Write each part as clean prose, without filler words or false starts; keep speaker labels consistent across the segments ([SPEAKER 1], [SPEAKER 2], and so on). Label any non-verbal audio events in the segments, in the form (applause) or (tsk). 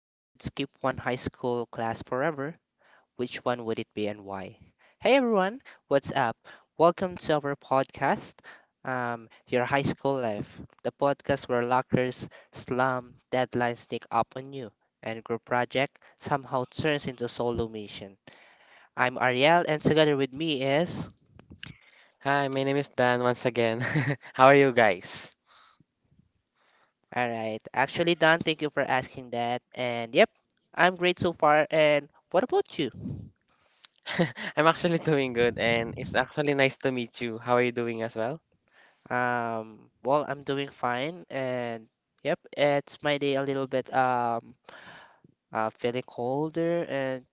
[SPEAKER 1] If you could skip one high school class forever, which one would it be and why? Hey everyone, what's up? Welcome to our podcast, Your High School Life, the podcast where lockers, slum, deadlines sneak up on you, and group project somehow turns into solo mission. I'm Ariel, and together with me is.
[SPEAKER 2] Hi, my name is Dan once again. (laughs) How are you guys?
[SPEAKER 1] Alright, actually, Don, thank you for asking that. And yep, I'm great so far. And what about you?
[SPEAKER 2] (laughs) I'm actually doing good and it's actually nice to meet you. How are you doing as well?
[SPEAKER 1] Well, I'm doing fine, and yep, it's my day a little bit feeling colder, and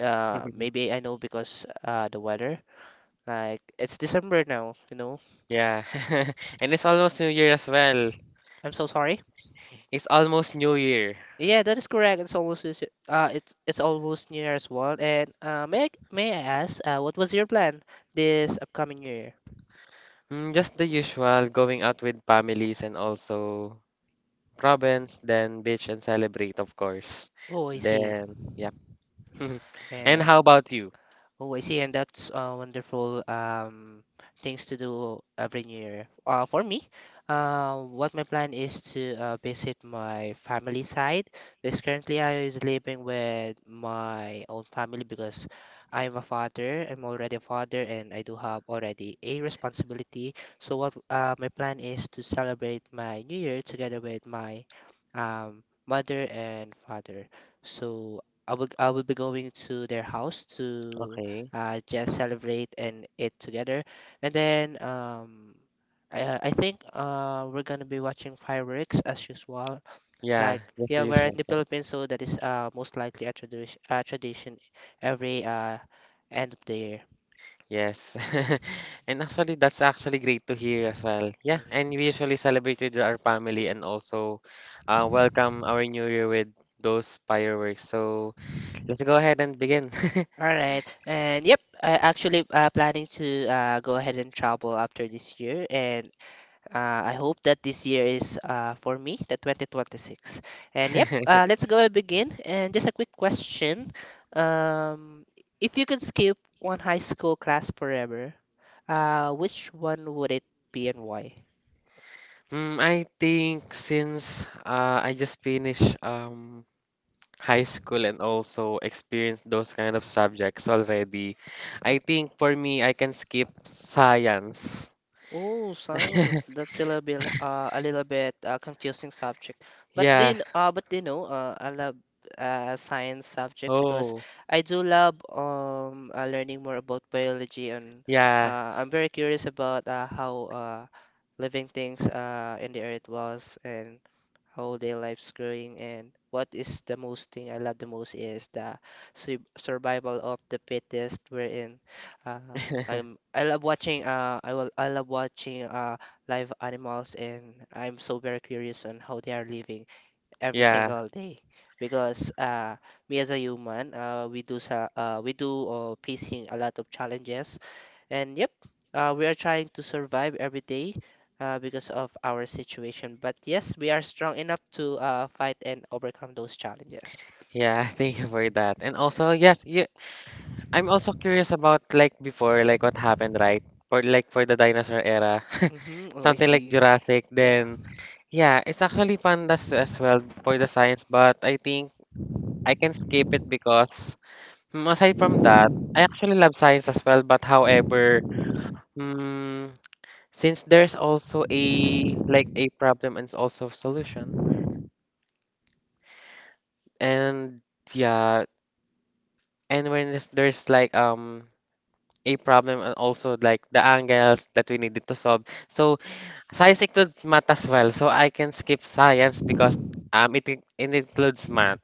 [SPEAKER 2] (laughs)
[SPEAKER 1] maybe I know because the weather. Like it's December now.
[SPEAKER 2] Yeah. (laughs) And it's almost New Year as well.
[SPEAKER 1] I'm so sorry.
[SPEAKER 2] It's almost New Year.
[SPEAKER 1] Yeah, that is correct. It's almost New Year as well. And may I ask what was your plan this upcoming year?
[SPEAKER 2] Mm, just the usual, going out with families and also province, then beach and celebrate, of course.
[SPEAKER 1] Oh, I see.
[SPEAKER 2] Then, yeah. (laughs) And
[SPEAKER 1] And
[SPEAKER 2] how about you?
[SPEAKER 1] Oh, I see, and that's wonderful things to do every new year. For me, what my plan is to visit my family side. Because currently, I is living with my own family because I'm a father. I'm already a father, and I do have already a responsibility. So, what my plan is to celebrate my new year together with my mother and father. So, I will be going to their house to
[SPEAKER 2] Okay.
[SPEAKER 1] just celebrate and eat together. And then I think we're gonna be watching fireworks as usual.
[SPEAKER 2] Yeah,
[SPEAKER 1] Like
[SPEAKER 2] just the
[SPEAKER 1] yeah, we're in
[SPEAKER 2] usual.
[SPEAKER 1] the
[SPEAKER 2] Yeah.
[SPEAKER 1] Philippines, so that is most likely a tradition every end of the year.
[SPEAKER 2] Yes. (laughs) And actually, that's actually great to hear as well. Yeah,
[SPEAKER 1] Mhm.
[SPEAKER 2] and we usually celebrate with our family and also welcome our new year with those fireworks. So let's go ahead and begin.
[SPEAKER 1] All right, and yep, I actually planning to go ahead and travel after this year, and I hope that this year is for me, the 2026. And yep,
[SPEAKER 2] (laughs)
[SPEAKER 1] let's go and begin. And just a quick question. Um, if you could skip one high school class forever, which one would it be and why?
[SPEAKER 2] Mm, I think since I just finished high school and also experienced those kind of subjects already, I think for me, I can skip science.
[SPEAKER 1] Oh, science. That's a little bit confusing subject. But do you,
[SPEAKER 2] Yeah.
[SPEAKER 1] kn- but do you know, I love science subject because
[SPEAKER 2] Oh.
[SPEAKER 1] I do love learning more about biology and
[SPEAKER 2] Yeah,
[SPEAKER 1] I'm very curious about how living things in the earth was and how their lives growing and what is the most thing I love the most is the survival of the fittest wherein I'm I love watching I will I love watching live animals and I'm so very curious on how they are living every
[SPEAKER 2] yeah.
[SPEAKER 1] single day because me as a human we do facing a lot of challenges and yep we are trying to survive every day because of our situation but yes we are strong enough to fight and overcome those challenges.
[SPEAKER 2] Yeah, (laughs) thank you for that. And also, yes, you, I'm also curious about like before, like what happened, right? For like for the dinosaur era,
[SPEAKER 1] Mm-hmm.
[SPEAKER 2] (laughs)
[SPEAKER 1] Oh, I
[SPEAKER 2] something like
[SPEAKER 1] see.
[SPEAKER 2] Jurassic.
[SPEAKER 1] Yeah.
[SPEAKER 2] Then yeah, it's actually pandas as well for the science, but I think I can skip it because mm, aside from that, I actually love science as well. But however, mm, since there's also a like a problem and also solution, and yeah, and when there's like a problem and also like the angles that we needed to solve. So science includes math as well. So I can skip science because it includes math.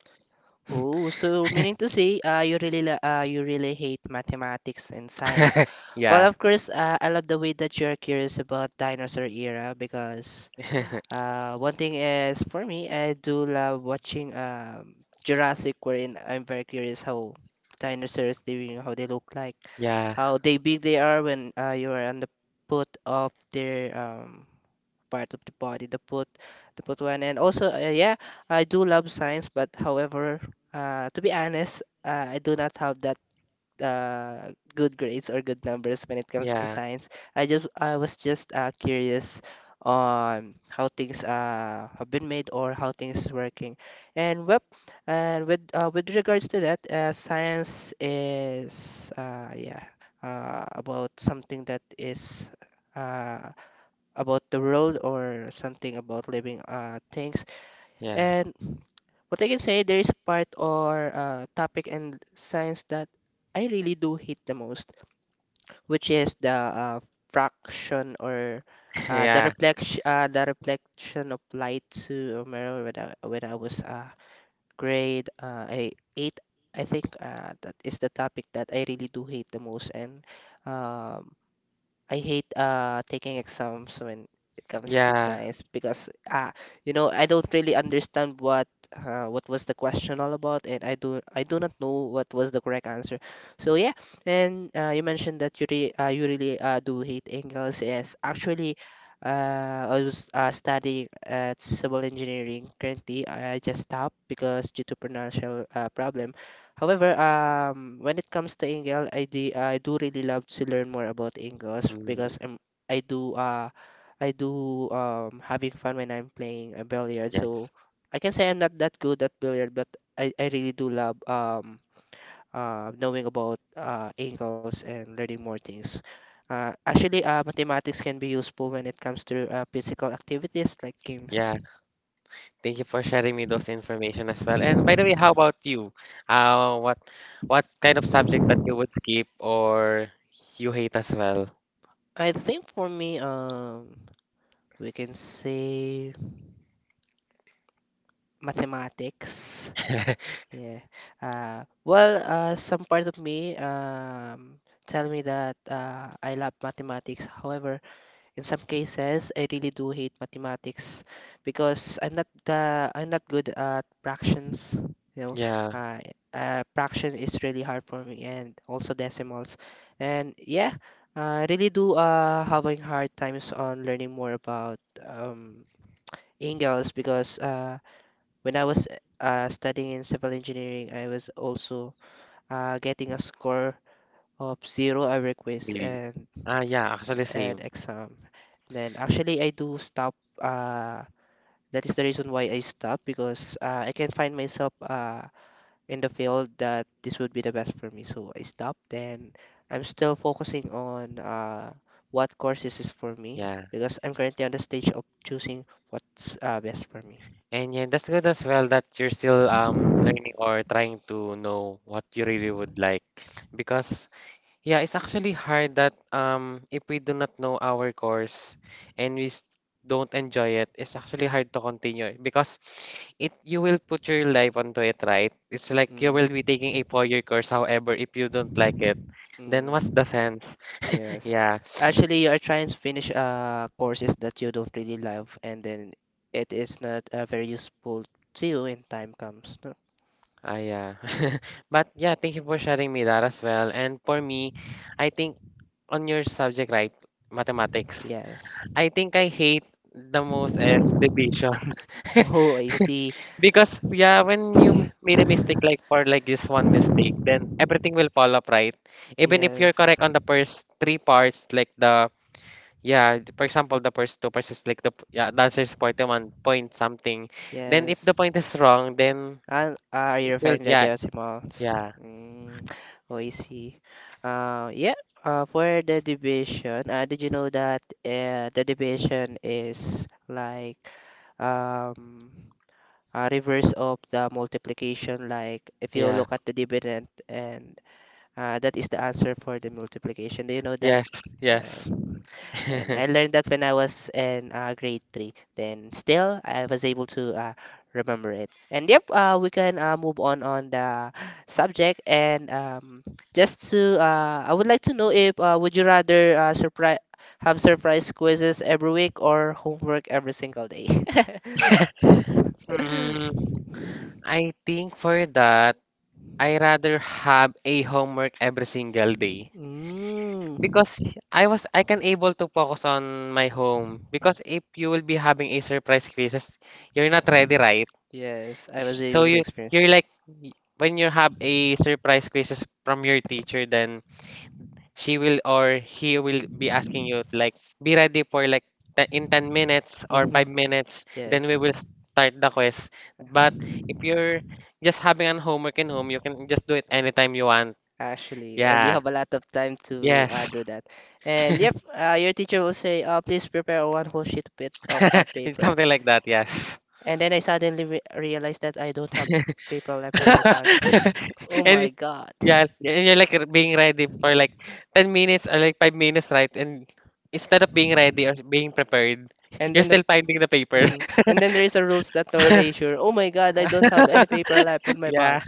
[SPEAKER 1] Oh, so meaning to say, you really hate mathematics and science.
[SPEAKER 2] (laughs)
[SPEAKER 1] Well,
[SPEAKER 2] Yeah.
[SPEAKER 1] of course, I love the way that you're curious about dinosaur era because
[SPEAKER 2] (laughs)
[SPEAKER 1] one thing is for me, I do love watching Jurassic, wherein I'm very curious how dinosaurs they how they look like,
[SPEAKER 2] Yeah.
[SPEAKER 1] how they big they are when you are on the foot of their part of the body, the foot one. And also, yeah, I do love science, but however, to be honest, I do not have that good grades or good numbers when it comes to
[SPEAKER 2] Yeah.
[SPEAKER 1] science. I was just curious on how things have been made or how things is working. And well, and with regards to that, science is yeah about something that is uh, about the world or something about living things.
[SPEAKER 2] Yeah.
[SPEAKER 1] And what I can say, there is a part or topic in science that I really do hate the most, which is the fraction or
[SPEAKER 2] (laughs) Yeah.
[SPEAKER 1] the reflection of light to a mirror when when I was grade I eight. I think that is the topic that I really do hate the most, and um I hate taking exams when it comes to
[SPEAKER 2] Yeah.
[SPEAKER 1] science because I don't really understand what what was the question all about and I do not know what was the correct answer. So yeah, and you mentioned that you really do hate Engels. Yes, actually, I was studying at civil engineering currently. I just stopped because due to financial problem. However, when it comes to Engel, I do really love to learn more about Engels
[SPEAKER 2] Mm.
[SPEAKER 1] because I'm, I do uh, I do having fun when I'm playing a billiard. So
[SPEAKER 2] Yes.
[SPEAKER 1] I can say I'm not that good at billiard, but I really do love knowing about angles and learning more things. Actually, mathematics can be useful when it comes to physical activities like games.
[SPEAKER 2] Yeah. Thank you for sharing me those information as well. And by the way, how about you? Uh, what what kind of subject that you would skip or you hate as well?
[SPEAKER 1] I think for me, we can say mathematics.
[SPEAKER 2] (laughs)
[SPEAKER 1] Yeah. Well, some part of me tell me that I love mathematics. However, in some cases, I really do hate mathematics because I'm not good at fractions. You know,
[SPEAKER 2] Yeah,
[SPEAKER 1] uh, Fraction is really hard for me, and also decimals. And yeah, I really do having hard times on learning more about Ingels because when I was studying in civil engineering, I was also getting a score of zero every request
[SPEAKER 2] really.
[SPEAKER 1] and
[SPEAKER 2] Ah, yeah, actually
[SPEAKER 1] and
[SPEAKER 2] same.
[SPEAKER 1] exam. And then actually, I do stop. Uh, that is the reason why I stopped because I can find myself in the field that this would be the best for me. So I stopped. Then I'm still focusing on what courses is for me
[SPEAKER 2] Yeah.
[SPEAKER 1] because I'm currently on the stage of choosing what's best for me.
[SPEAKER 2] And yeah, that's good as well that you're still learning or trying to know what you really would like. Because yeah, it's actually hard that if we do not know our course and don't enjoy it, it's actually hard to continue because it you will put your life onto it, right? It's like you
[SPEAKER 1] Mm.
[SPEAKER 2] will be taking a 4-year course, however, if you don't like it, then what's the
[SPEAKER 1] Mm.
[SPEAKER 2] sense? (laughs)
[SPEAKER 1] Yes.
[SPEAKER 2] Yeah,
[SPEAKER 1] Actually, you are trying to finish courses that you don't really love, and then it is not very useful to you when time comes. No?
[SPEAKER 2] ah yeah. (laughs) But yeah, thank you for sharing me that as well. And for me, I think on your subject, right, mathematics,
[SPEAKER 1] Yes.
[SPEAKER 2] I think I hate the most is division.
[SPEAKER 1] (laughs)
[SPEAKER 2] (laughs)
[SPEAKER 1] Oh, I see.
[SPEAKER 2] Because yeah, when made a mistake like for like this one mistake, then everything will fall up right. Even if you're
[SPEAKER 1] Yes.
[SPEAKER 2] correct on the first three parts, like the yeah, for example, the first two parts is like yeah, the answer is 41 point something. Then if
[SPEAKER 1] Yes.
[SPEAKER 2] the point is wrong, then
[SPEAKER 1] And are you
[SPEAKER 2] it will
[SPEAKER 1] referring to
[SPEAKER 2] yeah
[SPEAKER 1] decimals?
[SPEAKER 2] yeah
[SPEAKER 1] Mm, oh, I see. Yeah. For the division, did you know that the division is like um a reverse of the multiplication? Like if you
[SPEAKER 2] yeah
[SPEAKER 1] look at the dividend, and that is the answer for the multiplication. Do you know that?
[SPEAKER 2] yes
[SPEAKER 1] Right.
[SPEAKER 2] yes.
[SPEAKER 1] And
[SPEAKER 2] (laughs)
[SPEAKER 1] I learned that when I was in grade three. Then still, I was able to remember it. And yep, we can move on the subject. And I would like to know if would you rather surprise have surprise quizzes every week or homework every single day? (laughs)
[SPEAKER 2] Mm, I think for that, I rather have a homework every single day.
[SPEAKER 1] Mm.
[SPEAKER 2] Because I can able to focus on my home because if you will be having a surprise quizzes, you're not ready, right?
[SPEAKER 1] Yes, I was
[SPEAKER 2] So
[SPEAKER 1] able to
[SPEAKER 2] you
[SPEAKER 1] experience.
[SPEAKER 2] you're like when you have a surprise quizzes from your teacher, then she will or he will be asking you like be ready for in 10 minutes or
[SPEAKER 1] Hmm.
[SPEAKER 2] 5 minutes, then we
[SPEAKER 1] Yes.
[SPEAKER 2] will start the quiz. But if you're just having an homework in home, you can just do it anytime you want.
[SPEAKER 1] Actually, and you
[SPEAKER 2] Yeah.
[SPEAKER 1] have a lot of time to
[SPEAKER 2] Yes.
[SPEAKER 1] do that. And yep, your teacher will say, please prepare one whole sheet of pad
[SPEAKER 2] (laughs) It's
[SPEAKER 1] paper.
[SPEAKER 2] something like that. Yes.
[SPEAKER 1] And then I suddenly re realized that I don't have
[SPEAKER 2] (laughs)
[SPEAKER 1] paper left on my bag. (laughs) Oh
[SPEAKER 2] And
[SPEAKER 1] my
[SPEAKER 2] y-
[SPEAKER 1] God.
[SPEAKER 2] yeah, and you're like being ready for like 10 minutes or like 5 minutes, right? And instead of being ready or being prepared, (laughs)
[SPEAKER 1] And
[SPEAKER 2] you're
[SPEAKER 1] then the
[SPEAKER 2] still finding the paper.
[SPEAKER 1] mhm. (laughs) And then there is a rules that no
[SPEAKER 2] (laughs)
[SPEAKER 1] erasure. Oh my God, I don't have any paper left on my
[SPEAKER 2] Yeah.
[SPEAKER 1] bag.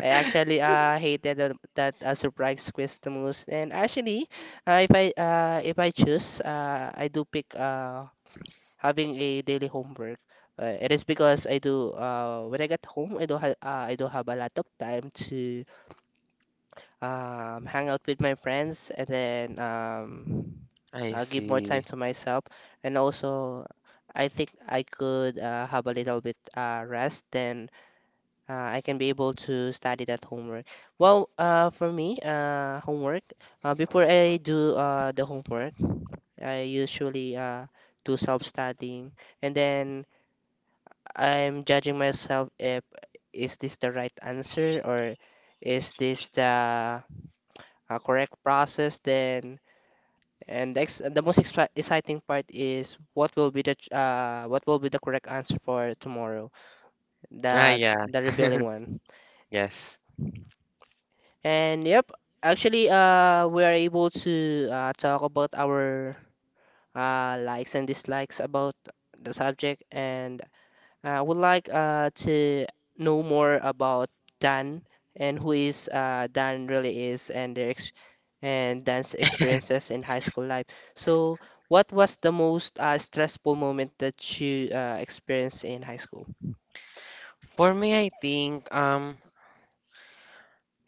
[SPEAKER 1] I actually hated that surprise quiz the most. And actually, if I choose, I do pick having a daily homework. It is because I do when I get home, I do have a lot of time to hang out with my friends and then
[SPEAKER 2] I
[SPEAKER 1] give more time
[SPEAKER 2] see.
[SPEAKER 1] to myself. And also, I think I could have a little bit rest than I can be able to study that homework. Well, for me, homework, before I do the homework, I usually do self-studying and then I'm judging myself if is this the right answer or is this the correct process then and the most exciting part is what will be the what will be the correct answer for tomorrow
[SPEAKER 2] Ah,
[SPEAKER 1] the
[SPEAKER 2] yeah.
[SPEAKER 1] the rebelling one.
[SPEAKER 2] Yes.
[SPEAKER 1] And yep, actually, we are able to talk about our likes and dislikes about the subject, and I would like to know more about Dan and who is Dan really is and their ex and Dan's experiences in high school life. So, what was the most stressful moment that you experienced in high school?
[SPEAKER 2] For me, I think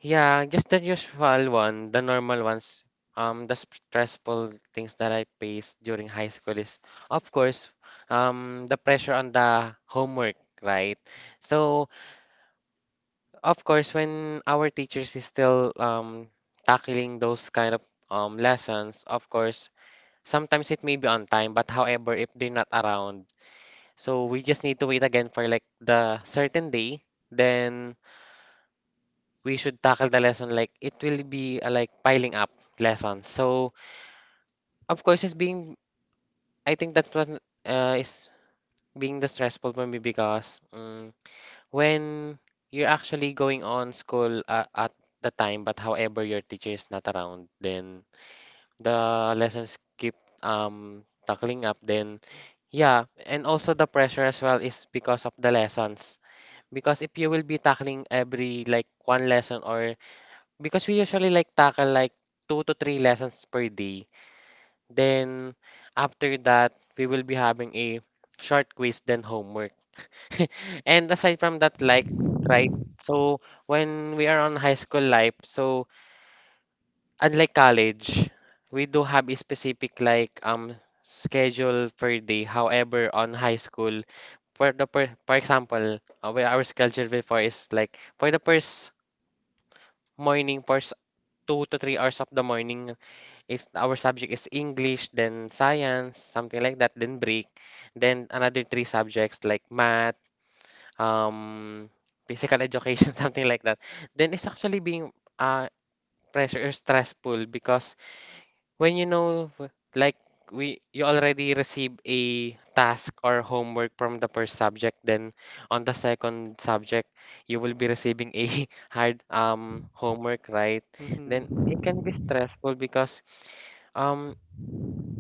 [SPEAKER 2] yeah, just the usual one, the normal ones. The stressful things that I faced during high school is, of course, the pressure on the homework, right? So, of course, when our teachers is still tackling those kind of lessons, of course, sometimes it may be on time, but however, if they're not around, so we just need to wait again for like the certain day, then we should tackle the lesson like it will be a, like piling up lessons. So of course it's being I think that one is being the stressful for me because when you're actually going on school at the time but however your teacher is not around then the lessons keep tackling up then yeah and also the pressure as well is because of the lessons because if you will be tackling every like one lesson or because we usually like tackle like two to three lessons per day. Then after that, we will be having a short quiz then homework. (laughs) And aside from that, like, right? So when we are on high school life, so unlike college, we do have a specific like schedule per day. However, on high school, for the per, for example, where our schedule before is like for the first morning, first 2 to 3 hours of the morning. If our subject is English, then science, something like that, then break. Then another three subjects like math, um, physical education, (laughs) something like that. Then it's actually being uh, pressure or stressful because when you know, like we, you already receive a task or homework from the first subject, then on the second subject, you will be receiving a (laughs) hard homework, right?
[SPEAKER 1] Mhm.
[SPEAKER 2] Then it can be stressful because. Um,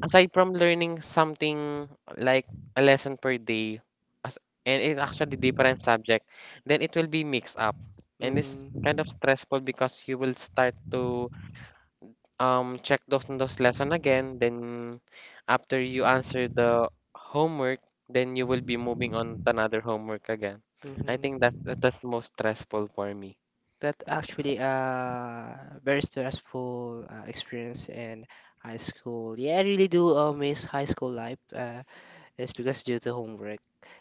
[SPEAKER 2] Aside from learning something like a lesson per day, as and it's actually different subject, then it will be mixed up. And it's kind of
[SPEAKER 1] Mm-hmm.
[SPEAKER 2] stressful because you will start to check those lesson again. Then after you answer the homework, then you will be moving on to another homework again. I think
[SPEAKER 1] Mm-hmm.
[SPEAKER 2] that's most stressful for me.
[SPEAKER 1] That actually very stressful experience in high school. Yeah, I really do miss high school life. It's because due to homework.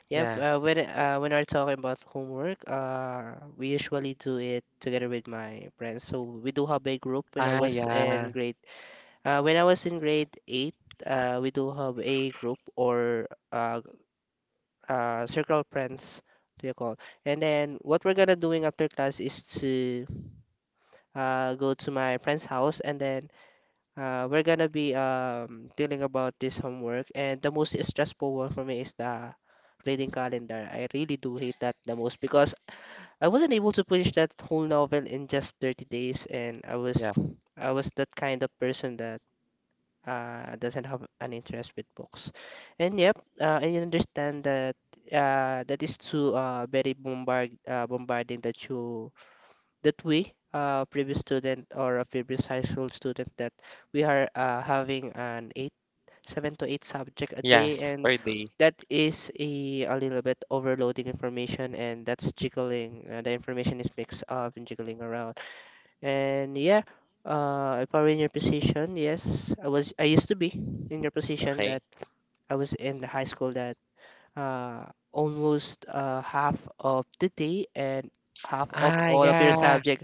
[SPEAKER 1] Yep.
[SPEAKER 2] Yeah.
[SPEAKER 1] When we're talking about homework, we usually do it together with my friends. So we do have a group.
[SPEAKER 2] Ah, yeah.
[SPEAKER 1] When I was in grade eight, we do have a group or uh, circle friends do you call, and then what we're gonna doing after class is to go to my friend's house and then we're gonna be dealing about this homework. And the most stressful one for me is the reading calendar. I really do hate that the most because I wasn't able to finish that whole novel in just 30 days. And I was
[SPEAKER 2] Yeah.
[SPEAKER 1] I was that kind of person that doesn't have an interest with books. And yep, I understand that that is too very bombard bombarding, that you that we previous student, or a previous high school student, that we are having an eight seven to eight subject a day,
[SPEAKER 2] Yes,
[SPEAKER 1] and
[SPEAKER 2] per day.
[SPEAKER 1] that is a little bit overloading information. And that's jiggling the information is mixed up and jiggling around. And yeah, if I were in your position, yes, I was. I used to be in your position,
[SPEAKER 2] Okay.
[SPEAKER 1] that I was in the high school, that uh, almost half of the day and half of
[SPEAKER 2] Ah,
[SPEAKER 1] all of your
[SPEAKER 2] yeah.
[SPEAKER 1] subject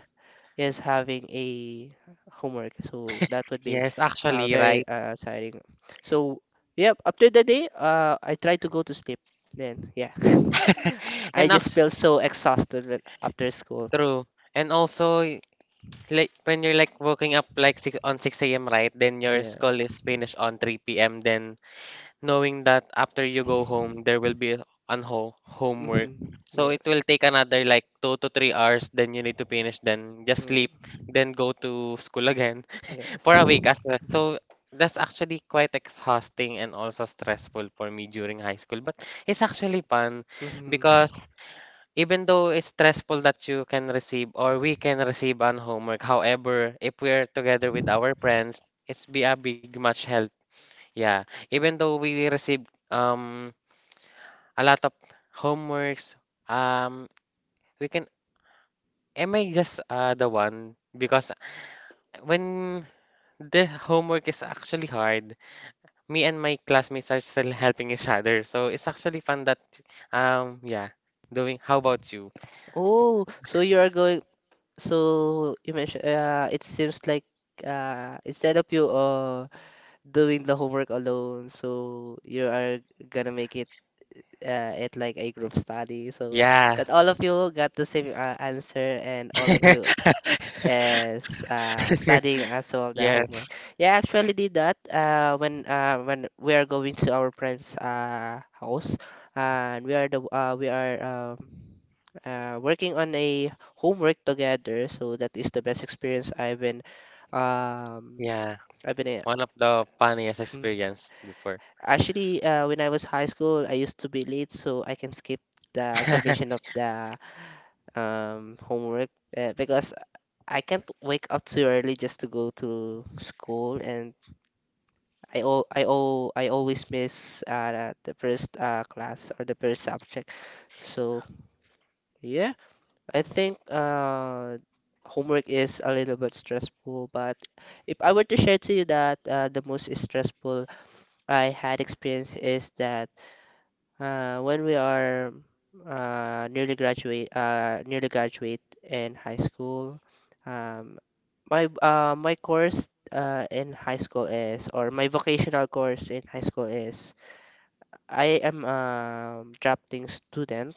[SPEAKER 1] is having a homework. So that would be
[SPEAKER 2] Yes, actually, right.
[SPEAKER 1] very tiring. So yeah, after the day, I try to go to sleep. Then yeah, (laughs) I
[SPEAKER 2] And
[SPEAKER 1] just
[SPEAKER 2] that's
[SPEAKER 1] feel so exhausted when after school.
[SPEAKER 2] true. And also, like when you're like waking up like six, on 6 a.m., right? Then your school
[SPEAKER 1] Yes.
[SPEAKER 2] is
[SPEAKER 1] Mm-hmm.
[SPEAKER 2] finished on 3 p.m. Then knowing that after you go home, there will be an ho homework. So it
[SPEAKER 1] Yes.
[SPEAKER 2] will take another like 2 to 3 hours. Then you need to finish. Then just
[SPEAKER 1] Mm.
[SPEAKER 2] sleep. Then go to school again. For a week as
[SPEAKER 1] Yes.
[SPEAKER 2] well. So that's actually quite exhausting and also stressful for me during high school. But it's actually fun
[SPEAKER 1] Mm-hmm.
[SPEAKER 2] because even though it's stressful that you can receive or we can receive on homework, however, if we're together with our friends, it's be a big much help. Yeah. Even though we receive a lot of homeworks, um we can am I just the one because when the homework is actually hard me and my classmates are still helping each other. So it's actually fun that, yeah, doing. How about you?
[SPEAKER 1] Oh, so you are going. So you mentioned. It seems like instead of you doing the homework alone, so you are gonna make it at like a group study. So
[SPEAKER 2] Yeah,
[SPEAKER 1] that all of you got the same answer and all of you
[SPEAKER 2] (laughs)
[SPEAKER 1] is studying as well the
[SPEAKER 2] yes,
[SPEAKER 1] homework. Yeah, I actually did that when we are going to our friend's house, and we are the we are working on a homework together. So that is the best experience um,
[SPEAKER 2] yeah.
[SPEAKER 1] I've been
[SPEAKER 2] One of the funniest
[SPEAKER 1] uh, mm.
[SPEAKER 2] experience before.
[SPEAKER 1] Actually, when I was high school, I used to be late, so I can skip the submission
[SPEAKER 2] (laughs)
[SPEAKER 1] of the homework because I can't wake up too early just to go to school. And I always miss the first class or the first subject. So yeah, I think homework is a little bit stressful, but if I were to share to you that the most stressful I had experience is that when we are nearly graduate in high school. um, my course in high school is, or my vocational course in high school is, I am a drafting student.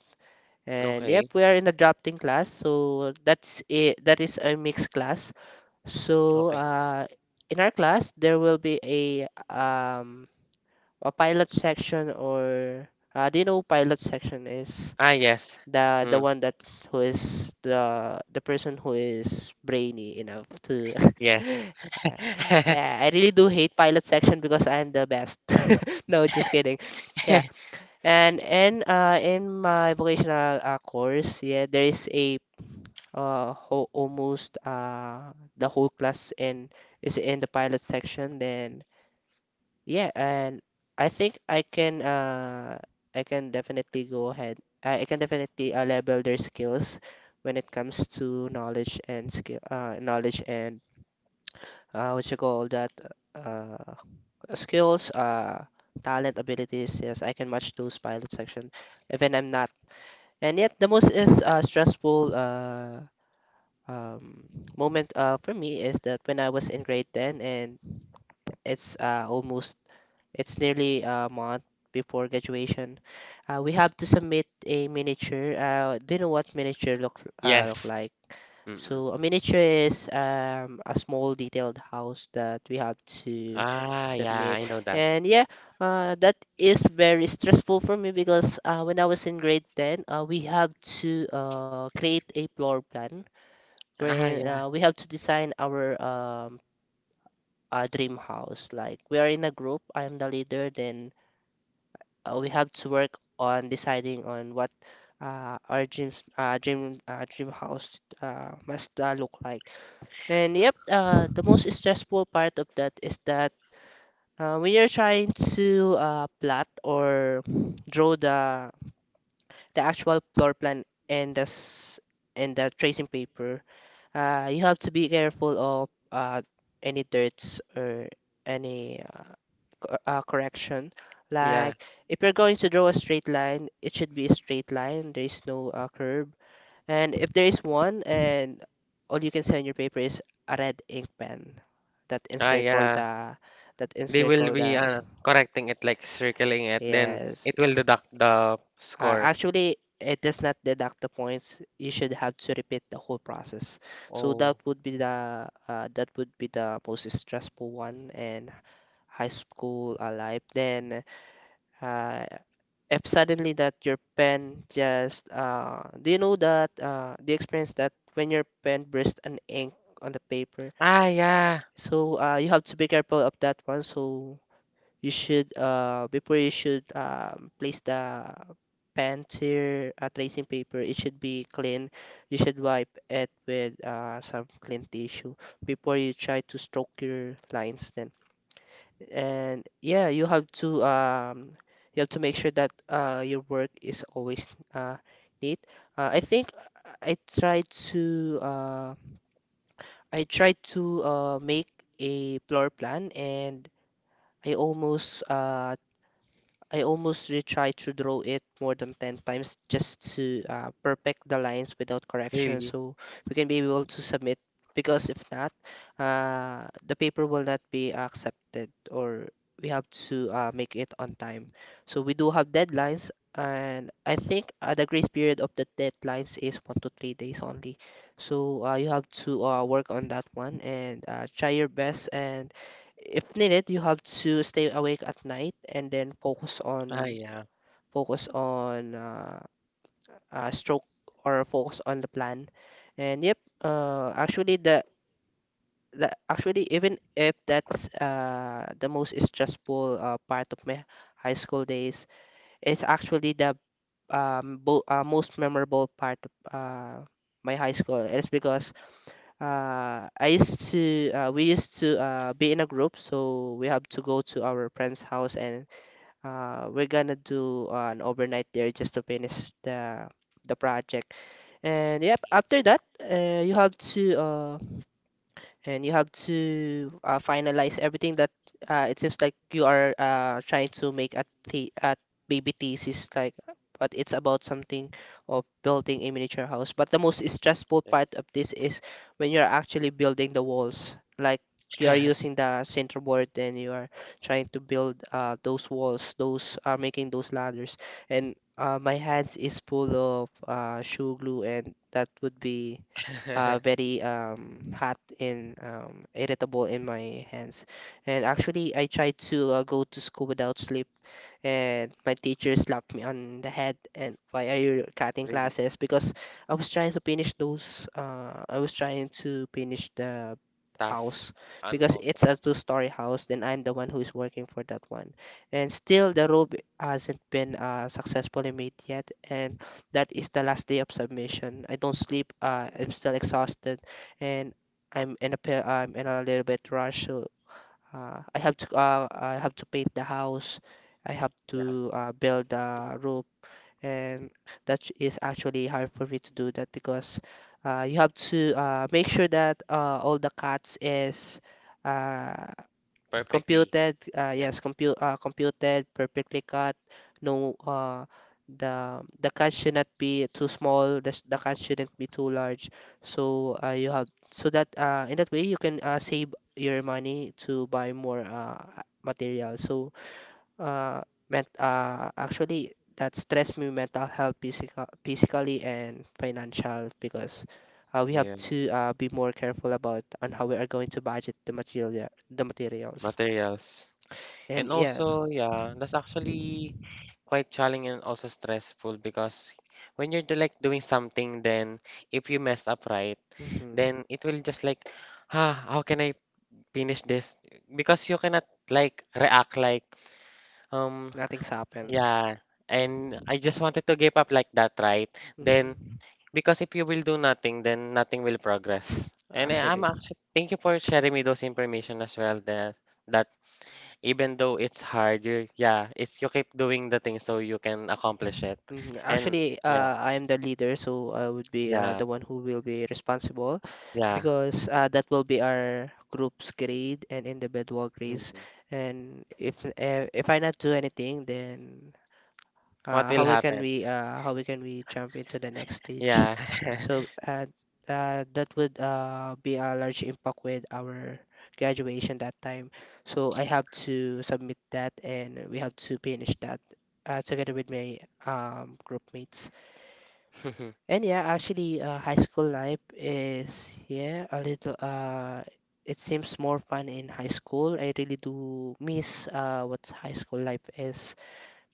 [SPEAKER 1] And yep,
[SPEAKER 2] Okay,
[SPEAKER 1] we are in a drafting class, so that's it. That is a mixed class. So
[SPEAKER 2] okay.
[SPEAKER 1] in our class there will be um, a pilot section, or do you know pilot section is
[SPEAKER 2] Ah, yes.
[SPEAKER 1] the
[SPEAKER 2] Hmm.
[SPEAKER 1] one that, who is the person who is brainy enough to (laughs)
[SPEAKER 2] Yes.
[SPEAKER 1] yeah, I
[SPEAKER 2] (laughs)
[SPEAKER 1] really do hate pilot section because I am the best. (laughs) No, just kidding. Yeah. And in my vocational course, yeah, there is a ho almost the whole class in is in the pilot section. Then yeah. And I think I can definitely go ahead. I can definitely level their skills when it comes to knowledge and skill knowledge and what you call that uh skills, talent, abilities. Yes, I can match those pilot section, even I'm not. And yet the most is stressful um moment for me is that when I was in grade 10, and it's uh almost it's nearly a month before graduation. We have to submit a miniature. Do you know what miniature look
[SPEAKER 2] Yes.
[SPEAKER 1] like?
[SPEAKER 2] Mm-mm.
[SPEAKER 1] So a miniature is a small detailed house that we have to
[SPEAKER 2] Ah, yeah,
[SPEAKER 1] submit.
[SPEAKER 2] I know that.
[SPEAKER 1] And yeah, that is very stressful for me because when I was in grade 10, we have to create a floor plan,
[SPEAKER 2] Ah,
[SPEAKER 1] wherein
[SPEAKER 2] yeah,
[SPEAKER 1] we have to design our dream house. Like, we are in a group, I am the leader, then we have to work on deciding on what our dream house must look like. And yep, the most stressful part of that is that when you're trying to plot or draw the actual floor plan and and the tracing paper, you have to be careful of any dirts or any correction.
[SPEAKER 2] yeah.
[SPEAKER 1] Like, if you're going to draw a straight line, it should be a straight line. There is no curve. And if there is one, and all you can see on your paper is a red ink pen that
[SPEAKER 2] Ah,
[SPEAKER 1] encircle
[SPEAKER 2] yeah.
[SPEAKER 1] the, that
[SPEAKER 2] They will
[SPEAKER 1] encircle
[SPEAKER 2] be
[SPEAKER 1] the
[SPEAKER 2] correcting it, like circling it, then
[SPEAKER 1] yes.
[SPEAKER 2] it will deduct the score.
[SPEAKER 1] Actually, it does not deduct the points. You should have to repeat the whole process. So that
[SPEAKER 2] Oh.
[SPEAKER 1] would be the most stressful one and high school life. Then uh, if suddenly that your pen just do you know that the experience that when your pen bursts an ink on the paper,
[SPEAKER 2] Ah, yeah.
[SPEAKER 1] so you have to be careful of that one. So you should before you should place the pen to your tracing paper, it should be clean. You should wipe it with some clean tissue before you try to stroke your lines. Then, and yeah, you have to make sure that your work is always uh neat. I think I try to uh I try to make a floor plan. And I almost uh I almost retry to draw it more than 10 times just to perfect the lines without correction,
[SPEAKER 2] Really?
[SPEAKER 1] so we can be able to submit. Because if not, the paper will not be accepted, or we have to make it on time. So we do have deadlines, and I think the grace period of the deadlines is 1 to 3 days only. So you have to work on that one, and try your best. And if needed, you have to stay awake at night and then focus
[SPEAKER 2] Ah,
[SPEAKER 1] on
[SPEAKER 2] yeah.
[SPEAKER 1] focus on stroke or focus on the plan. And yep, actually, even if that's the most stressful part of my high school days, it's actually the bo most memorable part of my high school. It's because I used to we used to be in a group, so we have to go to our friend's house. And we're gonna do an overnight there just to finish the project. And yep, after that, you have to and you have to finalize everything, that it seems like you are trying to make a baby thesis like, but it's about something of building a miniature house. But the most stressful part of this is when you're actually building the walls. Like, you are using the center board, and you are trying to build
[SPEAKER 2] (laughs)
[SPEAKER 1] those walls, those are making those ladders. And my hands is full of shoe glue, and that would be
[SPEAKER 2] (laughs)
[SPEAKER 1] very hot and irritable in my hands. And actually, I tried to go to school without sleep, and my teacher slapped me on the head. And why are you cutting
[SPEAKER 2] Really?
[SPEAKER 1] classes? Because I was trying to finish those. I was trying to finish the
[SPEAKER 2] Task.
[SPEAKER 1] house because
[SPEAKER 2] Unwholesome.
[SPEAKER 1] it's a two-story house. Then I'm the one who is working for that one, and still the robe hasn't been successfully made yet. And that is the last day of submission. I don't sleep. I'm still exhausted, and I'm in a little bit rush. So I have to paint the house. I have
[SPEAKER 2] Yeah. Yeah.
[SPEAKER 1] to build the roof, and that is actually hard for me to do that because you have to make sure that all the cuts is uh,
[SPEAKER 2] (laughs) Perfectly. Yeah.
[SPEAKER 1] Computed, perfectly cut. No, the cut should not be too small. The cut shouldn't be too large. So you have, so that in that way you can save your money to buy more material. So ment actually, that stress me mental health, physical, physically and financial, because we have
[SPEAKER 2] Yeah.
[SPEAKER 1] to be more careful about on how we are going to budget the materials.
[SPEAKER 2] Materials.
[SPEAKER 1] And
[SPEAKER 2] And
[SPEAKER 1] yeah.
[SPEAKER 2] also, yeah, that's actually quite challenging and also stressful because when you're like doing something, then if you mess up right,
[SPEAKER 1] Mm-hmm.
[SPEAKER 2] then it will just like, ah, how can I finish this? Because you cannot like react like, um,
[SPEAKER 1] Nothing's happened.
[SPEAKER 2] yeah, and
[SPEAKER 1] Mm-hmm.
[SPEAKER 2] I just wanted to give up like that, right? Then
[SPEAKER 1] Mm-hmm.
[SPEAKER 2] because if you will do nothing, then nothing will progress. And I'm
[SPEAKER 1] Actually.
[SPEAKER 2] actually thank you for sharing me those information as well. That that even though it's harder, yeah, it's you keep doing the thing so you can accomplish it.
[SPEAKER 1] Mhm.
[SPEAKER 2] And
[SPEAKER 1] Actually,
[SPEAKER 2] yeah,
[SPEAKER 1] I am the leader, so I would be
[SPEAKER 2] yeah,
[SPEAKER 1] the one who will be responsible
[SPEAKER 2] yeah.
[SPEAKER 1] because that will be our group's grade and individual grades.
[SPEAKER 2] Mhm.
[SPEAKER 1] And if I not do anything, then
[SPEAKER 2] What will happen?
[SPEAKER 1] how we can we jump into the next stage?
[SPEAKER 2] Yeah.
[SPEAKER 1] So that would be a large impact with our graduation that time. So I have to submit that, and we have to finish that together with my group mates.
[SPEAKER 2] (laughs)
[SPEAKER 1] And yeah, actually, high school life is yeah a little. It seems more fun in high school. I really do miss what high school life is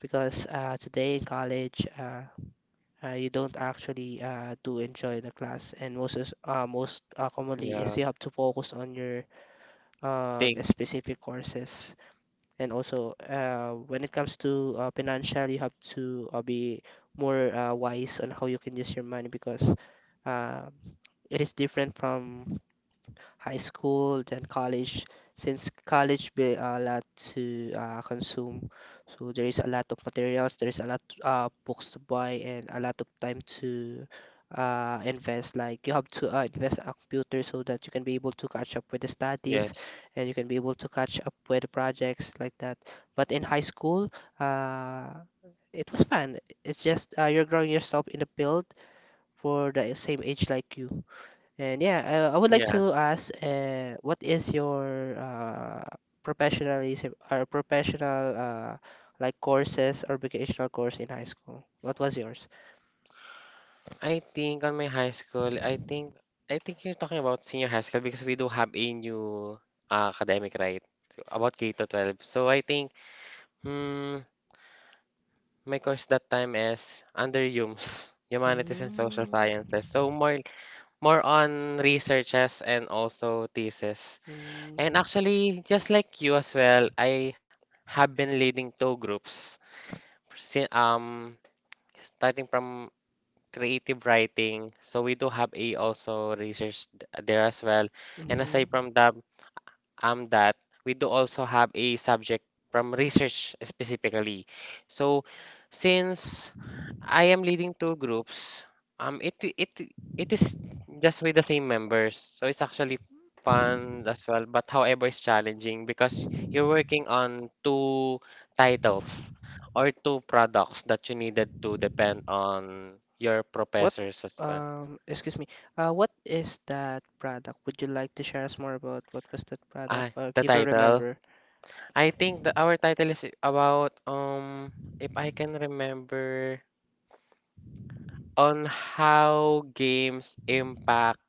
[SPEAKER 1] because today in college, you don't actually do enjoy the class, and most commonly
[SPEAKER 2] Yeah.
[SPEAKER 1] is you have to focus on your
[SPEAKER 2] Thing.
[SPEAKER 1] specific courses. And also, when it comes to financial, you have to be more wise on how you can use your money because uh, it is different from high school, then college. Since college be a lot to consume, so there is a lot of materials, there is a lot books to buy, and a lot of time to invest. Like you have to invest a computer so that you can be able to catch up with the studies,
[SPEAKER 2] Yes.
[SPEAKER 1] and you can be able to catch up with the projects like that. But in high school, uh, it was fun. It's just you're growing yourself in the field for the same age like you. And yeah, I would like
[SPEAKER 2] Yeah.
[SPEAKER 1] to ask, what is your professionalism or professional like courses or vocational course in high school? What was yours?
[SPEAKER 2] I think on my high school, I think you're talking about senior high school because we do have a new academic right so, about K to 12. So I think hmm, my course that time is under HUMS, (laughs) Humanities and Social
[SPEAKER 1] Mm.
[SPEAKER 2] Sciences. So more on researches and also thesis. And actually, just like you as well, I have been leading two groups. si- Um, Starting from creative writing. So we do have a also research there as well.
[SPEAKER 1] Mm.
[SPEAKER 2] And
[SPEAKER 1] Mhm.
[SPEAKER 2] aside from that, that we do also have a subject from research specifically. So since I am leading two groups, um, it it it is just with the same members, so it's actually fun as well. But however, it's challenging because you're working on two titles or two products that you needed to depend on your
[SPEAKER 1] What,
[SPEAKER 2] professors as well.
[SPEAKER 1] excuse me, what is that product? Would you like to share us more about what was that product,
[SPEAKER 2] Ah,
[SPEAKER 1] or if
[SPEAKER 2] the
[SPEAKER 1] you can
[SPEAKER 2] title.
[SPEAKER 1] remember?
[SPEAKER 2] I think that our title is about if I can remember on how games impact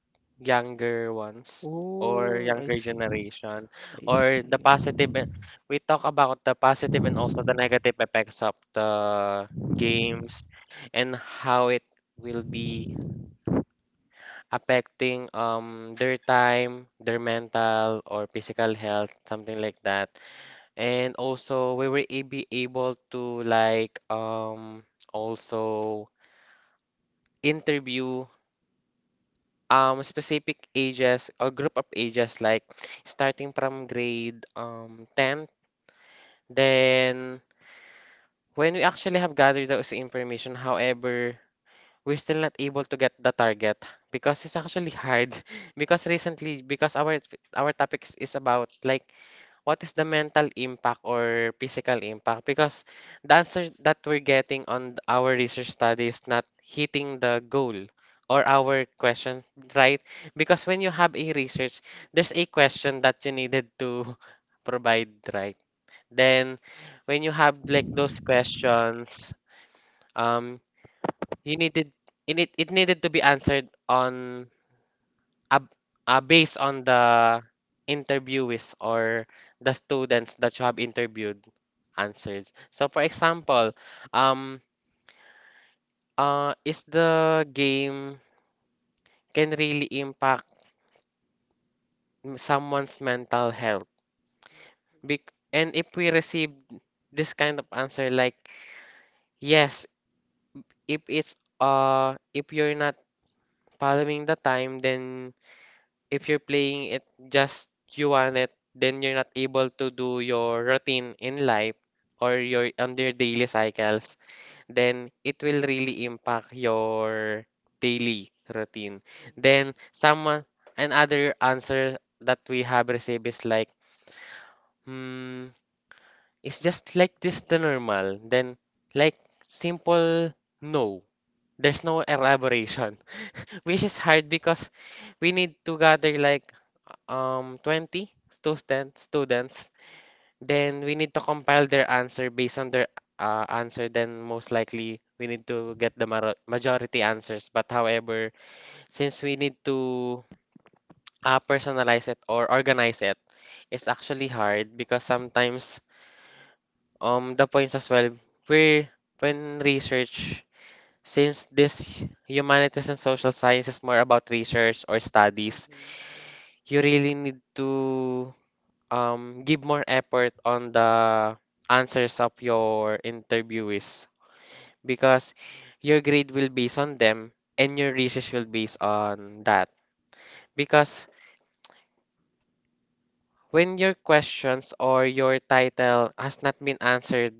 [SPEAKER 2] younger ones or
[SPEAKER 1] Oh, I
[SPEAKER 2] younger
[SPEAKER 1] see.
[SPEAKER 2] generation
[SPEAKER 1] I
[SPEAKER 2] or
[SPEAKER 1] see.
[SPEAKER 2] the positive and- we talk about the positive and also the negative effects of the games and how it will be affecting their time, their mental or physical health, something like that. And also we were be able to like also interview specific ages or group of ages like starting from grade 10. Then when we actually have gathered those information, however, we're still not able to get the target because it's actually hard (laughs) because recently because our topics is about like what is the mental impact or physical impact? Because the answer that we're getting on our research study is not hitting the goal or our question, right? Because when you have a research, there's a question that you needed to (laughs) provide, right? Then when you have like those questions, um, you needed it, it needed to be answered on uh, based on the interviewees or the students that you have interviewed answers. So for example, um, is the game can really impact someone's mental health? And if we receive this kind of answer like yes, if it's if you're not following the time, then if you're playing it just you want it, then you're not able to do your routine in life or your on your daily cycles, then it will really impact your daily routine. Then someone another answer that we have received is like, hmm, it's just like this the normal. Then like simple no. There's no elaboration which is hard because we need to gather like 20 students. Then we need to compile their answer based on their answer. Then most likely we need to get the majority answers. But however, since we need to personalize it or organize it, it's actually hard because sometimes the points as well we when research, since this humanities and social science is more about research or studies, you really need to give more effort on the answers of your interviewees, because your grade will based on them and your research will based on that. Because when your questions or your title has not been answered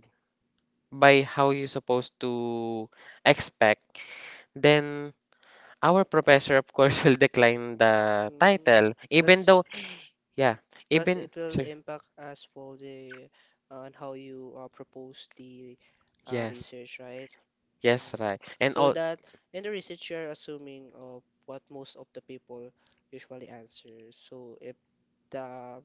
[SPEAKER 2] by how you supposed to expect, then our professor, of course, (laughs) will decline the
[SPEAKER 1] Mm.
[SPEAKER 2] title. Even
[SPEAKER 1] 'cause-
[SPEAKER 2] though, yeah,
[SPEAKER 1] because
[SPEAKER 2] even,
[SPEAKER 1] it will
[SPEAKER 2] sure.
[SPEAKER 1] impact as well the on how you propose the
[SPEAKER 2] Yes.
[SPEAKER 1] research, right?
[SPEAKER 2] Yes,
[SPEAKER 1] Mm.
[SPEAKER 2] right. And
[SPEAKER 1] So
[SPEAKER 2] all,
[SPEAKER 1] that in the research you're assuming of what most of the people usually answer. So the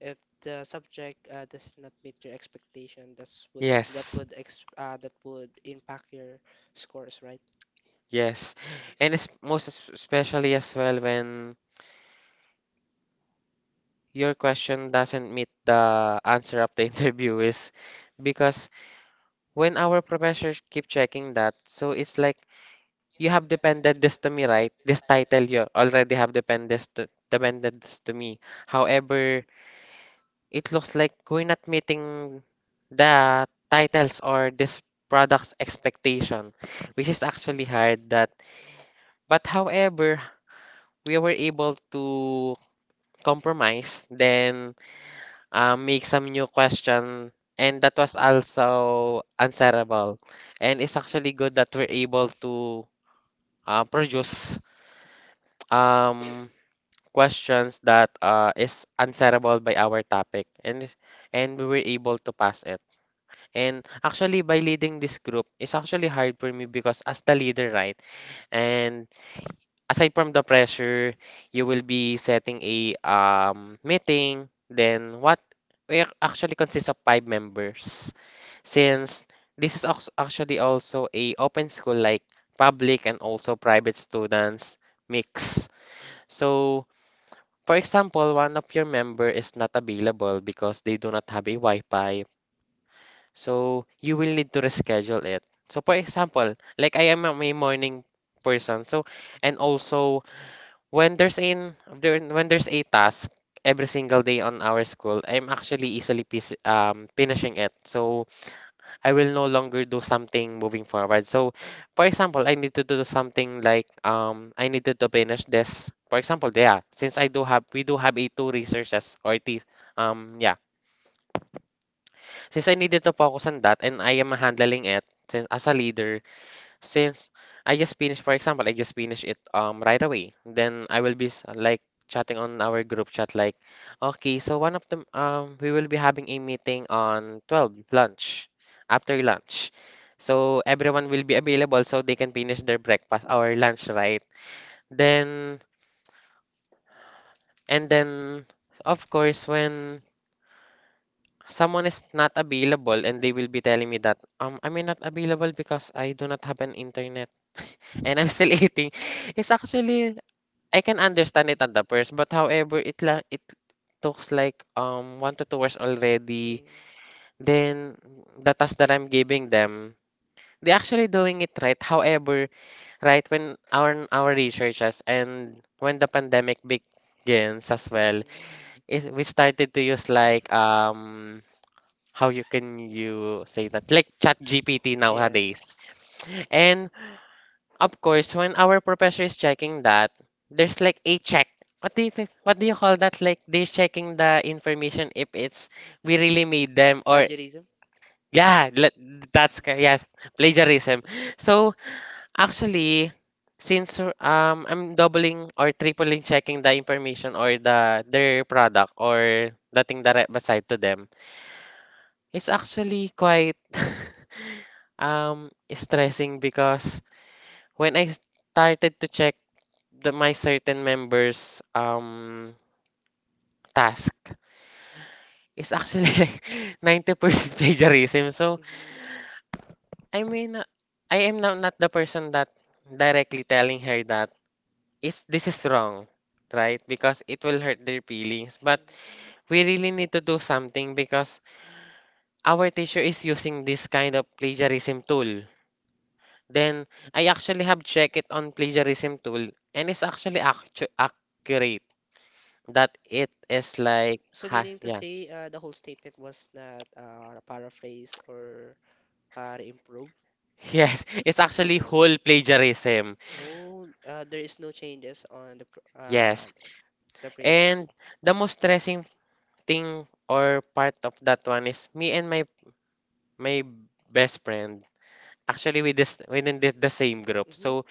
[SPEAKER 1] if the subject does not meet your expectation, that's would that
[SPEAKER 2] yes.
[SPEAKER 1] would ex that would impact your scores, right?
[SPEAKER 2] Yes.
[SPEAKER 1] I
[SPEAKER 2] And
[SPEAKER 1] see.
[SPEAKER 2] it's most especially as well when your question doesn't meet the answer of the (laughs) interview is because when our professors keep checking that, so it's like, you have depended this to me, right? This title, you already have depended this to me. However, it looks like we're not meeting the titles or this product's expectation, which is actually hard, that, but however, we were able to compromise, then make some new question, and that was also answerable. And it's actually good that we're able to produce um questions that is answerable by our topic, and we were able to pass it. And actually, by leading this group is actually hard for me because, as the leader, right? And aside from the pressure, you will be setting a meeting. Then what? We actually consists of five members. Since this is actually also a open school, like public and also private students mix. So, for example, one of your member is not available because they do not have a Wi-Fi. So you will need to reschedule it. So for example, like, I am a may morning person. So, and also when there's in there, when there's a task every single day on our school, I'm actually easily finishing it. So I will no longer do something moving forward. So for example, I need to do something like, I needed to finish this. For example, yeah, since I do have we do have a two researches, or the yeah, since I needed to focus on that and I am handling it since, as a leader, since I just finished, for example, I just finished it right away. Then I will be like chatting on our group chat like, okay, so one of them, we will be having a meeting on 12 lunch, after lunch. So everyone will be available so they can finish their breakfast or lunch, right? Then and then of course, when someone is not available and they will be telling me that, I'm not available because I do not have an internet and I'm still (laughs) eating. It's actually, I can understand it at the first, but however it talks like 1 to 2 hours already.
[SPEAKER 1] Mm.
[SPEAKER 2] Then the task that I'm giving them, they actually doing it right. However, right when our researchers, and when the pandemic
[SPEAKER 1] Yes,
[SPEAKER 2] begins
[SPEAKER 1] as
[SPEAKER 2] as
[SPEAKER 1] well.
[SPEAKER 2] well,
[SPEAKER 1] Mm.
[SPEAKER 2] we started to use like,
[SPEAKER 1] How
[SPEAKER 2] how you can you say
[SPEAKER 1] you
[SPEAKER 2] that,
[SPEAKER 1] can use things like,
[SPEAKER 2] like
[SPEAKER 1] like
[SPEAKER 2] Chat GPT
[SPEAKER 1] ChatGPT nowadays.
[SPEAKER 2] nowadays.
[SPEAKER 1] Yes.
[SPEAKER 2] And of course, when our professor is checking that, there's like a check, what do you call that, like, they're checking the information if it's
[SPEAKER 1] We
[SPEAKER 2] we really
[SPEAKER 1] really need
[SPEAKER 2] made
[SPEAKER 1] them,
[SPEAKER 2] them
[SPEAKER 1] or
[SPEAKER 2] or,
[SPEAKER 1] plagiarism.
[SPEAKER 2] yeah, yes, plagiarism. So actually, since I'm doubling or tripling checking the information or their product or the thing that I beside to them, it's actually quite (laughs) stressing, because when I started to check the my certain members' task, is actually (laughs) like 90%
[SPEAKER 1] Mm-hmm.
[SPEAKER 2] plagiarism. So
[SPEAKER 1] Mhm.
[SPEAKER 2] I mean, I am now not the person that directly telling her that it's this is wrong, right? Because it will hurt their feelings. But we really need to do something because our teacher is using this kind of plagiarism tool. Then I actually have checked it on plagiarism tool and it's actually actu accurate,
[SPEAKER 1] that
[SPEAKER 2] that
[SPEAKER 1] it
[SPEAKER 2] it
[SPEAKER 1] is
[SPEAKER 2] is
[SPEAKER 1] S-
[SPEAKER 2] like
[SPEAKER 1] like So
[SPEAKER 2] ha
[SPEAKER 1] meaning to
[SPEAKER 2] yeah.
[SPEAKER 1] say, the whole statement was not paraphrase or improve.
[SPEAKER 2] (laughs) Yes, it's actually whole plagiarism,
[SPEAKER 1] Oh, there is no changes on yes,
[SPEAKER 2] yes.
[SPEAKER 1] the and phrases.
[SPEAKER 2] And the most stressing thing, or part of that one, is me and my my best friend. Actually, we this within this the same group,
[SPEAKER 1] Mhm.
[SPEAKER 2] so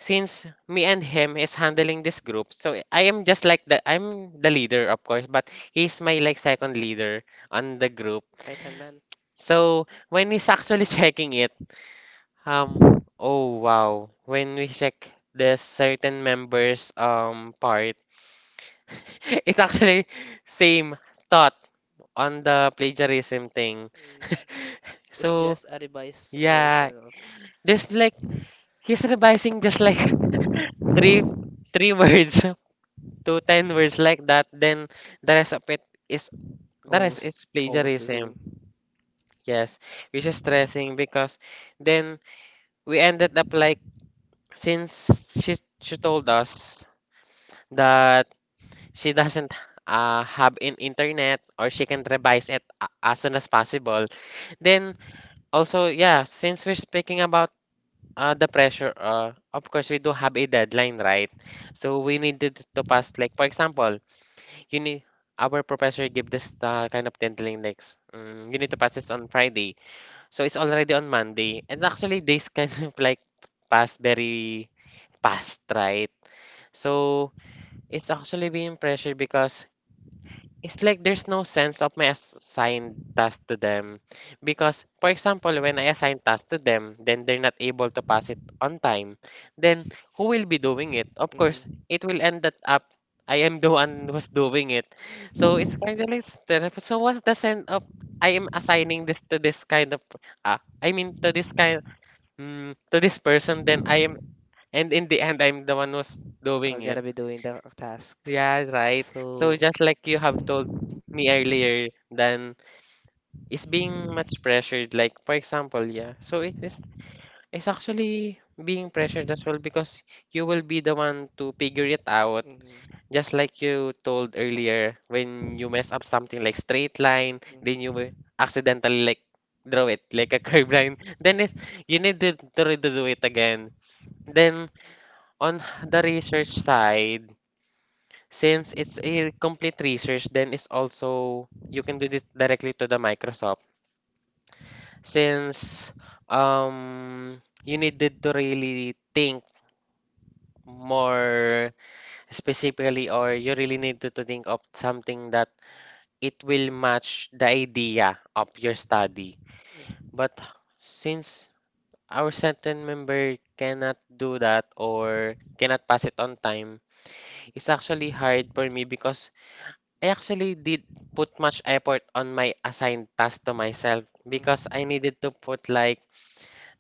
[SPEAKER 2] since me and him is handling this group, so I am just like the I'm the leader, of course, but he's my like second leader on the group.
[SPEAKER 1] Right hand man.
[SPEAKER 2] So when he's actually (laughs) checking it, oh, wow, when we check the certain members part, (laughs) it's actually same thought on the plagiarism thing.
[SPEAKER 1] Mm. It's so
[SPEAKER 2] So
[SPEAKER 1] just a revised, yeah,
[SPEAKER 2] yeah,
[SPEAKER 1] version.
[SPEAKER 2] there's like, he's revising just like (laughs) three three words (laughs) to 10 words like that. Then the rest of it is the rest
[SPEAKER 1] Almost,
[SPEAKER 2] is
[SPEAKER 1] almost the same.
[SPEAKER 2] plagiarism. Yes, which is stressing, because then we ended up like, since she told us that she doesn't have in internet, or she can revise it as soon as possible. Then also, yeah, since we're speaking about the pressure, of course we do have a deadline, right, so we needed to pass, like, for example, you need, our professor give this kind of deadline like, you need to pass this on Friday, so it's already on Monday, and actually days kind (laughs) of like pass very fast, right. So it's actually being pressured because it's like there's no sense of my assigned task to them. Because, for example, when I assign tasks to them, then they're not able to pass it on time. Then who will be doing it? Of course,
[SPEAKER 1] Mm-hmm.
[SPEAKER 2] it will end that up I am the one who's doing it. So it's kind of like stressful. So what's the sense of I am assigning this to this kind of, I mean, to this kind, to this person, then I am, and in the end I'm the one who's doing
[SPEAKER 1] I'm gonna
[SPEAKER 2] it.
[SPEAKER 1] be doing the task.
[SPEAKER 2] Yeah, right. So
[SPEAKER 1] So,
[SPEAKER 2] just like you have told
[SPEAKER 1] mhm,
[SPEAKER 2] me earlier, then it's being much pressured. Like for example, yeah. So it's actually being pressured as well because you will be the one to figure it out. Just like you told earlier, when you mess up something like straight line,
[SPEAKER 1] mhm,
[SPEAKER 2] then you will accidentally like draw it like a curved line. (laughs) Then it you need to redo it again. Then on the research side. Since it's a complete research, then it's also you can do this directly to the Microsoft. Since um you needed to really think more specifically, or you really need to think of something that it will match the idea of your study.
[SPEAKER 1] mhm,
[SPEAKER 2] But since our certain member cannot do that or cannot pass it on time, it's actually hard for me because I actually did put much effort on my assigned task to myself, because I
[SPEAKER 1] mhm.
[SPEAKER 2] needed to put like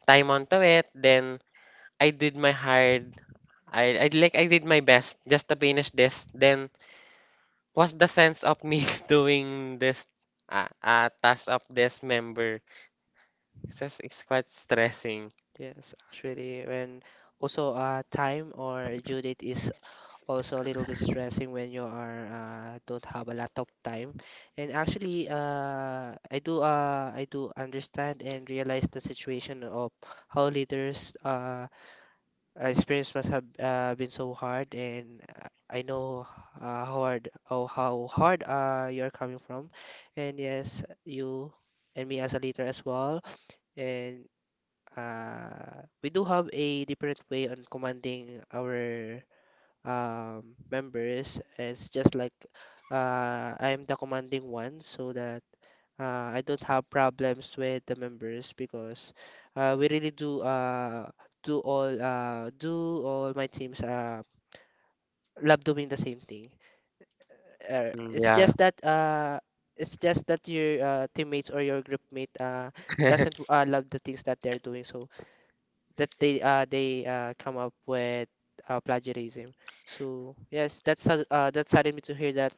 [SPEAKER 2] time onto it. Then I did my hard. I Like I did my best just to finish this. Then what's the sense of me (laughs) doing this task of this member? It's just, it's quite stressing.
[SPEAKER 1] Yes, actually, when also time or due date is also a little bit stressing when you are don't have a lot of time. And actually, I do understand and realize the situation of how leaders experience must have been so hard, and I know how hard you're coming from, and yes, you and me as a leader as well, and we do have a different way on commanding our members. It's just like I am the commanding one, so that I don't have problems with the members because we really do all my teams love doing the same thing. Uh,
[SPEAKER 2] Mm,
[SPEAKER 1] it's
[SPEAKER 2] yeah.
[SPEAKER 1] just that uh, it's just that your teammates or your group mate doesn't love the things that they're
[SPEAKER 2] (laughs)
[SPEAKER 1] doing, so that they come up with plagiarism. So yes, that saddened me to hear that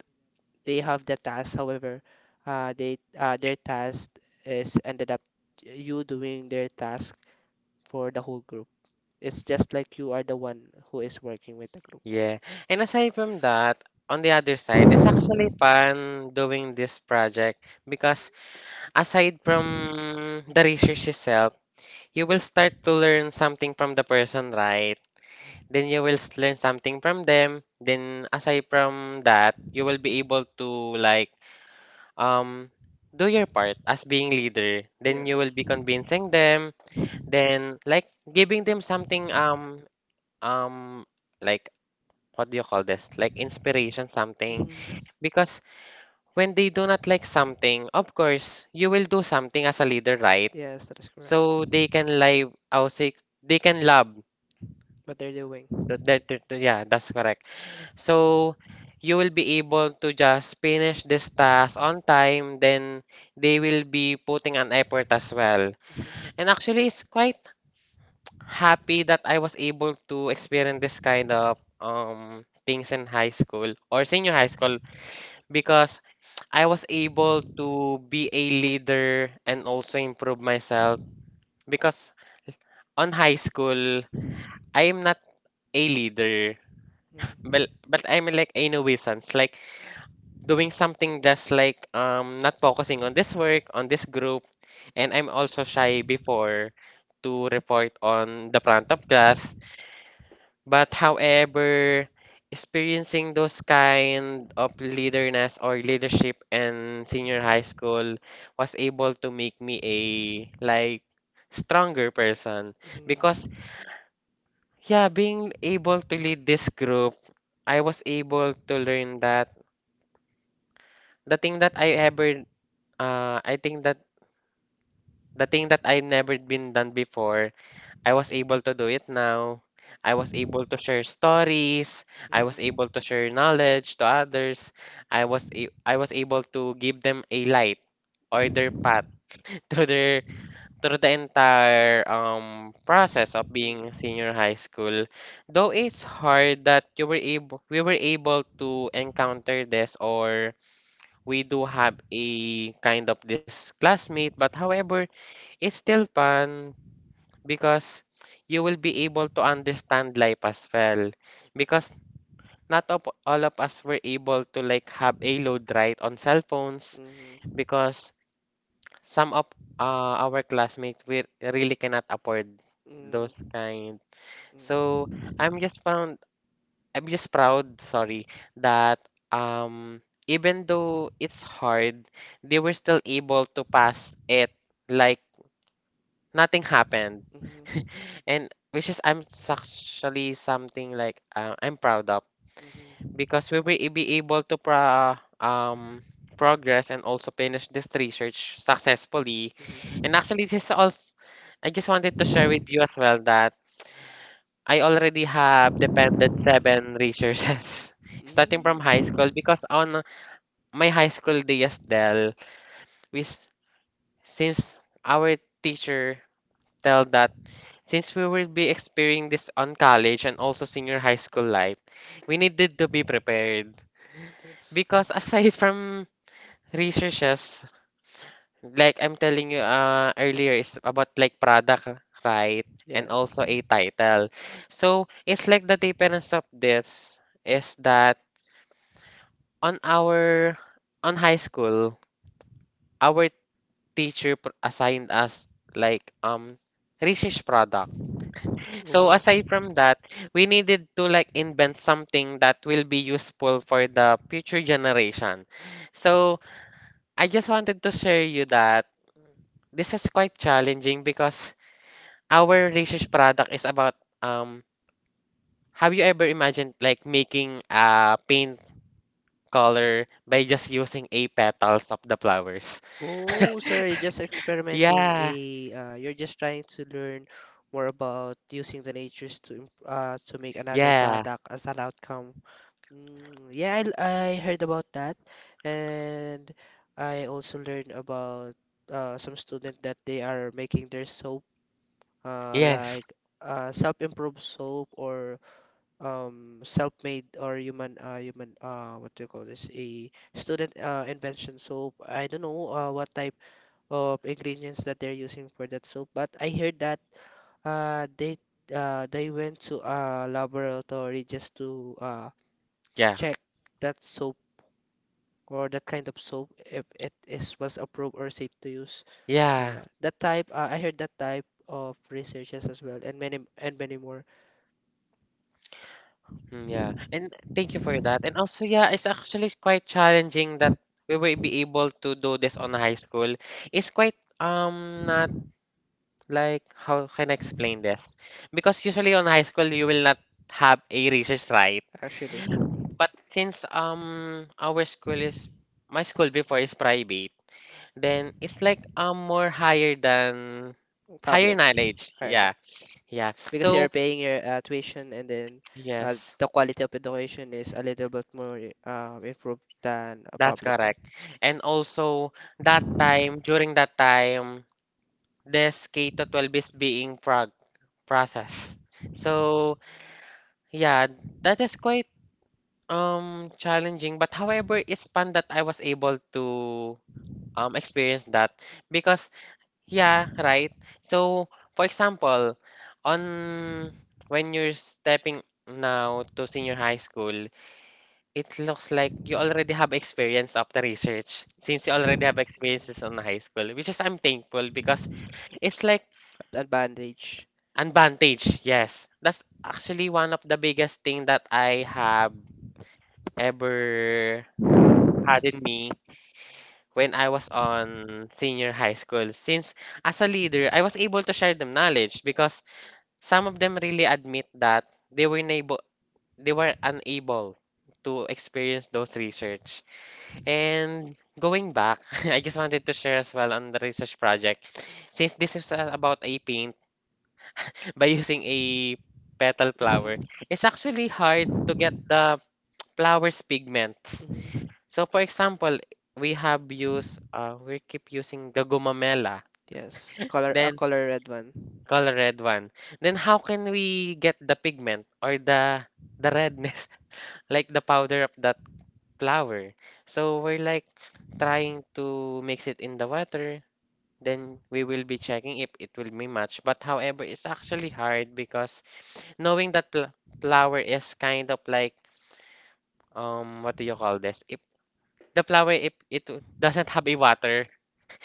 [SPEAKER 1] they have the task. However, they their task is ended up you doing their task for the whole group. It's just like you are the one who is working with the group.
[SPEAKER 2] Yeah. And aside from that, on the other side, it's actually fun doing this project because aside from the research itself, you will start to learn something from the person, right? Then you will learn something from them. Then aside from that, you will be able to like um do your part as being leader. Then you will
[SPEAKER 1] Yes.
[SPEAKER 2] be
[SPEAKER 1] Mhm.
[SPEAKER 2] convincing them, then like giving them something um um like what do you call this? Like inspiration, something. Because when they do not like something, of course, you will do something as a leader, right?
[SPEAKER 1] Yes, that is correct.
[SPEAKER 2] So they can live, I would say, they can love.
[SPEAKER 1] What they're
[SPEAKER 2] Th-
[SPEAKER 1] doing.
[SPEAKER 2] that- that- that- yeah, that's correct. So you will be able to just finish this task on time, then they will be putting an effort as well.
[SPEAKER 1] Mhm,
[SPEAKER 2] And actually, it's quite happy that I was able to experience this kind of things in high school or senior high school because I was able to be a leader and also improve myself because on high school I am not a leader,
[SPEAKER 1] mhm,
[SPEAKER 2] but I'm like a nuisance like doing something just like not focusing on this work on this group, and I'm also shy before to report on the front of class. But however, experiencing those kind of leaderness or leadership in senior high school was able to make me a, like, stronger person because
[SPEAKER 1] mhm,
[SPEAKER 2] yeah, being able to lead this group, I was able to learn that the thing that I ever I think that the thing that I never been done before, I was able to do it now. I was able to share stories. I was able to
[SPEAKER 1] mhm.
[SPEAKER 2] share knowledge to others. I was able to give them a light or their path (laughs) through their through the entire process of
[SPEAKER 1] Mm,
[SPEAKER 2] being senior high school. Though it's hard that you were able we were able to encounter this, or we do have a kind of this classmate, but however, it's still fun because you will be able to understand life as well. Because not of, all of us were able to like have a load right on cell phones
[SPEAKER 1] mhm,
[SPEAKER 2] because some of our classmates we really cannot afford
[SPEAKER 1] mm,
[SPEAKER 2] those kind. So
[SPEAKER 1] mm,
[SPEAKER 2] I'm just proud. I'm just proud. Sorry that um even though it's hard, they were still able to pass it. Like nothing happened. (laughs)
[SPEAKER 1] mhm,
[SPEAKER 2] And which is actually something like I'm proud of
[SPEAKER 1] mhm,
[SPEAKER 2] because we will be able to progress and also finish this research successfully.
[SPEAKER 1] mhm,
[SPEAKER 2] And actually this is also, I just wanted to share with you as well that I already have depended seven resources (laughs) starting from high school
[SPEAKER 1] mm.
[SPEAKER 2] because on my high school days, Del, we s- since our teacher tell that since we will be experiencing this on college and also senior high school life, we needed to be prepared.
[SPEAKER 1] Yes.
[SPEAKER 2] Because aside (laughs) from researches, like I'm telling you earlier, is about like product, right? And
[SPEAKER 1] Yes.
[SPEAKER 2] also a title. So it's like the difference of this is that on our on high school, our assigned us like research product. So
[SPEAKER 1] Oh.
[SPEAKER 2] aside from that, we needed to like invent something that will be useful for the future generation. So I just wanted to share you that this is quite challenging because our research product is about, um have you ever imagined like making a paint color by just using a petals of the flowers?
[SPEAKER 1] Oh,
[SPEAKER 2] (laughs)
[SPEAKER 1] so
[SPEAKER 2] Yeah,
[SPEAKER 1] you're just trying to learn more about using the natures to make another
[SPEAKER 2] yeah,
[SPEAKER 1] product as an outcome. Mm, yeah, I heard about that, and I also learned about some student that they are making their soap,
[SPEAKER 2] yes,
[SPEAKER 1] like self-improved soap or self-made or human human what do you call this? A student invention soap. I don't know what type of ingredients that they're using for that soup. But I heard that uh they they went to a laboratory just to
[SPEAKER 2] yeah,
[SPEAKER 1] check that soap or that kind of soap if it is was approved or safe to use.
[SPEAKER 2] yeah.
[SPEAKER 1] That type I heard that type of researches as well and many more.
[SPEAKER 2] Mm, yeah, and thank you for that. And also, yeah, it's actually quite challenging that we will be able to do this on high school. It's quite not like, how can I explain this? Because usually on high school you will not have a research, right?
[SPEAKER 1] Actually.
[SPEAKER 2] But since our school is, my school before is private, then it's like more higher than higher
[SPEAKER 1] Public.
[SPEAKER 2] knowledge.
[SPEAKER 1] Higher
[SPEAKER 2] Yeah,
[SPEAKER 1] knowledge.
[SPEAKER 2] yeah.
[SPEAKER 1] Because you're
[SPEAKER 2] So
[SPEAKER 1] paying your tuition and then
[SPEAKER 2] yes.
[SPEAKER 1] the quality of education is a little bit more improved than a
[SPEAKER 2] That's
[SPEAKER 1] public one.
[SPEAKER 2] correct. And also, that time, during that time, this K to 12 is being prog processed. So, yeah, that is quite challenging. But however, it's fun that I was able to experience that because yeah, right. So, for example, on when you're stepping now to senior high school, it looks like you already have experience of the research since you already have experiences on high school, which is I'm thankful because it's like
[SPEAKER 1] Advantage.
[SPEAKER 2] advantage. Yes, that's actually one of the biggest thing that I have ever had in me when I was on senior high school. Since as a leader, I was able to share them knowledge because some of them really admit that they were unable to experience those research. And going back, (laughs) I just wanted to share as well on the research project. Since this is about a paint, (laughs) by using a petal flower,
[SPEAKER 1] Flower.
[SPEAKER 2] it's actually hard to get the flower's pigments.
[SPEAKER 1] Hmm.
[SPEAKER 2] So for example, we keep using the gumamela,
[SPEAKER 1] Yes. Color
[SPEAKER 2] then
[SPEAKER 1] red one.
[SPEAKER 2] color red one. Then how can we get the pigment or the redness, (laughs) like the powder of that flower? So we're like trying to mix it in the water, then we will be checking if it will be matched. But however, it's actually hard because knowing that pl flower is kind of like, what do you call this? If the flower, if it doesn't have a water,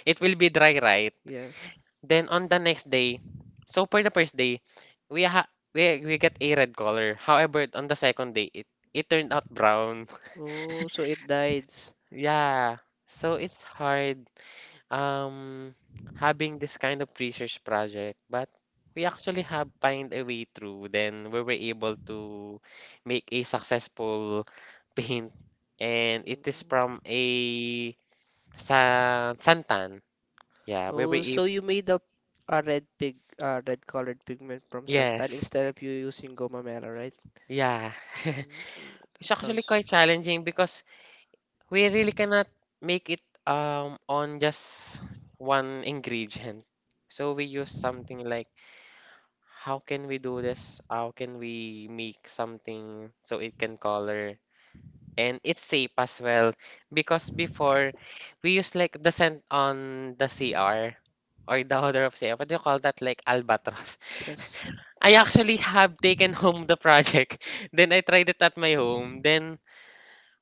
[SPEAKER 2] it will be dry, right?
[SPEAKER 1] Yes.
[SPEAKER 2] Then on the next day, so for the first day, we ha we get a red color. However, on the second day, it turned out brown. (laughs)
[SPEAKER 1] Oh, so it dies.
[SPEAKER 2] Yeah. So it's hard um having this kind of research project, but we actually have find a way through. Then we were able to make a successful (laughs) paint, and it is from a sa Santan. Yeah, we
[SPEAKER 1] Oh,
[SPEAKER 2] were
[SPEAKER 1] yeah, so
[SPEAKER 2] able.
[SPEAKER 1] you made a red colored pigment from santan
[SPEAKER 2] Yes,
[SPEAKER 1] instead of you using goma mela, right?
[SPEAKER 2] yeah. (laughs)
[SPEAKER 1] Yeah. Mm. That
[SPEAKER 2] It's
[SPEAKER 1] It's
[SPEAKER 2] actually quite
[SPEAKER 1] actually,
[SPEAKER 2] challenging because we really cannot make it on just one ingredient. So we use something like, how can we do this? How can we make something so it can color? And it's safe as well because before we use like the scent on the CR or the (laughs) odor of CR. What do you call that? Like albatross.
[SPEAKER 1] yes.
[SPEAKER 2] (laughs) I actually have taken (laughs) home the project. (laughs) Then I tried it at my home. Then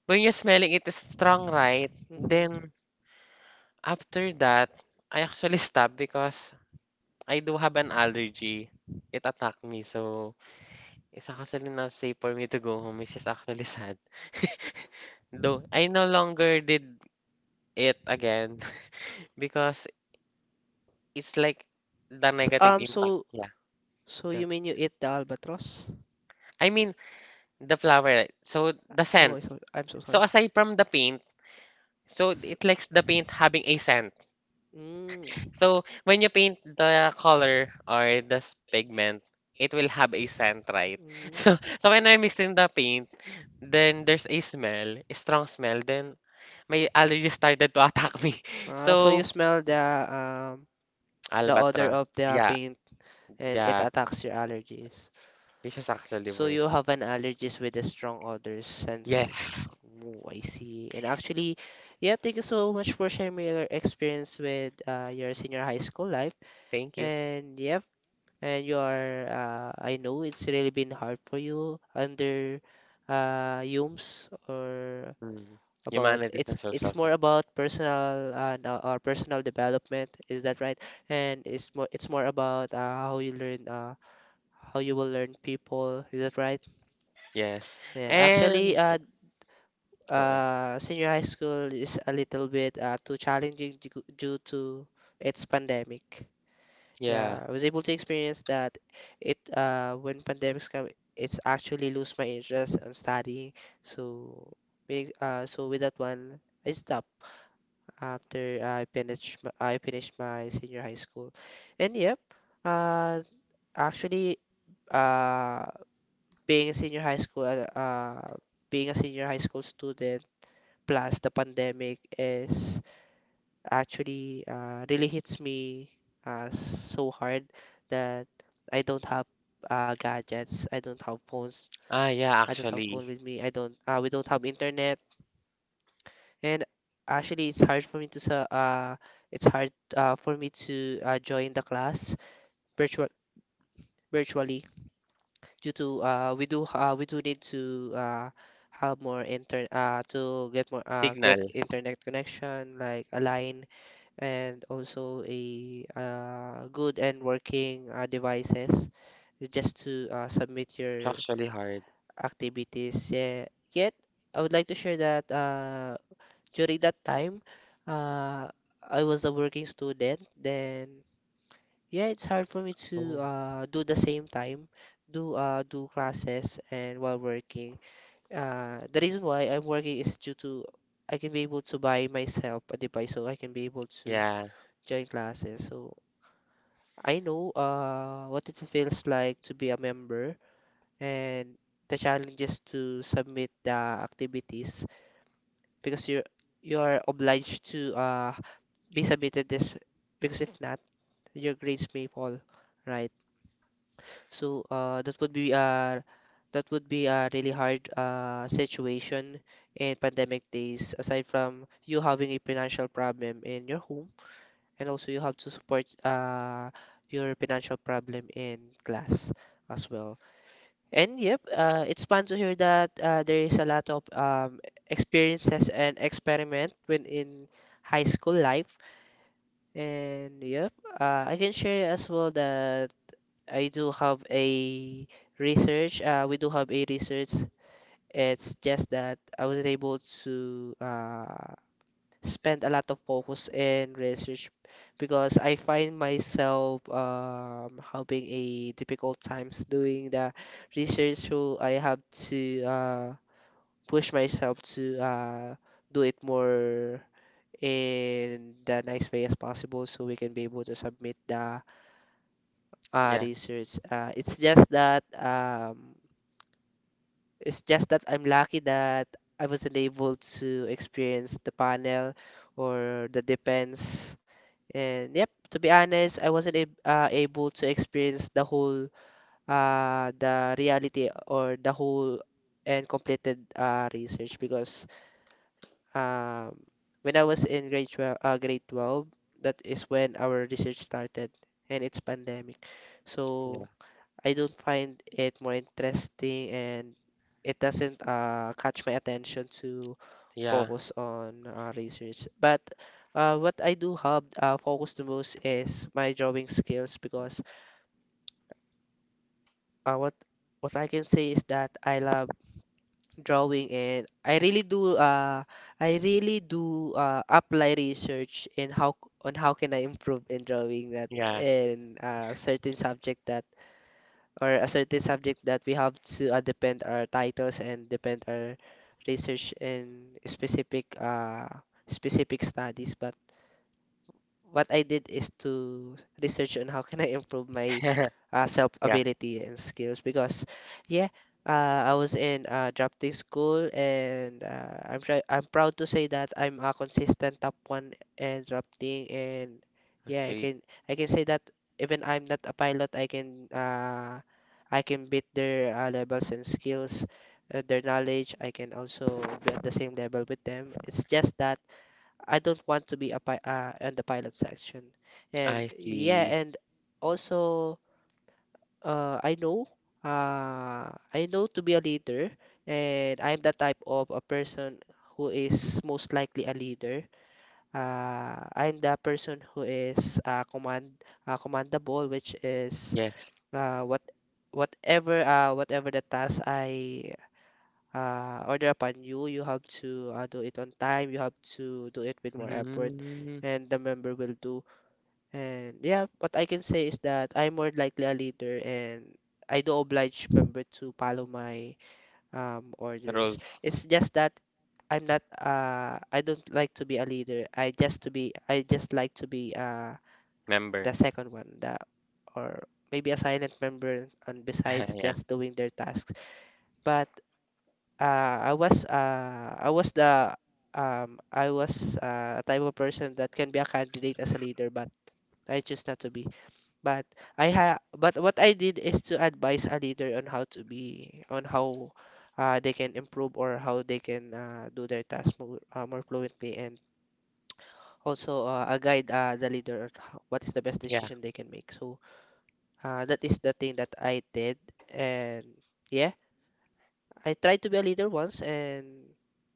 [SPEAKER 2] when you're smelling it, is strong, right? Then after that, I actually stopped because I do have an allergy. It attacked me, so it's actually not safe for me to go home, which is actually sad. (laughs) Though I no longer did it again (laughs) because it's like the negative impact. Yeah.
[SPEAKER 1] So
[SPEAKER 2] Go.
[SPEAKER 1] you mean you eat the albatross?
[SPEAKER 2] I mean the flower, right? So the
[SPEAKER 1] Oh,
[SPEAKER 2] scent.
[SPEAKER 1] so I'm so sorry.
[SPEAKER 2] So aside from the paint, so
[SPEAKER 1] S-
[SPEAKER 2] it likes the paint having a scent.
[SPEAKER 1] Mm,
[SPEAKER 2] So when you paint the color or this pigment, it will have a scent, right? (laughs)
[SPEAKER 1] mm.
[SPEAKER 2] So so when I mix in the paint, then there's a smell, a strong smell. Then my allergies started to attack me. (laughs)
[SPEAKER 1] Ah, so you
[SPEAKER 2] So,
[SPEAKER 1] smell um the odor
[SPEAKER 2] albatross.
[SPEAKER 1] of the
[SPEAKER 2] Yeah,
[SPEAKER 1] paint and it
[SPEAKER 2] yeah.
[SPEAKER 1] attacks your allergies.
[SPEAKER 2] This is actually
[SPEAKER 1] So you
[SPEAKER 2] worse.
[SPEAKER 1] have an allergies with a strong odor sense.
[SPEAKER 2] Yes.
[SPEAKER 1] Oh, I see. And actually, yeah, thank you so much for sharing your experience with your senior high school life.
[SPEAKER 2] Thank you.
[SPEAKER 1] And yeah, and you are I know it's really been hard for you under Hume's, or
[SPEAKER 2] Mm.
[SPEAKER 1] about
[SPEAKER 2] Humanities
[SPEAKER 1] it's
[SPEAKER 2] and social
[SPEAKER 1] it's more
[SPEAKER 2] science.
[SPEAKER 1] about personal and no, or personal development, is that right? And it's more about how you learn how you will learn people, is that right?
[SPEAKER 2] Yes.
[SPEAKER 1] Yeah, actually,
[SPEAKER 2] And yeah, go ahead.
[SPEAKER 1] senior high school is a little bit too challenging due to its pandemic. Yeah,
[SPEAKER 2] Yeah.
[SPEAKER 1] I was able to experience that it when pandemics come, it's actually lose my interest on studying. So so with that one, I stopped after I finished my senior high school. And yep, uh actually, uh being a senior high school uh uh, being a senior high school student plus the pandemic is actually really hits me so hard that I don't have gadgets. I don't have phones.
[SPEAKER 2] Ah, yeah,
[SPEAKER 1] I don't have phone
[SPEAKER 2] actually.
[SPEAKER 1] with me. I don't. We don't have internet. And actually, it's hard for me to join the class virtual virtually due to we do need to have more inter to get more
[SPEAKER 2] Signal.
[SPEAKER 1] get internet connection like a line and also a good and working devices just to submit
[SPEAKER 2] It's
[SPEAKER 1] your
[SPEAKER 2] actually hard.
[SPEAKER 1] activities. Yeah. Yet, I would like to share that during that time, uh, I was a working student. Then, yeah, it's hard for me to
[SPEAKER 2] Oh.
[SPEAKER 1] do the same time, do classes and while working. The reason why I'm working is due to I can be able to buy myself a device, so I can be able to
[SPEAKER 2] Yeah,
[SPEAKER 1] join classes. So I know what it feels like to be a member and the challenges to submit the activities because you are obliged to be submitted this, because if not your grades may fall, right? So that would be a really hard situation in pandemic days, aside from you having a financial problem in your home and also you have to support your financial problem in class as well. And yep, it's fun to hear that there is a lot of experiences and experiment when in high school life. And yep, I can share as well that I do have a research. We do have a research. It's just that I wasn't able to spend a lot of focus in research because I find myself having a difficult times doing the research, so I have to push myself to do it more in the nice way as possible so we can be able to submit the
[SPEAKER 2] yeah,
[SPEAKER 1] research. It's just that I'm lucky that I wasn't able to experience the panel or the defense. And yep, to be honest, I wasn't ab able to experience the whole the reality or the whole and completed research because um when I was in grade 12 that is when our research started and it's pandemic.
[SPEAKER 2] yeah,
[SPEAKER 1] So I don't find it more interesting, and it doesn't catch my attention to
[SPEAKER 2] yeah.
[SPEAKER 1] focus on research. But what I do have focus the most is my drawing skills because uh, what what I can say is that I love drawing, and I really do apply research in how on how can I improve in drawing that
[SPEAKER 2] Yeah.
[SPEAKER 1] in a certain subject that or a certain subject that we have to depend our titles and depend our research in specific specific studies. But what I did is to research on how can I improve my
[SPEAKER 2] (laughs)
[SPEAKER 1] self
[SPEAKER 2] Yeah.
[SPEAKER 1] ability and skills because yeah, I was in drafting school, and I'm proud to say that I'm a consistent top one in drafting, and yeah,
[SPEAKER 2] Street.
[SPEAKER 1] I can say that even I'm not a pilot, I can beat their levels and skills, their knowledge. I can also be at the same level with them. It's just that I don't want to be a pi on the pilot section. And
[SPEAKER 2] I
[SPEAKER 1] yeah,
[SPEAKER 2] see.
[SPEAKER 1] and also uh, I know I know to be a leader, and I'm the type of a person who is most likely a leader. I'm the person who is commandable, which is
[SPEAKER 2] Yes.
[SPEAKER 1] uh, what whatever the task I order upon you. You have to do it on time. You have to do it with more effort,
[SPEAKER 2] Mm,
[SPEAKER 1] and the member will do. And yeah, what I can say is that I'm more likely a leader, and I do oblige member to follow my orders.
[SPEAKER 2] rules
[SPEAKER 1] It's just that I'm not. I don't like to be a leader. I just like to be
[SPEAKER 2] member.
[SPEAKER 1] the second one, the or maybe a silent member, and
[SPEAKER 2] (laughs)
[SPEAKER 1] besides
[SPEAKER 2] Yeah.
[SPEAKER 1] just doing their tasks. But I was the I was a type of person that can be a candidate as a leader, but I choose not to be. But I ha but what I did is to advise a leader on how to be on how they can improve or how they can do their task more, more fluently, and also a guide the leader on how, what is the best
[SPEAKER 2] Yeah.
[SPEAKER 1] decision they can make. So that is the thing that I did, and yeah. I tried to be a leader once, and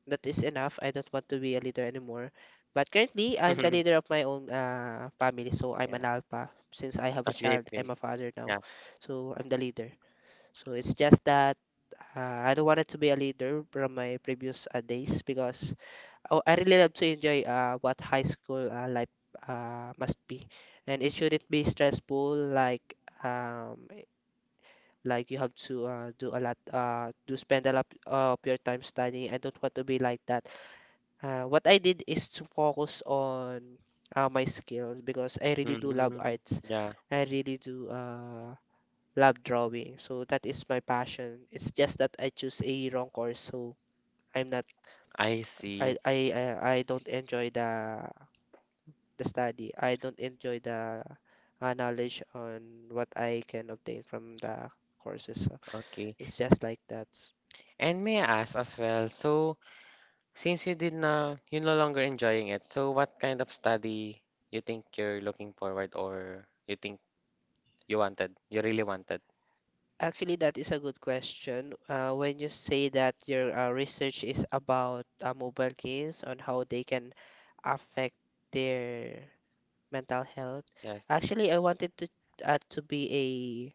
[SPEAKER 1] that is enough. I don't want to be a leader anymore. But currently, I'm the
[SPEAKER 2] (laughs)
[SPEAKER 1] leader of my own family, so I'm
[SPEAKER 2] Yeah.
[SPEAKER 1] an alpha. Since I have a
[SPEAKER 2] That's a great
[SPEAKER 1] child,
[SPEAKER 2] thing.
[SPEAKER 1] I'm a father now,
[SPEAKER 2] Yeah.
[SPEAKER 1] so I'm the leader. So it's just that I don't want it to be a leader from my previous days because I really love to enjoy what high school life must be, and it shouldn't be stressful um like you have to do spend a lot of your time studying. I don't want to be like that. What I did is to focus on my skills because I really do love
[SPEAKER 2] Hmm.
[SPEAKER 1] arts.
[SPEAKER 2] Yeah.
[SPEAKER 1] I really do love drawing. So that is my passion. It's just that I choose a wrong course, so I'm not.
[SPEAKER 2] I
[SPEAKER 1] I
[SPEAKER 2] see.
[SPEAKER 1] I I I don't enjoy the study. I don't enjoy the knowledge on what I can obtain from the courses. So
[SPEAKER 2] Okay.
[SPEAKER 1] it's just like that.
[SPEAKER 2] And may I ask as well, so since you did na, you're no longer enjoying it, so what kind of study you think you're looking forward or you think you wanted, you really wanted?
[SPEAKER 1] Actually, that is a good question. When you say that your research is about mobile games on how they can affect their mental health,
[SPEAKER 2] Yes.
[SPEAKER 1] actually, I wanted to be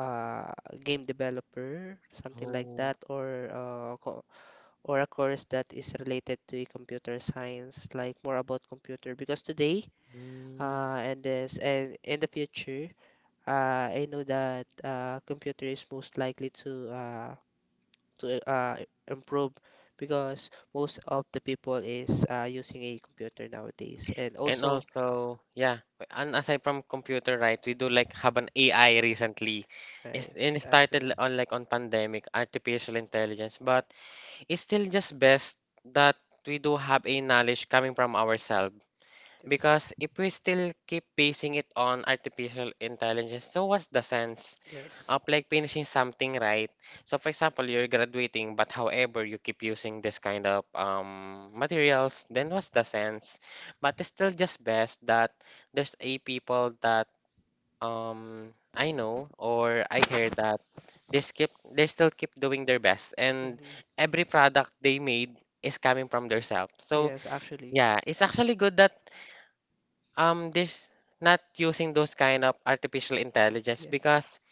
[SPEAKER 1] a game developer, something like
[SPEAKER 2] Oh.
[SPEAKER 1] that, or co or a course that is related to computer science, like more about computer. Because today,
[SPEAKER 2] Mm.
[SPEAKER 1] and in the future, I know that computer is most likely to to uh, improve because most of the people is using a computer nowadays. And
[SPEAKER 2] And
[SPEAKER 1] also
[SPEAKER 2] also, yeah, and aside from computer, right, we do like have an AI recently. It's,
[SPEAKER 1] right,
[SPEAKER 2] and
[SPEAKER 1] actually,
[SPEAKER 2] on like on pandemic, artificial intelligence, but it's still just best that we do have a knowledge coming from ourselves.
[SPEAKER 1] yes,
[SPEAKER 2] Because if we still keep basing it on artificial intelligence, so what's the sense
[SPEAKER 1] yes.
[SPEAKER 2] of like finishing something, right? So for example, you're graduating, but however you keep using this kind of materials, then what's the sense? But it's still just best that there's a people that, I know or I hear that they still keep doing their best, and
[SPEAKER 1] Mhm.
[SPEAKER 2] every product they made is
[SPEAKER 1] Is
[SPEAKER 2] coming
[SPEAKER 1] coming from
[SPEAKER 2] from their
[SPEAKER 1] their self.
[SPEAKER 2] self.
[SPEAKER 1] So
[SPEAKER 2] So
[SPEAKER 1] yes, actually. Yeah.
[SPEAKER 2] yeah, it's
[SPEAKER 1] It's
[SPEAKER 2] actually
[SPEAKER 1] actually good
[SPEAKER 2] good
[SPEAKER 1] that
[SPEAKER 2] that this not
[SPEAKER 1] not
[SPEAKER 2] using
[SPEAKER 1] using
[SPEAKER 2] those
[SPEAKER 1] those
[SPEAKER 2] kind
[SPEAKER 1] kind
[SPEAKER 2] of
[SPEAKER 1] of
[SPEAKER 2] artificial
[SPEAKER 1] artificial intelligence.
[SPEAKER 2] intelligence
[SPEAKER 1] Yeah.
[SPEAKER 2] because
[SPEAKER 1] Because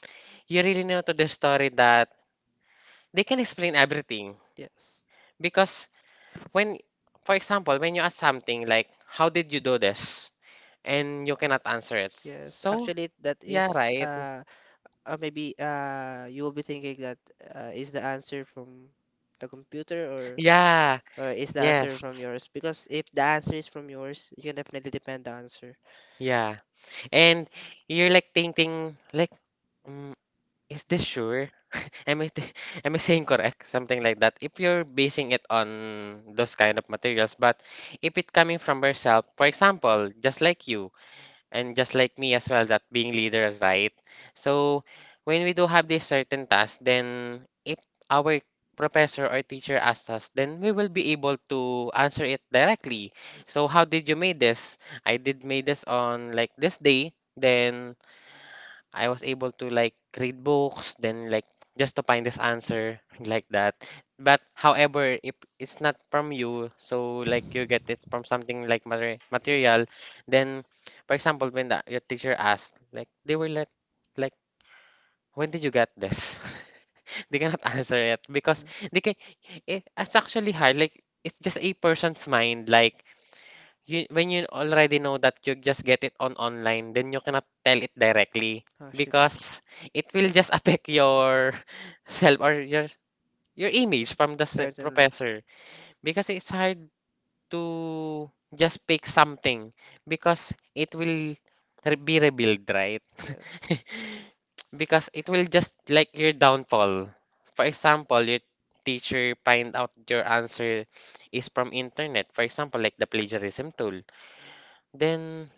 [SPEAKER 2] you really know to the story that they can explain everything
[SPEAKER 1] yes.
[SPEAKER 2] because when, for example, when you ask something like, how did you do this
[SPEAKER 1] And
[SPEAKER 2] and you
[SPEAKER 1] you
[SPEAKER 2] cannot
[SPEAKER 1] cannot
[SPEAKER 2] answer
[SPEAKER 1] answer it.
[SPEAKER 2] it?
[SPEAKER 1] Yes,
[SPEAKER 2] So
[SPEAKER 1] actually, that
[SPEAKER 2] yeah,
[SPEAKER 1] is
[SPEAKER 2] right,
[SPEAKER 1] right. Maybe you will be thinking that is the answer from the computer or
[SPEAKER 2] yeah,
[SPEAKER 1] yeah, or is the answer from yes,
[SPEAKER 2] yes,
[SPEAKER 1] yours? Because if the answer is from yours, you can definitely depend the answer.
[SPEAKER 2] yeah. And you're like thinking like, mm, is this sure? (laughs) Am I th- am I saying correct? Something like that. If you're basing it on those kind of materials, but if it coming from yourself, for example, just like you and just like me as well, that being leaders, right. So when we do have this certain task, then if our professor or teacher asks us, then we will be able to answer it directly.
[SPEAKER 1] So
[SPEAKER 2] So
[SPEAKER 1] yes.
[SPEAKER 2] how
[SPEAKER 1] How
[SPEAKER 2] did
[SPEAKER 1] did
[SPEAKER 2] you
[SPEAKER 1] you
[SPEAKER 2] make
[SPEAKER 1] make
[SPEAKER 2] this?
[SPEAKER 1] this?
[SPEAKER 2] I did made this on like this day. Then I was able to like read books, then like just to find this
[SPEAKER 1] Mm.
[SPEAKER 2] answer (laughs) like that. But however, if it's not from you, so like you get it from something like
[SPEAKER 1] Mm.
[SPEAKER 2] material, then for example, your teacher asked, like they will let like when did you get this? (laughs) They cannot answer it because they can. It's actually hard. Like it's just a person's mind. Like you, when you already know that you just get it on online, then you cannot tell it directly
[SPEAKER 1] Actually,
[SPEAKER 2] because it will just affect your (laughs) self or your image from the
[SPEAKER 1] certainly.
[SPEAKER 2] professor because it's hard to just pick something because it will be revealed, right?
[SPEAKER 1] Yes.
[SPEAKER 2] (laughs) Because it will just like your downfall. For example, your teacher find out your answer is from internet. For example, like the plagiarism tool, then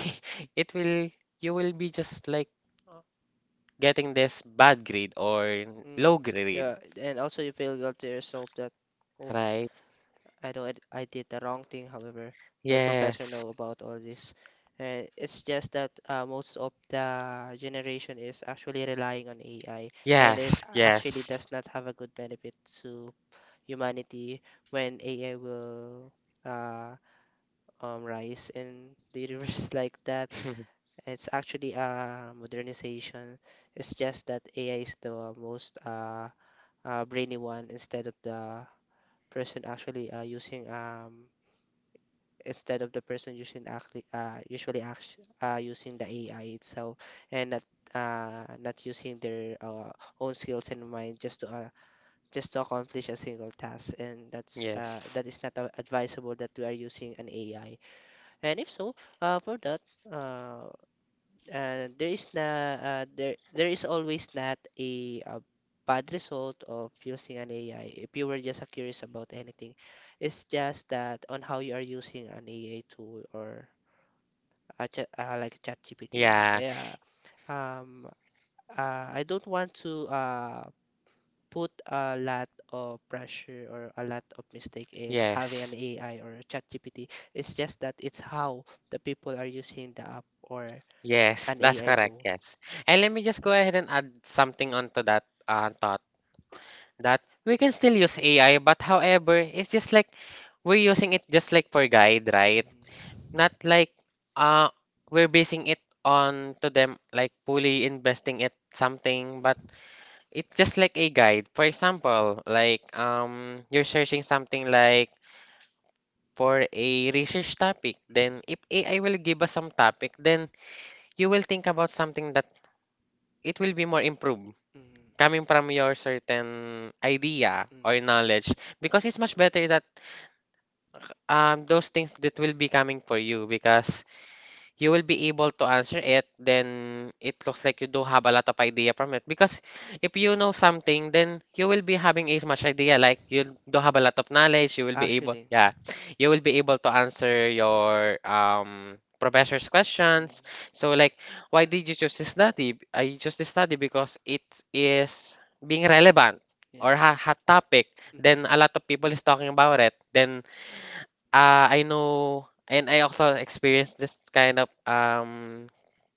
[SPEAKER 2] (laughs) it will you will be just like getting this bad grade or low
[SPEAKER 1] Mm.
[SPEAKER 2] grade,
[SPEAKER 1] Yeah, and also you feel guilty yourself that, oh,
[SPEAKER 2] right?
[SPEAKER 1] I know I did the wrong thing. However, my professor
[SPEAKER 2] Yes.
[SPEAKER 1] know about all this. And it's just that most of the generation is actually relying on AI, and it
[SPEAKER 2] Yes,
[SPEAKER 1] actually
[SPEAKER 2] yes.
[SPEAKER 1] does not have a good benefit to humanity when AI will uh, rise in the universe (laughs) like that.
[SPEAKER 2] (laughs)
[SPEAKER 1] It's actually a modernization. It's just that AI is the most brainy one instead of the person actually using instead of the person using actually usually act using the AI itself and not not using their own skills and mind just to accomplish a single task. And that's
[SPEAKER 2] Yes.
[SPEAKER 1] that is not advisable that we are using an AI. And if so, for that, uh, there there is always not a, bad result of using an AI if you were just curious about anything. It's just that on how you are using an AI tool or a chat, like ChatGPT,
[SPEAKER 2] Yeah.
[SPEAKER 1] yeah. um I don't want to put a lot of pressure or a lot of mistake in having an
[SPEAKER 2] Yes.
[SPEAKER 1] AI or a ChatGPT. It's just that it's how the people are using the app or
[SPEAKER 2] Yes,
[SPEAKER 1] an
[SPEAKER 2] that's
[SPEAKER 1] AI
[SPEAKER 2] correct.
[SPEAKER 1] tool.
[SPEAKER 2] Yes. And let me just go ahead and add something onto that thought. That we can still use AI, but however, it's just like we're using it just like for guide, right? Not like uh we're basing it on to them like fully investing it something, but it's just like a guide. For example, like you're searching something like for a research topic, then if AI will give us some topic, then you will think about something that it will be more improved coming from your certain idea
[SPEAKER 1] Mm, mm,
[SPEAKER 2] or knowledge because it's much better that those things that will be coming for you because you will be able to answer it, then it looks like you do have a lot of idea from it. Because if you know something, then you will be having as much idea. Like you do have a lot of knowledge, you
[SPEAKER 1] mm,
[SPEAKER 2] will be
[SPEAKER 1] actually,
[SPEAKER 2] able,
[SPEAKER 1] mm,
[SPEAKER 2] yeah, you will be able to answer your professor's questions. So like, why did you choose this study? I chose this study because it is being relevant
[SPEAKER 1] yes.
[SPEAKER 2] or ha hot topic. Then a lot of people is talking about it.
[SPEAKER 1] Mm,
[SPEAKER 2] Then I know, and I also experienced this kind of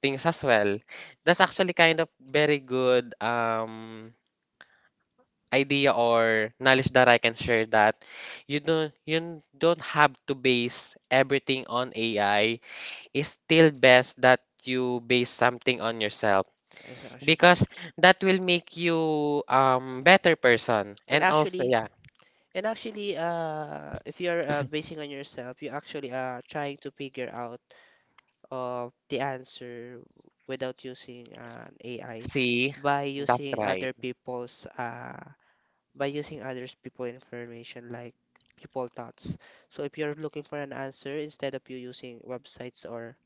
[SPEAKER 2] things as well. That's actually kind of very good idea or knowledge that I can share that you don't have to base everything on AI. It's still best that you base something on yourself
[SPEAKER 1] yes, actually.
[SPEAKER 2] because that will make you better person
[SPEAKER 1] And
[SPEAKER 2] and also
[SPEAKER 1] actually,
[SPEAKER 2] yeah,
[SPEAKER 1] and actually, if you're basing on yourself, you actually are trying to figure out the answer without using an AI,
[SPEAKER 2] see,
[SPEAKER 1] by
[SPEAKER 2] that's
[SPEAKER 1] using
[SPEAKER 2] right.
[SPEAKER 1] other people's by using others people information, like people thoughts. So if you're looking for an answer, instead of you using websites or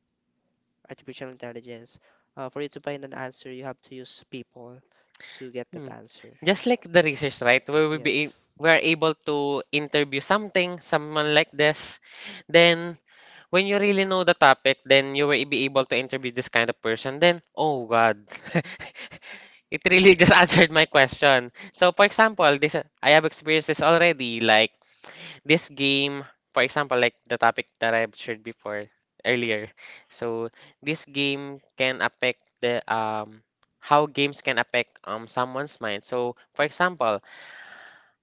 [SPEAKER 1] artificial intelligence, for you to find an answer, you have to use people to get that
[SPEAKER 2] Hmm.
[SPEAKER 1] answer.
[SPEAKER 2] Just like the research, right? Where
[SPEAKER 1] Yes.
[SPEAKER 2] we are able to interview something, someone like this. Then when you really know the topic, then you will be able to interview this kind of person. Then, oh God, (laughs) it really just (laughs) answered my question. So for example, this I have experienced this already. Like this game, for example, like the topic that I've shared before earlier. So this game can affect the how games can affect someone's mind. So for example,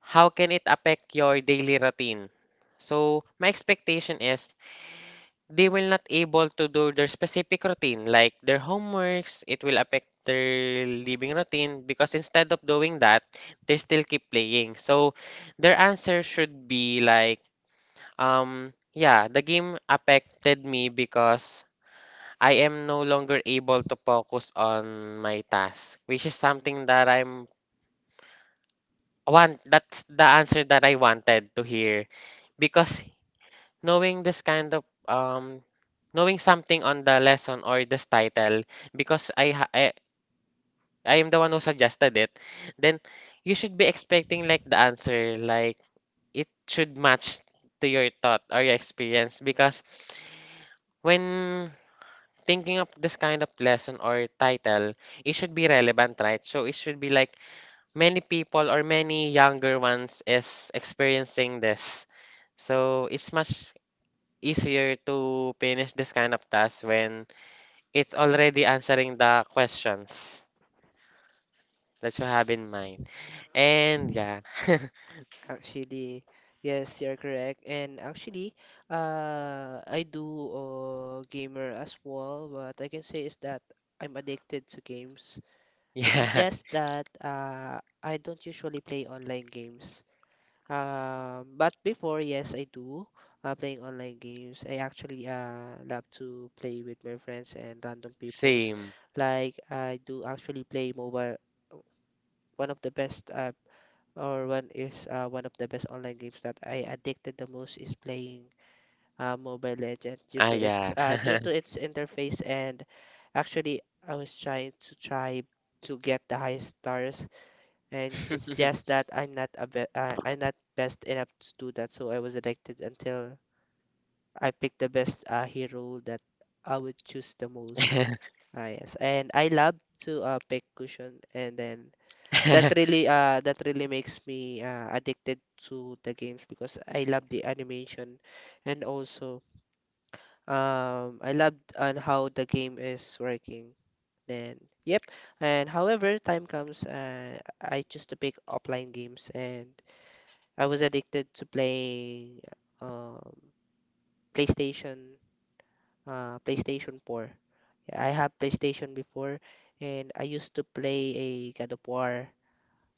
[SPEAKER 2] how can it affect your daily routine? So my expectation is they will not able to do their specific routine, like their homeworks, it will affect their living routine because instead of doing that, they still keep playing. So their answer should be like yeah, the game affected me because I am no longer able to focus on my task, which is something that I'm want that's the answer that I wanted to hear because knowing this kind of knowing something on the lesson or this title because I am the one who suggested it, then you should be expecting like the answer like it should match to your thought or your experience because when thinking of this kind of lesson or title, it should be relevant, right? So it should be like many people or many younger ones is experiencing this. So it's much easier to finish this kind of task when it's already answering the questions that you have in mind. And yeah, (laughs)
[SPEAKER 1] Actually, yes, you're correct. And actually, I do gamer as well. What I can say is that I'm addicted to games. It's
[SPEAKER 2] yeah,
[SPEAKER 1] just that I don't usually play online games. But before, yes, I do playing online games. I actually love to play with my friends and random peoples.
[SPEAKER 2] same.
[SPEAKER 1] Like I do actually play mobile. One of the best or one is one of the best online games that I addicted the most is playing Mobile Legends
[SPEAKER 2] Ah, yeah.
[SPEAKER 1] due to its interface. And actually, I was trying to try to get the highest stars, and it's just
[SPEAKER 2] (laughs)
[SPEAKER 1] that I'm not best enough to do that, so I was addicted
[SPEAKER 2] (laughs)
[SPEAKER 1] until I picked the best hero that I would choose the most.
[SPEAKER 2] (laughs)
[SPEAKER 1] Ah, yes, and I love to pick cushion, and then that really makes me addicted to the games because I love the animation and also I loved on how the game is working. Then yep, and however time comes, I choose to pick offline games, and I was addicted to playing um PlayStation PlayStation 4. Yeah, I have PlayStation before, and I used to play a God of War,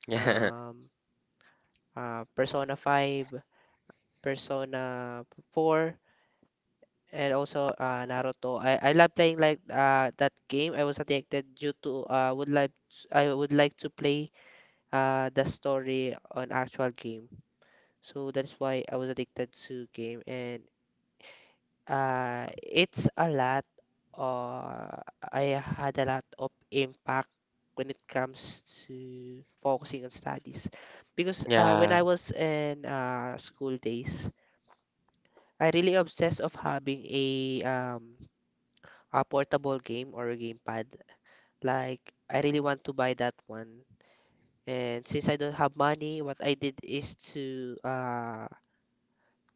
[SPEAKER 2] Yeah.
[SPEAKER 1] um Persona 5, Persona 4, and also Naruto. I love playing like that game. I was addicted due to would like I would like to play the story on actual game. So that's why I was addicted to game. And it's a lot I had a lot of impact when it comes to focusing on studies because when
[SPEAKER 2] Yeah.
[SPEAKER 1] I was in school days, I really obsessed of having a portable game or a gamepad. Like I really want to buy that one. And since I don't have money, what I did is to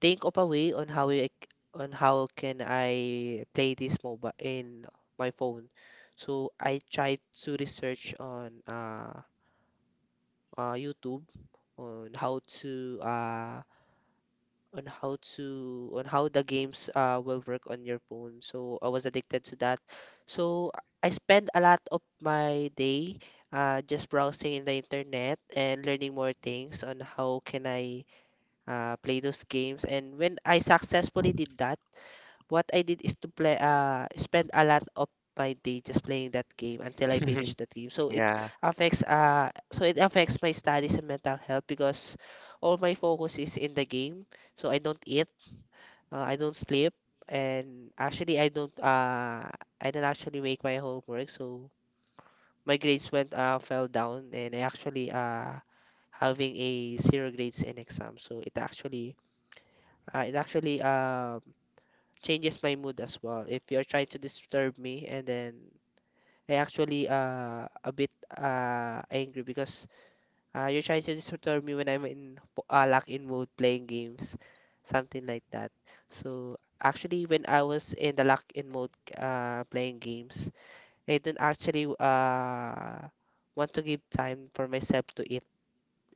[SPEAKER 1] think of a way on how on how can I play this mobile in my phone. So I tried to research on YouTube on how to on how the games will work on your phone. So I was addicted to that. So I spend a lot of my day just browsing in the internet and learning more things on how can I play those games. And when I successfully did that, what I did is to play spend a lot of my day just playing that game until I finish
[SPEAKER 2] (laughs)
[SPEAKER 1] that game. So it
[SPEAKER 2] Yeah.
[SPEAKER 1] affects my studies and mental health because all my focus is in the game. So I don't eat, I don't sleep, and actually, I don't. I don't actually make my homework, so my grades went fell down, and I actually having a zero grades in exam. So it actually, uh, it actually um changes my mood as well. If you're trying to disturb me, and then I actually a bit angry because you're trying to disturb me when I'm in lock in mode playing games, something like that. So actually, when I was in the lock in mode, playing games, I didn't actually, want to give time for myself to eat,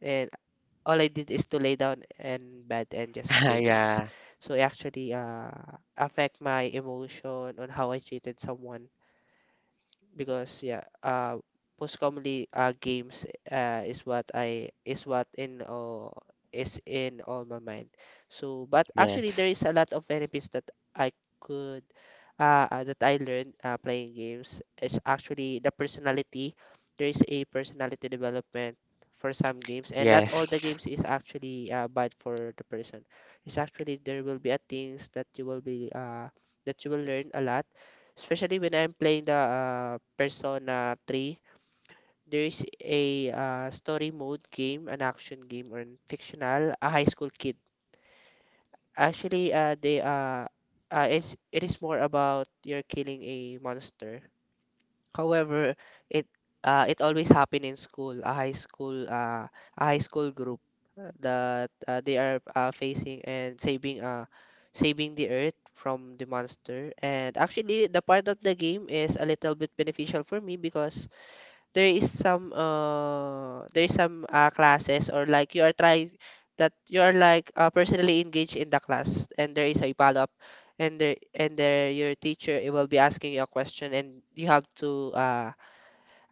[SPEAKER 1] and all I did is to lay down in bed and just
[SPEAKER 2] (laughs)
[SPEAKER 1] play games.
[SPEAKER 2] yeah.
[SPEAKER 1] So it actually, affect my emotion on how I treated someone because yeah, most commonly, games, is what in all is in all my mind. So, but actually
[SPEAKER 2] Yes.
[SPEAKER 1] there is a lot of benefits that I could, that I learned playing games is actually the personality. There is a personality development for some games, and not all the
[SPEAKER 2] Yes.
[SPEAKER 1] games is actually bad for the person. It's actually there will be a things that you will be that you will learn a lot especially when I'm playing the Persona 3. There is a story mode game, an action game, or an fictional, a high school kid. Actually, they it's it is more about you're killing a monster. However, it, it always happen in school, a high school, group that they are facing and saving saving the earth from the monster. And actually, the part of the game is a little bit beneficial for me because there is some, classes or like you are trying that you are like, personally engaged in the class and there is a follow-up, and there your teacher it will be asking you a question and you have to uh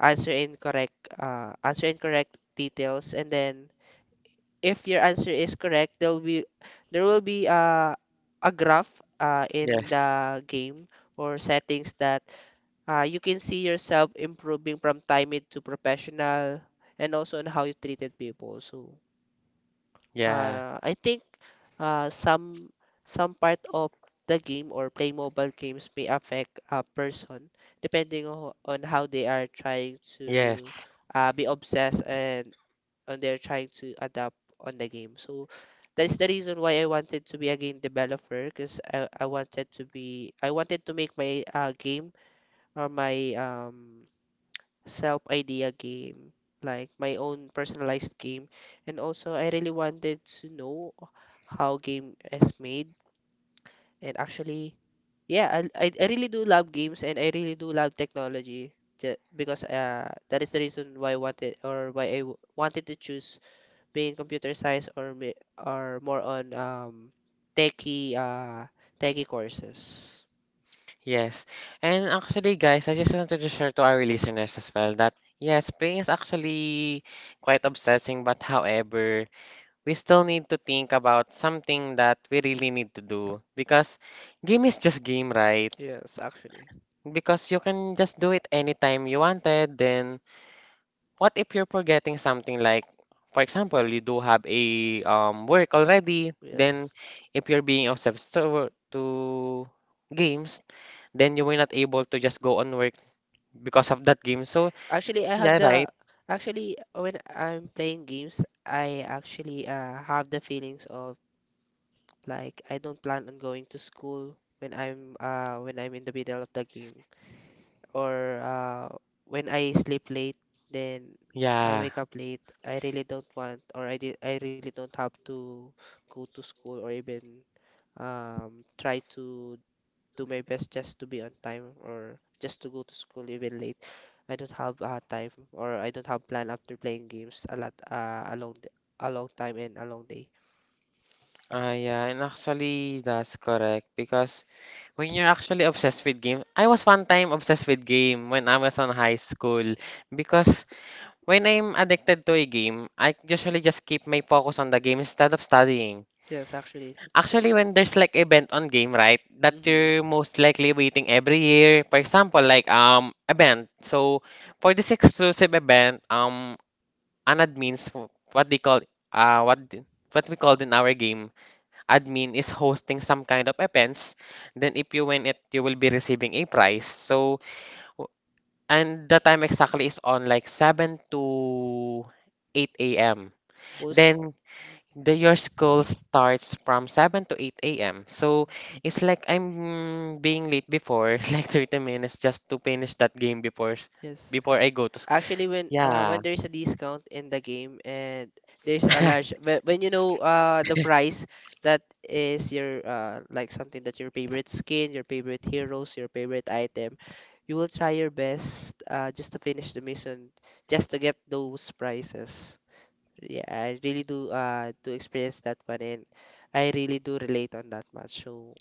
[SPEAKER 1] answer incorrect uh answer incorrect details and then if your answer is correct there will be a graph, in
[SPEAKER 2] Yes.
[SPEAKER 1] the game or settings that, you can see yourself improving from timid to professional and also on how you treated people. So,
[SPEAKER 2] Yeah.
[SPEAKER 1] I think uh, some some part of the game or play mobile games may affect a person depending on, how they are trying to,
[SPEAKER 2] Yes.
[SPEAKER 1] be obsessed and on they are trying to adapt on the game. So that's the reason why I wanted to be a game developer because I wanted to be I wanted to make my, game or my self idea game, like my own personalized game. And also, I really wanted to know how game is made. And actually, yeah, I really do love games and I really do love technology. Because that is the reason why I wanted or wanted to choose being computer science or or more on techie, courses.
[SPEAKER 2] Yes. And actually, guys, I just wanted to share to our listeners as well that yes, praying is actually quite obsessing, but however, we still need to think about something that we really need to do because game is just game, right?
[SPEAKER 1] Yes, actually.
[SPEAKER 2] Because you can just do it anytime you wanted, then what if you're forgetting something like, for example, you do have a work already, then
[SPEAKER 1] Yes.
[SPEAKER 2] if you're being obsessed to, games, then you were not able to just go on work because of that game. So,
[SPEAKER 1] Actually, I have
[SPEAKER 2] yeah, right?
[SPEAKER 1] the Actually, when I'm playing games, I actually, have the feelings of like I don't plan on going to school when I'm in the middle of the game or when I sleep late, then I
[SPEAKER 2] Yeah.
[SPEAKER 1] wake up late. I really don't want or I really don't have to go to school or even try to do my best just to be on time or just to go to school even late. I don't have, time or I don't have plan after playing games a lot, a long time and a long day.
[SPEAKER 2] Ah, yeah, and actually, that's correct. Because when you're actually obsessed with game, I was one time obsessed with game when I was on high school. Because when I'm addicted to a game, I usually just keep my focus on the game instead of studying.
[SPEAKER 1] Yes, actually, it's
[SPEAKER 2] Actually,
[SPEAKER 1] correct.
[SPEAKER 2] when there's like event on game, right, that
[SPEAKER 1] Mhm.
[SPEAKER 2] you're most likely waiting every year. For example, like event. So for this exclusive event, an what they call what we called in our game, admin is hosting some kind of events. Then if you win it, you will be receiving a prize. So w- and the time exactly is on like 7 to 8 a.m.
[SPEAKER 1] Most.
[SPEAKER 2] Then the your school starts from 7 to 8 a.m. So it's like I'm being late before, (laughs) like 30 minutes just to finish that game
[SPEAKER 1] Yes.
[SPEAKER 2] before I go to school.
[SPEAKER 1] Actually,
[SPEAKER 2] Yeah.
[SPEAKER 1] when there's a discount in the game and there's a large
[SPEAKER 2] (laughs)
[SPEAKER 1] when you know the price that is your, like something that your favorite skin, your favorite heroes, your favorite item, you will try your best just to finish the mission just to get those prices. Yeah, I really do experience that one and I really do relate on that much. So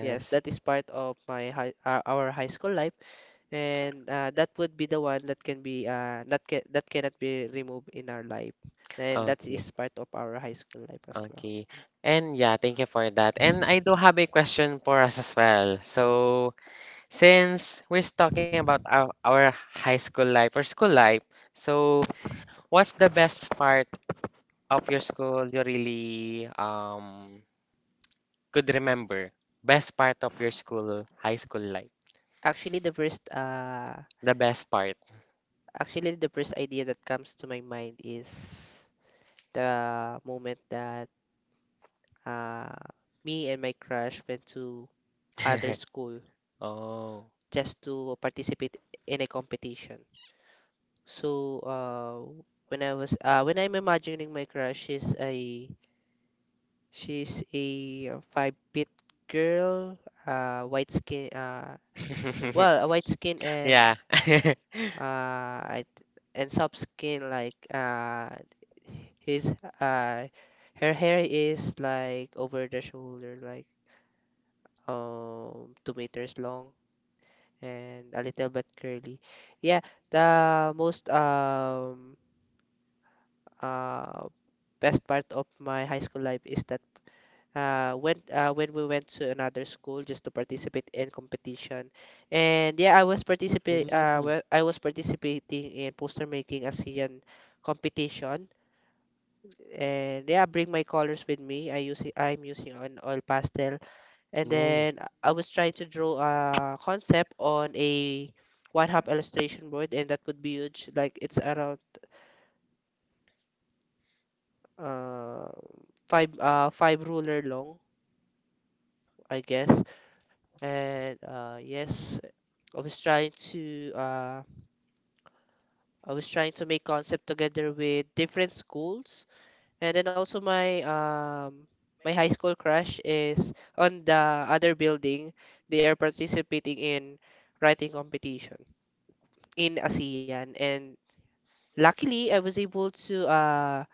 [SPEAKER 1] yes, that is part of my high, our high school life and, that would be the one that can be that cannot be removed in our life and that
[SPEAKER 2] Okay.
[SPEAKER 1] is part of our high school life as well.
[SPEAKER 2] Okay. And yeah, thank you for that. And I do have a question for us as well.
[SPEAKER 1] Mm.
[SPEAKER 2] So, since we're talking about our high school life or school life, so what's the best part of your school you really could remember? Best part of your school, high school life.
[SPEAKER 1] Actually, the first uh
[SPEAKER 2] The best part.
[SPEAKER 1] Actually, the first idea that comes to my mind is the moment that, uh me and my crush went to other
[SPEAKER 2] (laughs)
[SPEAKER 1] school
[SPEAKER 2] Oh.
[SPEAKER 1] just to participate in a competition. So, when I'm imagining my crush, she's a 5 feet girl, white skin,
[SPEAKER 2] (laughs)
[SPEAKER 1] well, a white skin and,
[SPEAKER 2] Yeah. (laughs)
[SPEAKER 1] uh, I th- and soft skin like, his uh, her hair is like over the shoulder, like 2 meters long and a little bit curly. Yeah, the most um best part of my high school life is that, when we went to another school just to participate in competition, and yeah,
[SPEAKER 2] Mm.
[SPEAKER 1] I was participating in poster making ASEAN competition, and yeah, bring my colors with me. I'm using an oil pastel, and
[SPEAKER 2] No.
[SPEAKER 1] then I was trying to draw a concept on a one half illustration board, and that would be huge. Like it's around, uh five ruler long, I guess. And yes, I was trying to uh, I was trying to make concept together with different schools, and then also my my high school crush is on the other building. They are participating in writing competition in ASEAN, and luckily I was able to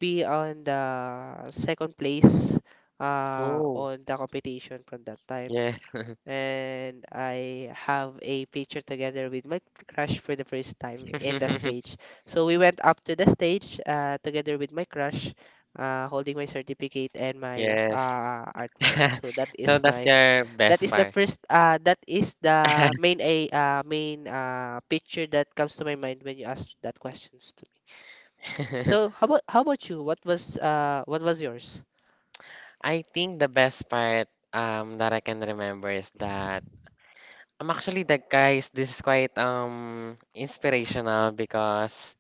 [SPEAKER 1] be on the second place,
[SPEAKER 2] Oh.
[SPEAKER 1] on the competition from that time.
[SPEAKER 2] Yes.
[SPEAKER 1] And I have a picture together with my crush for the first time in the
[SPEAKER 2] (laughs)
[SPEAKER 1] stage. So we went up to the stage, together with my crush, holding my certificate and my,
[SPEAKER 2] Yes.
[SPEAKER 1] artwork.
[SPEAKER 2] (laughs)
[SPEAKER 1] So that
[SPEAKER 2] So
[SPEAKER 1] is
[SPEAKER 2] that's
[SPEAKER 1] my,
[SPEAKER 2] your best part.
[SPEAKER 1] that is the
[SPEAKER 2] (laughs)
[SPEAKER 1] main picture that comes to my mind when you ask that questions. So how about, how about you? What was, yours?
[SPEAKER 2] I think the best part that I can remember is that I'm actually the guys this is quite inspirational because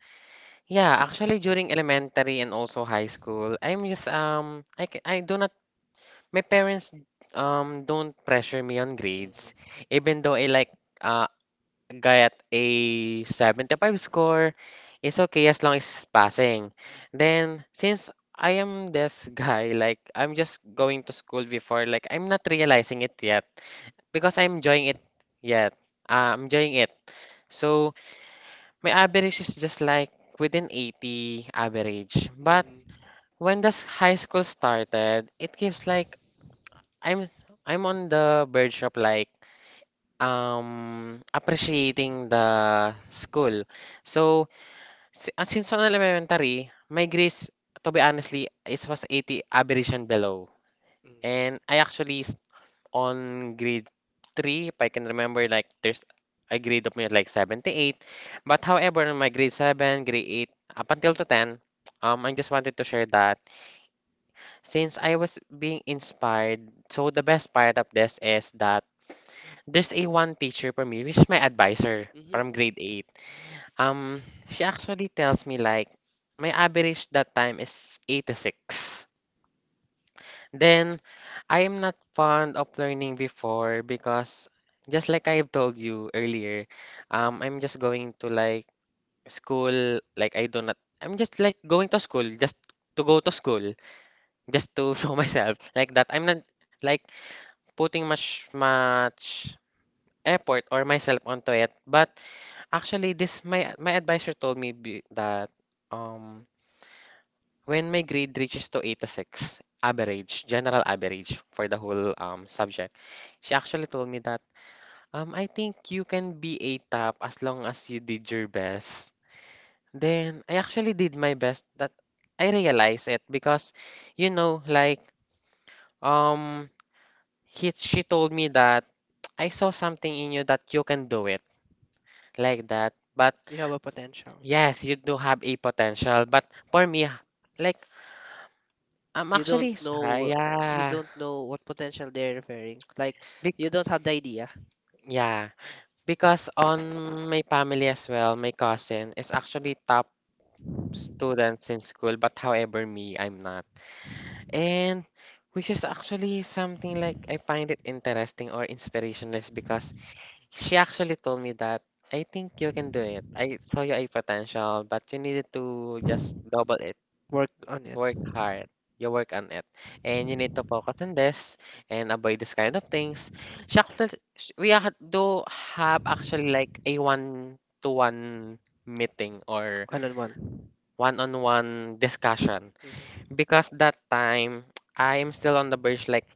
[SPEAKER 2] yeah actually during elementary and also high school I'm just I do not my parents don't pressure me on grades,
[SPEAKER 1] Mhm.
[SPEAKER 2] even though I like uh got a 75 score. It's okay as long as it's passing. Then since I am this (laughs) guy, like I'm just going to school before, like I'm not realizing it yet because I'm enjoying it yet. I'm enjoying it. So my average is just like within 80 average. But
[SPEAKER 1] Mhm.
[SPEAKER 2] when this high school started, it gives like I'm on the verge of like appreciating the school. So since on elementary, my grades to be honestly is was 80 average and below. And on grade 3 if I can remember like there's a grade of me at like 78. But however, my grade 7, grade 8 up until to 10. I just wanted to share that since I was being inspired, so the best part of this is that there's a one teacher for me, which is my advisor
[SPEAKER 1] Mhm. Mhm.
[SPEAKER 2] from grade 8. Um, she actually tells me like my average that time is 86. Then I am not fond of learning before because just like I have told you earlier, I'm just going to like school, like I do not, I'm just like going to school just to go to school, just to (laughs) show myself like that. I'm not like putting much effort or myself onto it. But actually, this my advisor told me that um when my grade reaches to 86 average, general average for the whole subject, she actually told me that I think you can be a top as long as you did your best. Then I actually did my best that I realized it because you know like um she told me that I saw something in you that you can do it like that. But
[SPEAKER 1] You have a potential.
[SPEAKER 2] yes, you do have a potential, but for me, like I'm
[SPEAKER 1] You don't
[SPEAKER 2] actually
[SPEAKER 1] know,
[SPEAKER 2] sorry,
[SPEAKER 1] you
[SPEAKER 2] yeah,
[SPEAKER 1] don't know what potential they're referring. Like
[SPEAKER 2] Bec
[SPEAKER 1] you don't have the idea.
[SPEAKER 2] yeah, because on my family as well, my cousin is actually top students in school, but however, me, I'm not, and which is actually something like I find it interesting or inspirational is because she actually told me that I think you can do it. I saw you a potential, but you needed to just double it.
[SPEAKER 1] Work on it.
[SPEAKER 2] Work hard. You work on it. And you need to focus on this and avoid this kind of things. Shucks, do have actually like a one-to-one meeting or
[SPEAKER 1] One on one.
[SPEAKER 2] one-on-one discussion.
[SPEAKER 1] Mhm.
[SPEAKER 2] Because that time, I am still on the verge like,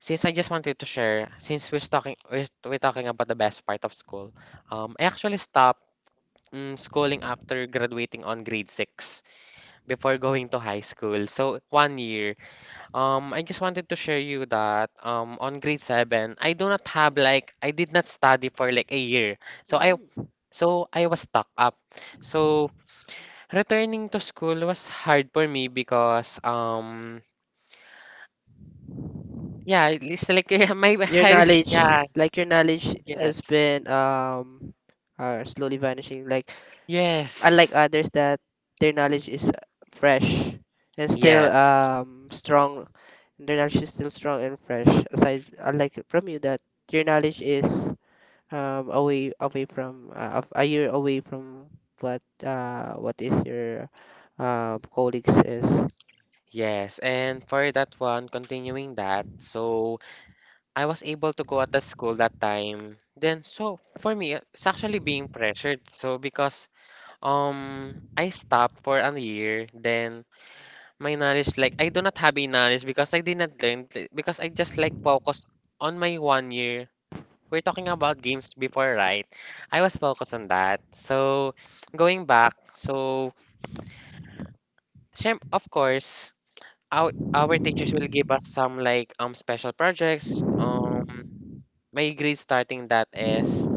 [SPEAKER 2] since I just wanted to share, since we're talking, we're talking about the best part of school, I actually stopped schooling after graduating on grade 6 before going to high school. So, one year. I just wanted to share you that on grade seven, I do not have like I did not study for like a year. So I
[SPEAKER 1] Mm,
[SPEAKER 2] so I was stuck up. So returning to school was hard for me because yeah, it's like (laughs) my
[SPEAKER 1] your
[SPEAKER 2] head is
[SPEAKER 1] knowledge,
[SPEAKER 2] yeah,
[SPEAKER 1] like your knowledge has
[SPEAKER 2] yes.
[SPEAKER 1] been are slowly vanishing like unlike
[SPEAKER 2] Yes.
[SPEAKER 1] others that their knowledge is fresh and still
[SPEAKER 2] Yes,
[SPEAKER 1] strong, their knowledge is still strong and fresh aside unlike from you that your knowledge is away from, a year away from what, is your, colleagues is.
[SPEAKER 2] yes. And for that one, continuing that, so I was able to go at the school that time. Then, so for me, it's actually being pressured. So because I stopped for a year, then my knowledge like I do not have a knowledge because I did not learn because I just like focused on my one year. We're talking about games before, right? I was focused on that. So going back, so of course, our teachers will give us some like special projects. My grade starting that is.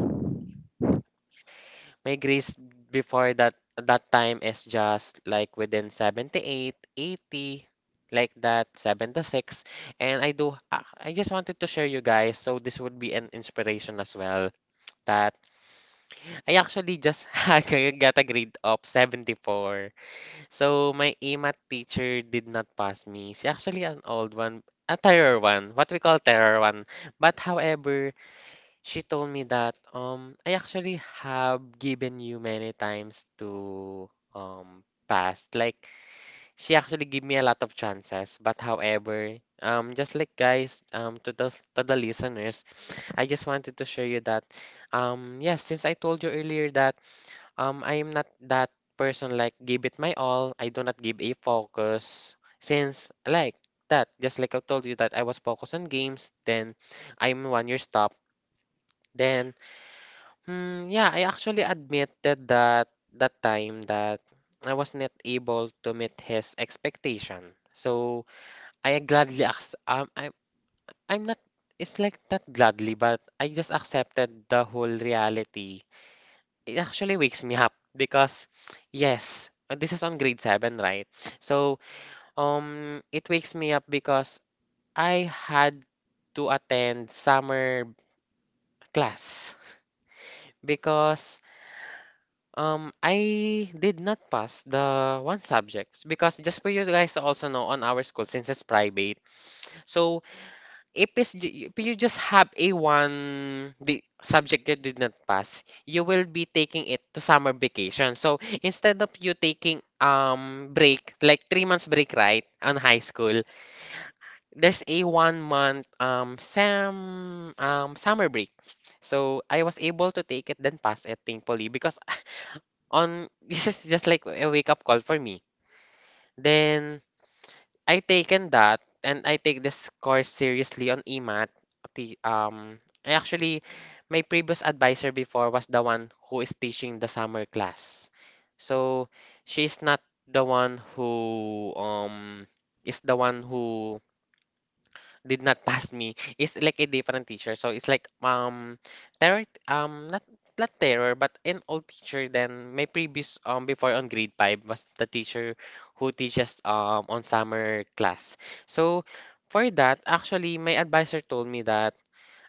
[SPEAKER 2] My grades before that time is just like within 78, 80, like that, 76. And I do I just wanted to share you guys, so this would be an inspiration as well, that I actually just (laughs) got a grade of 74. So my EMAT teacher did not pass me. She actually an old one, a terror one, what we call terror one. But however, she told me that I actually have given you many times to pass. Like she actually gave me a lot of chances, but however, just like guys, to the listeners, I just wanted to show you that yes, since I told you earlier that I am not that person like give it my all. I do not give a focus since like that. Just like I told you that I was focused on games, then I'm one year stop. Then hmm, yeah, I actually admitted that that time that I was not able to meet his expectation. So I gladly ac- I I'm not it's like not gladly, but I just accepted the whole reality. It actually wakes me up because yes, this is on grade seven, right? So it wakes me up because I had to attend summer class because I did not pass the one subjects because just for you guys to also know on our school since it's private. So if, it's, ju- if you just have a one the subject you did not pass, you will be taking it to summer vacation. So instead of you taking break like 3 months break right on high school, there's a 1 month sam summer break. So I was able to take it then pass it thankfully because (laughs) on (laughs) this is just like a wake up call for me. Then I taken that and I take this course seriously on EMAT. The, um, I actually my previous advisor before was the one who is teaching the summer class. So she's not the one who is the one who did not pass me. It's like a different teacher. So it's like terror not not terror but an old teacher then my previous before on grade 5 was the teacher who teaches on summer class. So for that actually my advisor told me that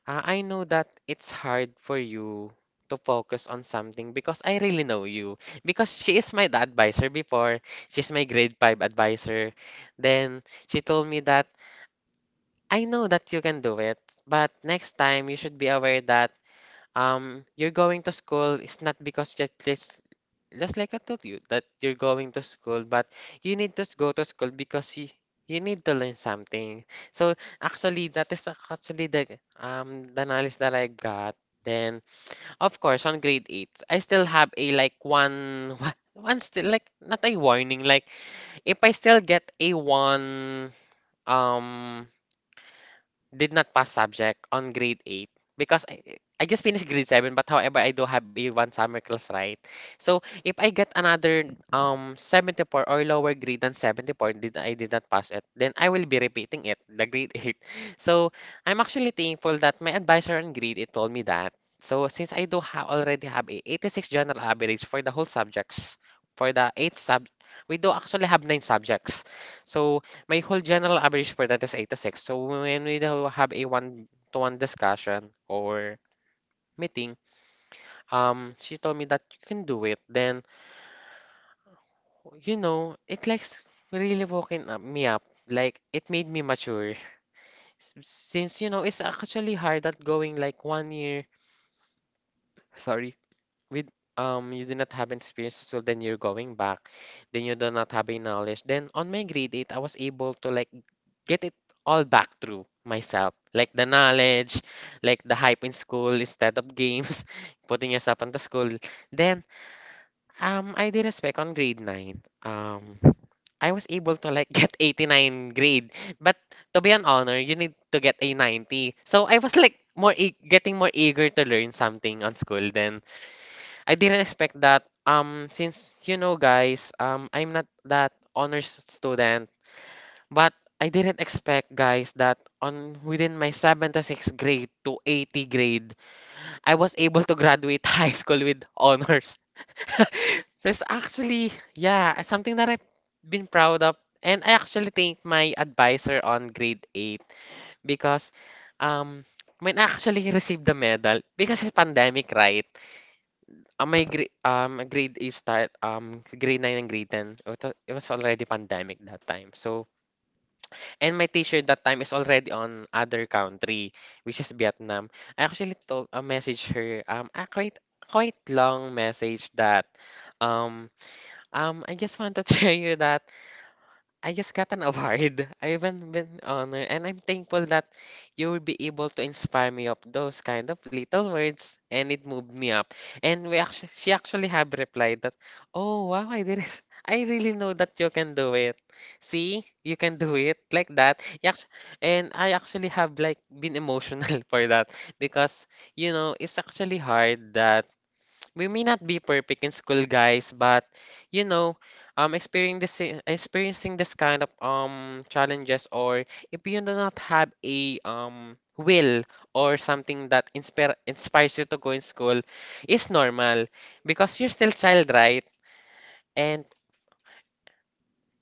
[SPEAKER 2] I know that it's hard for you to focus on something because I really know you because she is my advisor before, she's my grade 5 advisor, then she told me that I know that you can do it, but next time you should be aware that you're going to school is not because just like I told you that you're going to school, but you need to go to school because you need to learn something. So actually, that is actually the knowledge that I got. Then of course on grade eight, I still have a like one (laughs) one still like not a warning like if I still get a one um did not pass subject on grade 8 because I just finished grade 7 but however I do have a one summer class right so if I get another 74 or lower grade than 74 did I did not pass it then I will be repeating it the grade 8 (laughs) so I'm actually thankful that my advisor on grade 8 told me that so since I do ha already have a 86 general average for the whole subjects for the 8 sub we do actually have 9 subjects so my whole general average for that is 86. So when we do have a one-to-one discussion or meeting, she told me that you can do it. Then, you know, it likes really woken up me up. Like it made me mature. Since you know, it's actually hard that going like one year. Sorry, with you do not have experience, so then you're going back. Then you do not have a knowledge. Then on my grade 8, I was able to like get it all back through myself. Like the knowledge, like the hype in school instead of games, (laughs) putting yourself into school. Then I did respect on grade 9. I was able to like (laughs) get 89 grade. But to be an honor, you need to get a 90. So I was like more e getting more eager to learn something on school than I didn't expect that. Since you know, guys, I'm not that honors student, but I didn't expect, guys, that on within my 76th grade to 80 grade, I was able to graduate (laughs) high school with honors. So it's actually, yeah, something that I've been proud of, and I actually thank my advisor on grade 8 because, um, when I actually received the medal, because it's pandemic, right? My gr grade is start grade 9 and grade 10 it was already pandemic that time so and my teacher that time is already on other country which is Vietnam. I actually told message her a quite long message that um I just want to (laughs) tell you that I just got an award. (laughs) I haven't been honored, and I'm thankful that you will be able to inspire me up those kind of little words, and it moved me up. And she actually have replied that, "Oh wow, I did it. I really know that you can do it. See, you can do it like that." Yes, and I actually have like been emotional (laughs) for that because you know it's actually hard that we may not be perfect in school, guys, but you know, um, experiencing experiencing this kind of challenges, or if you do not have a will or something that inspires you to go in school, is normal because you're still child, right? And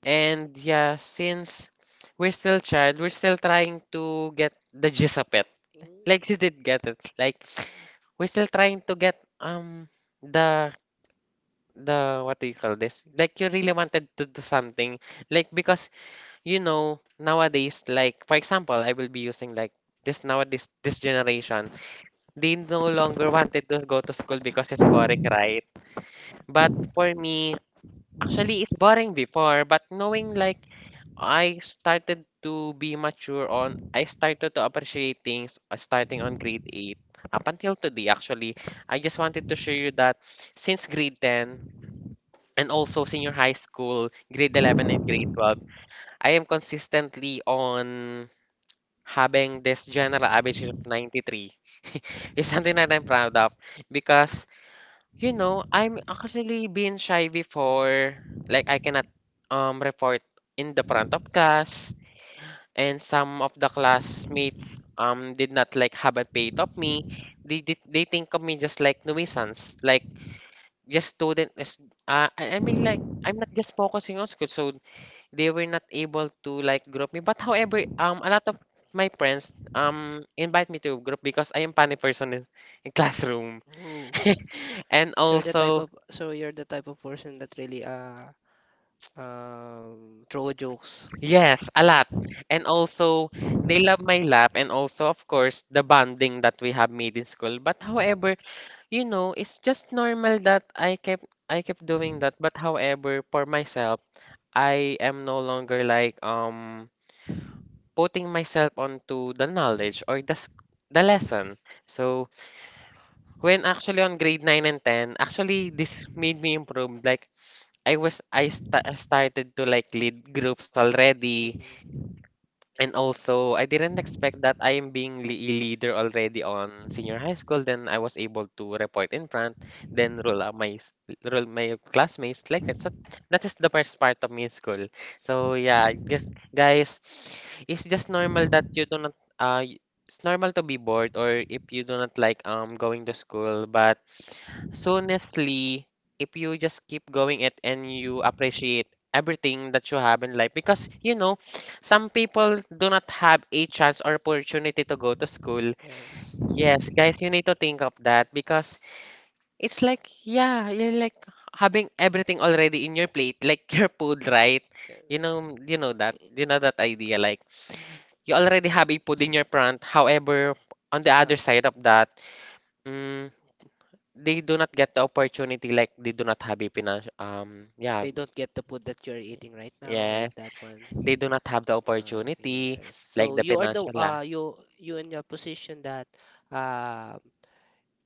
[SPEAKER 2] and yeah, since we're still child, we're still trying to get the gist of it. Like (laughs) you did get it. Like we're still trying to get the the what do you call this? Like you really wanted to do something, like because you know nowadays, like for example, I will be using like this nowadays this generation. They no longer wanted to go to school because it's boring, right? But for me, actually, it's boring before. But knowing like I started to be mature on, I started to appreciate things starting on grade 8 up until today actually. I just wanted to show you that since grade 10 and also senior high school, grade 11 and grade 12, I am consistently on having this general average of 93. (laughs) It's something that I'm proud of because, you know, I'm actually being shy before. Like, I cannot report in the front of class, and some of the classmates did not like have a pay of me. They think of me just like nuisance, like just student. Is- I mean, like I'm not just focusing on school, so they were not able to like group me. But however, a lot of my friends invite me to group because I am funny person in classroom.
[SPEAKER 1] Oh,
[SPEAKER 2] (laughs) And
[SPEAKER 1] so you're the type
[SPEAKER 2] also,
[SPEAKER 1] of, person that really, throw jokes.
[SPEAKER 2] yes, a
[SPEAKER 1] Oh.
[SPEAKER 2] lot. And also, they love my laugh and also, of course, the bonding that we have made in school. But however, you know, it's just normal that I kept doing that. But however, for myself, I am no longer like putting myself onto the knowledge or the, the
[SPEAKER 1] Mhm.
[SPEAKER 2] lesson. So when actually on grade 9 and 10, actually this made me improve. Like I started to like lead groups already.
[SPEAKER 1] Mhm.
[SPEAKER 2] And also, I didn't expect that I am being a leader already on senior high school. Then I was able to report in front, then roll my classmates. Like that is the first part of my school. So yeah, I guess guys, (sniffs) it's just normal that you do not it's normal to be bored, or if you do not like going to school. But so honestly, if you just keep going it and you appreciate everything that you have in life, because. Some people do not have a chance or opportunity to go to school.
[SPEAKER 1] Yes.
[SPEAKER 2] Yes, guys, you need to think of that, because it's like, yeah, you're like having everything already in your plate, like (laughs) your food, right?
[SPEAKER 1] Yes.
[SPEAKER 2] You know that
[SPEAKER 1] I-
[SPEAKER 2] idea. Like you already have a food in your front. However, on the
[SPEAKER 1] uh,
[SPEAKER 2] other side of that, mm, they do not get the opportunity. Like they do not have a financial, yeah,
[SPEAKER 1] they don't get the food that you're eating right now, like
[SPEAKER 2] yes,
[SPEAKER 1] that one.
[SPEAKER 2] they do not have the opportunity,
[SPEAKER 1] Yes. So
[SPEAKER 2] like the
[SPEAKER 1] you are the,
[SPEAKER 2] financial,
[SPEAKER 1] you in a position that um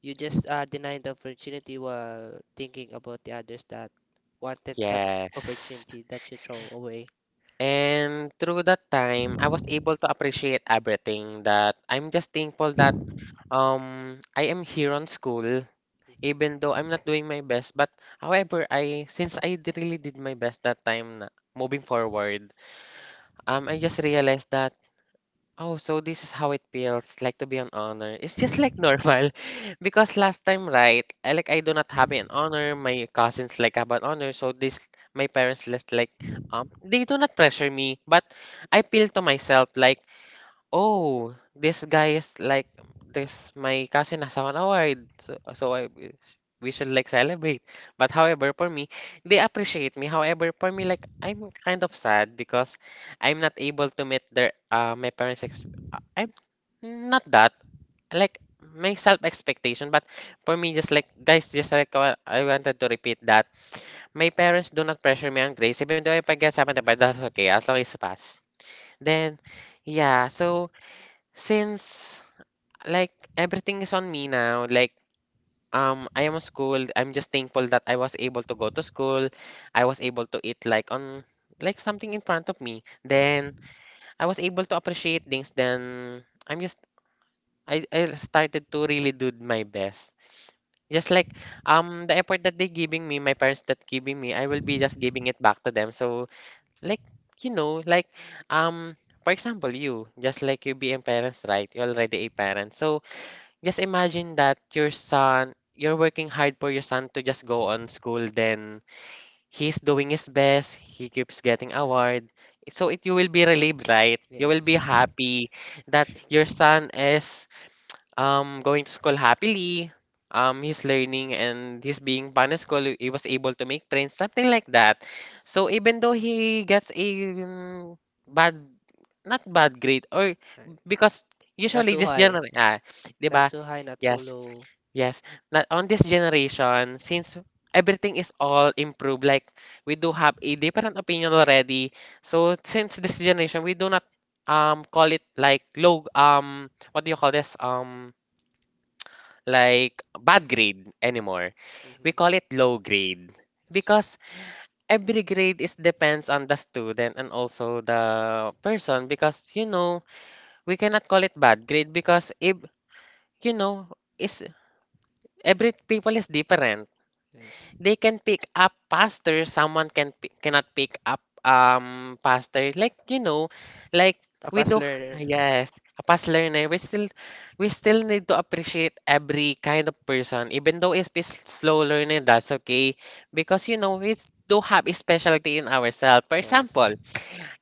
[SPEAKER 1] you just, denied the opportunity while thinking about the others that wanted that
[SPEAKER 2] yes.
[SPEAKER 1] opportunity that you throw away.
[SPEAKER 2] And through that time, I was able to appreciate everything, that I'm just thankful that I am here on school,
[SPEAKER 1] Mm,
[SPEAKER 2] even though
[SPEAKER 1] mm.
[SPEAKER 2] I'm not doing my best. But however, I since I d- really did my best that time na, moving forward, I just realized that, oh, so this is how it feels like to be an honor. It's just like normal (laughs) because last time, right? I do not have an honor. My cousins like have an honor, so this, my parents just like, they do not pressure me, but I feel to myself like, oh, this guy is like, this, my cousin has won award. So we should like celebrate. But however, for me, they appreciate me. However, for me, like I'm kind of sad because I'm not able to meet their my parents' ex, I'm not that, like, my self expectation. But for me, just like guys, just like, I wanted to repeat that my parents do not pressure me on grades, even though if I get something, but that's okay as long as it's pass. Then, yeah, so since, like, everything is on me now, like, I am schooled, I'm just thankful that I was able to go to school. I was able to eat, like, on, like, something in front of me. Then I was able to appreciate things. Then I started to really do my best. Just like, the effort that they giving me, my parents that giving me, I will be just giving it back to them. So, like, like um for example you, just like you being parents, right? You're already a parent. So just imagine that your son, you're working hard for your son to just go on school, then he's doing his best, he keeps getting award. So it, you will be relieved, right? You will be
[SPEAKER 1] Yes.
[SPEAKER 2] happy that
[SPEAKER 1] Actually.
[SPEAKER 2] your son is going to school happily. He's learning and he's being fun at school. He was able to make friends, something like that. So even though he gets a bad, not bad grade, or
[SPEAKER 1] Right.
[SPEAKER 2] because
[SPEAKER 1] Not
[SPEAKER 2] usually
[SPEAKER 1] too
[SPEAKER 2] this
[SPEAKER 1] high.
[SPEAKER 2] general, 'di
[SPEAKER 1] Not
[SPEAKER 2] ba?
[SPEAKER 1] too high, not too
[SPEAKER 2] Yes.
[SPEAKER 1] low.
[SPEAKER 2] Yes, not on this generation, since everything is all improved, like we do have a different opinion already. So since this generation, we do not call it like low, what do you call this, like bad grade anymore. We
[SPEAKER 1] Mm-hmm.
[SPEAKER 2] call it low grade, because every grade is depends on the student and also the person, because you know, we cannot call it bad grade because, if you know, is, every people is different,
[SPEAKER 1] Yes.
[SPEAKER 2] they can pick up faster. Someone cannot pick up faster. Like, you know, like
[SPEAKER 1] A
[SPEAKER 2] we
[SPEAKER 1] fast
[SPEAKER 2] do.
[SPEAKER 1] learner.
[SPEAKER 2] Yes, a past learner. We still need to appreciate every kind of person, even though it's been slow learning. That's okay because you know we do have a specialty in ourselves. For
[SPEAKER 1] Yes.
[SPEAKER 2] example,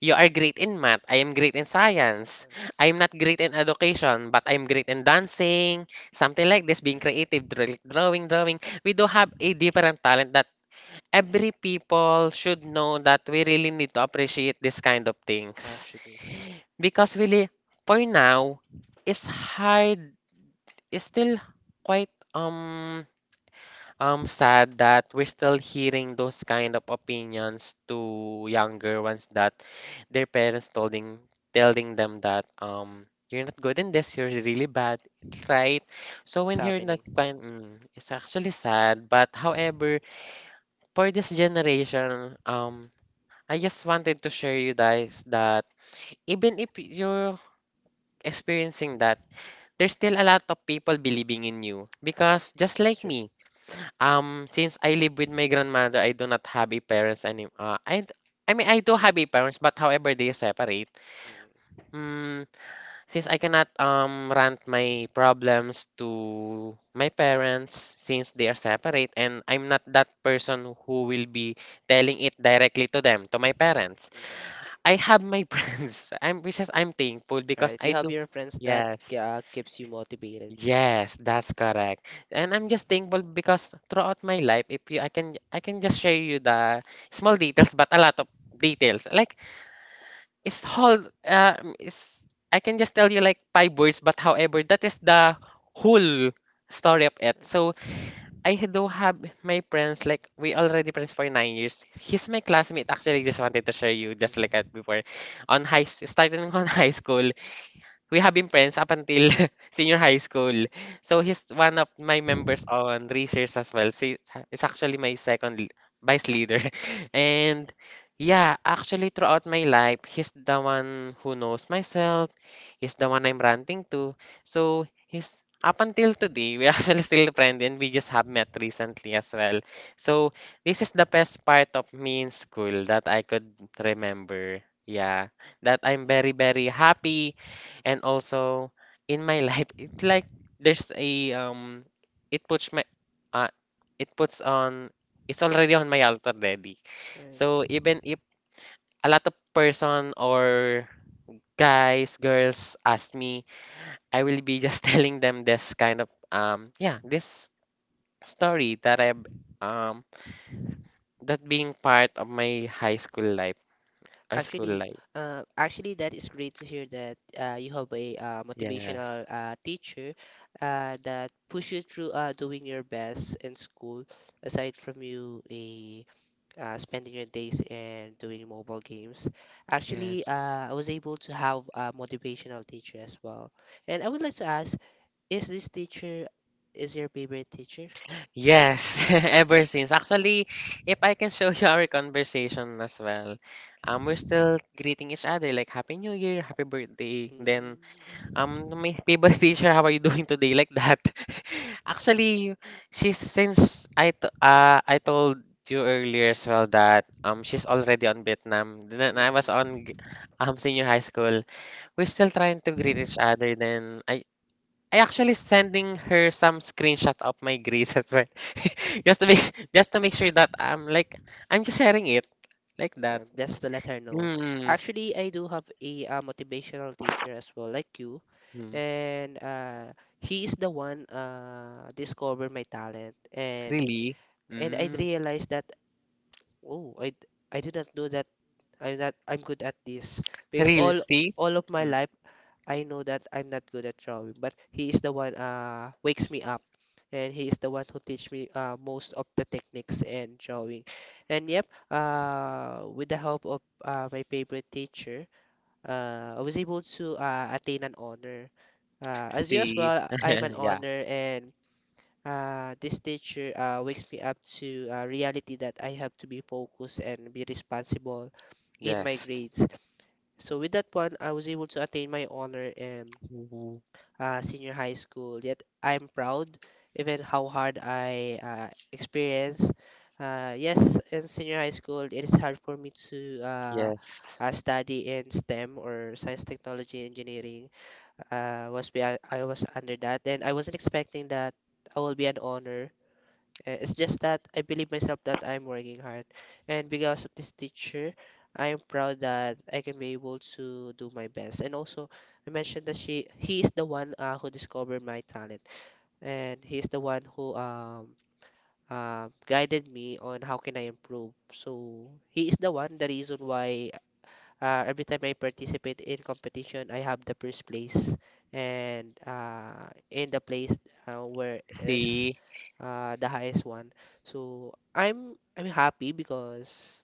[SPEAKER 2] you are great in math. I am great in science.
[SPEAKER 1] Yes.
[SPEAKER 2] I am not great in education, but I'm great in dancing, something like this, being
[SPEAKER 1] Right.
[SPEAKER 2] creative, drawing. We do have a different talent, that every people should know that we really need to appreciate this kind of things.
[SPEAKER 1] Actually. So
[SPEAKER 2] Because really, for now, it's hard, it's still quite, I'm sad that we're still hearing those kind of opinions to younger ones, that their parents telling them that, you're not good in this, you're really bad, right? So when hearing that
[SPEAKER 1] it's.
[SPEAKER 2] kind, it's actually sad. But however, for this generation, I just wanted to share you guys that, even if you're experiencing that, there's still a lot of people believing in you, because just like me. Since I live with my grandmother, I do not have a parents any. I mean, I do have a parents, but however they separate.
[SPEAKER 1] Mm.
[SPEAKER 2] Mm, since I cannot rant my problems to my parents, since they are separate, and I'm not that person who will be telling it directly to them, to my parents. I have my (laughs) friends.
[SPEAKER 1] (laughs)
[SPEAKER 2] I'm which is I'm thankful because I
[SPEAKER 1] have
[SPEAKER 2] do.
[SPEAKER 1] your friends,
[SPEAKER 2] Yes.
[SPEAKER 1] keeps you motivated.
[SPEAKER 2] Yes, that's correct. And I'm just thankful because throughout my life, if you, I can just share you the small details, but a lot of details. Like, it's whole, I can just tell you like five words, but however, that is the whole story of it. So I do have my friends, like we already friends for 9 years. He's my classmate. Actually, just wanted to share you just like that before, on high, starting (laughs) on high school we have been friends up until (laughs) senior high school. So he's one of my members on research as well. So it's actually my second vice leader. (laughs) And yeah, actually throughout my life, he's the one who knows myself. He's the one I'm ranting to. So he's, up until today, we're (laughs) actually still friends, and we just have met recently as well. So this is the best part of me in school that I could remember. Yeah, that I'm very, very happy. And also, in my (laughs) life, it's like, there's a, it puts my, uh it puts on, it's already on my altar already. So even if a lot of person or guys, girls ask me, I will be just (laughs) telling them this kind of, yeah, this story that I, um that being part of my high school life or school
[SPEAKER 1] Actually,
[SPEAKER 2] life.
[SPEAKER 1] that is great to hear that, you have a,
[SPEAKER 2] Yes.
[SPEAKER 1] motivational, teacher, that push you through, doing your best in school, aside from you a spending your days and doing mobile games. Actually,
[SPEAKER 2] Yes.
[SPEAKER 1] I was able to have a motivational teacher as well. And I would like to ask, is this teacher is your favorite teacher?
[SPEAKER 2] Yes, (laughs) ever since. Actually, if I can show (laughs) you our conversation as well, we're still greeting each other, like happy New Year, happy birthday. Then,
[SPEAKER 1] Mm,
[SPEAKER 2] my favorite teacher, (laughs) how are you doing today? Like that. (laughs) Actually, she's since I t I told you earlier as well that she's already on Vietnam. Then I was on
[SPEAKER 1] mhm.
[SPEAKER 2] senior high school. We're still trying to greet each other. Then I actually sending her some screenshot of my grades as well. (laughs) Just to make just to make sure that I'm like, I'm just sharing it like that.
[SPEAKER 1] Just to let her know.
[SPEAKER 2] Mm.
[SPEAKER 1] Actually, I do have a, motivational teacher as well, like you,
[SPEAKER 2] Mm.
[SPEAKER 1] and he is the one discovered my talent, and
[SPEAKER 2] Really?
[SPEAKER 1] I
[SPEAKER 2] Mm.
[SPEAKER 1] realized that oh, I did not know that I'm not I'm good at this because
[SPEAKER 2] Really? See?
[SPEAKER 1] all of my
[SPEAKER 2] Mm.
[SPEAKER 1] life I know that I'm not good at drawing, but he is the one wakes me up and he is the one who teach me most of the techniques and drawing. And yep, with the help of, my favorite teacher, I was able to attain an honor. Uh, as
[SPEAKER 2] See?
[SPEAKER 1] usual, I'm an
[SPEAKER 2] (laughs) Yeah.
[SPEAKER 1] honor and this teacher, wakes me up to, reality that I have to be focused and be responsible in my
[SPEAKER 2] Yes.
[SPEAKER 1] grades. So with that one, I was able to attain my honor in,
[SPEAKER 2] Mhm.
[SPEAKER 1] senior high school. Yet I'm proud even how hard I experienced. Yes, in senior high school, it is hard for me to
[SPEAKER 2] Yes.
[SPEAKER 1] study in STEM or science, technology, engineering. Was be I was under that, and I wasn't expecting that I will be an honor. It's just that I believe myself that I'm working hard. And because of this teacher, I am proud that I can be able to do my best. And also, I mentioned that she he is the one who discovered my talent, and he is the one who guided me on how can I improve. So he is the one the reason why every time I participate in competition, I have the first place, and in the place where is
[SPEAKER 2] See,
[SPEAKER 1] the highest one. So I'm happy because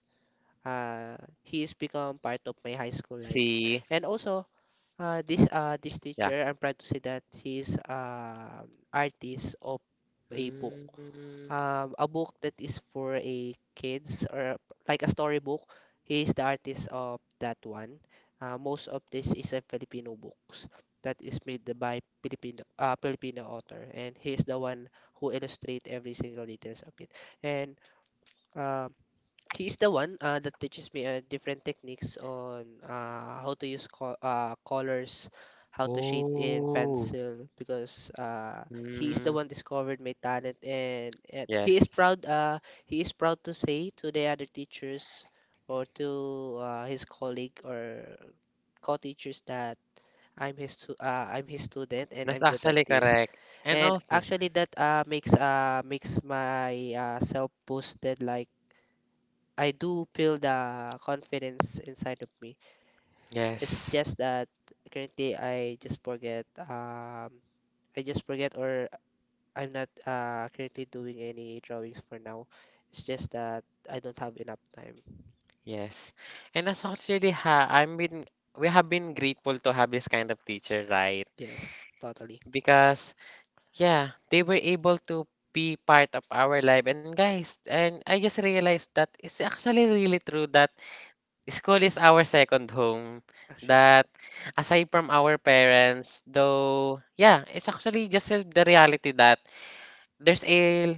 [SPEAKER 1] uh, he's become part of my high school life,
[SPEAKER 2] see.
[SPEAKER 1] and also this
[SPEAKER 2] Yeah.
[SPEAKER 1] teacher, I'm proud to say that he's artist of a book,
[SPEAKER 2] Mm,
[SPEAKER 1] a book that is for a kids or like a storybook. He is the artist of that one. Most of this is a Filipino books that is made by Filipino Filipino author, and he is the one who illustrate every single details of it. And um, He's the one that teaches me different techniques on how to use colors, how to shade in
[SPEAKER 2] oh.
[SPEAKER 1] pencil because he is the
[SPEAKER 2] Mm,
[SPEAKER 1] one discovered my talent, and
[SPEAKER 2] yes.
[SPEAKER 1] he is proud to say to the other teachers or to his colleague or co-teachers that I'm his student and
[SPEAKER 2] That's
[SPEAKER 1] I'm good at
[SPEAKER 2] actually
[SPEAKER 1] this.
[SPEAKER 2] correct. And
[SPEAKER 1] And
[SPEAKER 2] also,
[SPEAKER 1] actually that makes makes my self boosted like I do feel the confidence inside of me. It's
[SPEAKER 2] yes.
[SPEAKER 1] just that currently I just forget. I just forget, or I'm not currently doing any drawings for now. It's just that I don't have enough time.
[SPEAKER 2] Yes. And that's actually ha I mean, we have been grateful to have this kind of teacher, right?
[SPEAKER 1] Yes, totally,
[SPEAKER 2] Because, yeah, they were able to be part of our life. And guys, and I just realized that it's actually really true that school is our second home.
[SPEAKER 1] actually.
[SPEAKER 2] That, aside from our parents, though, yeah, it's actually just, the reality that there's a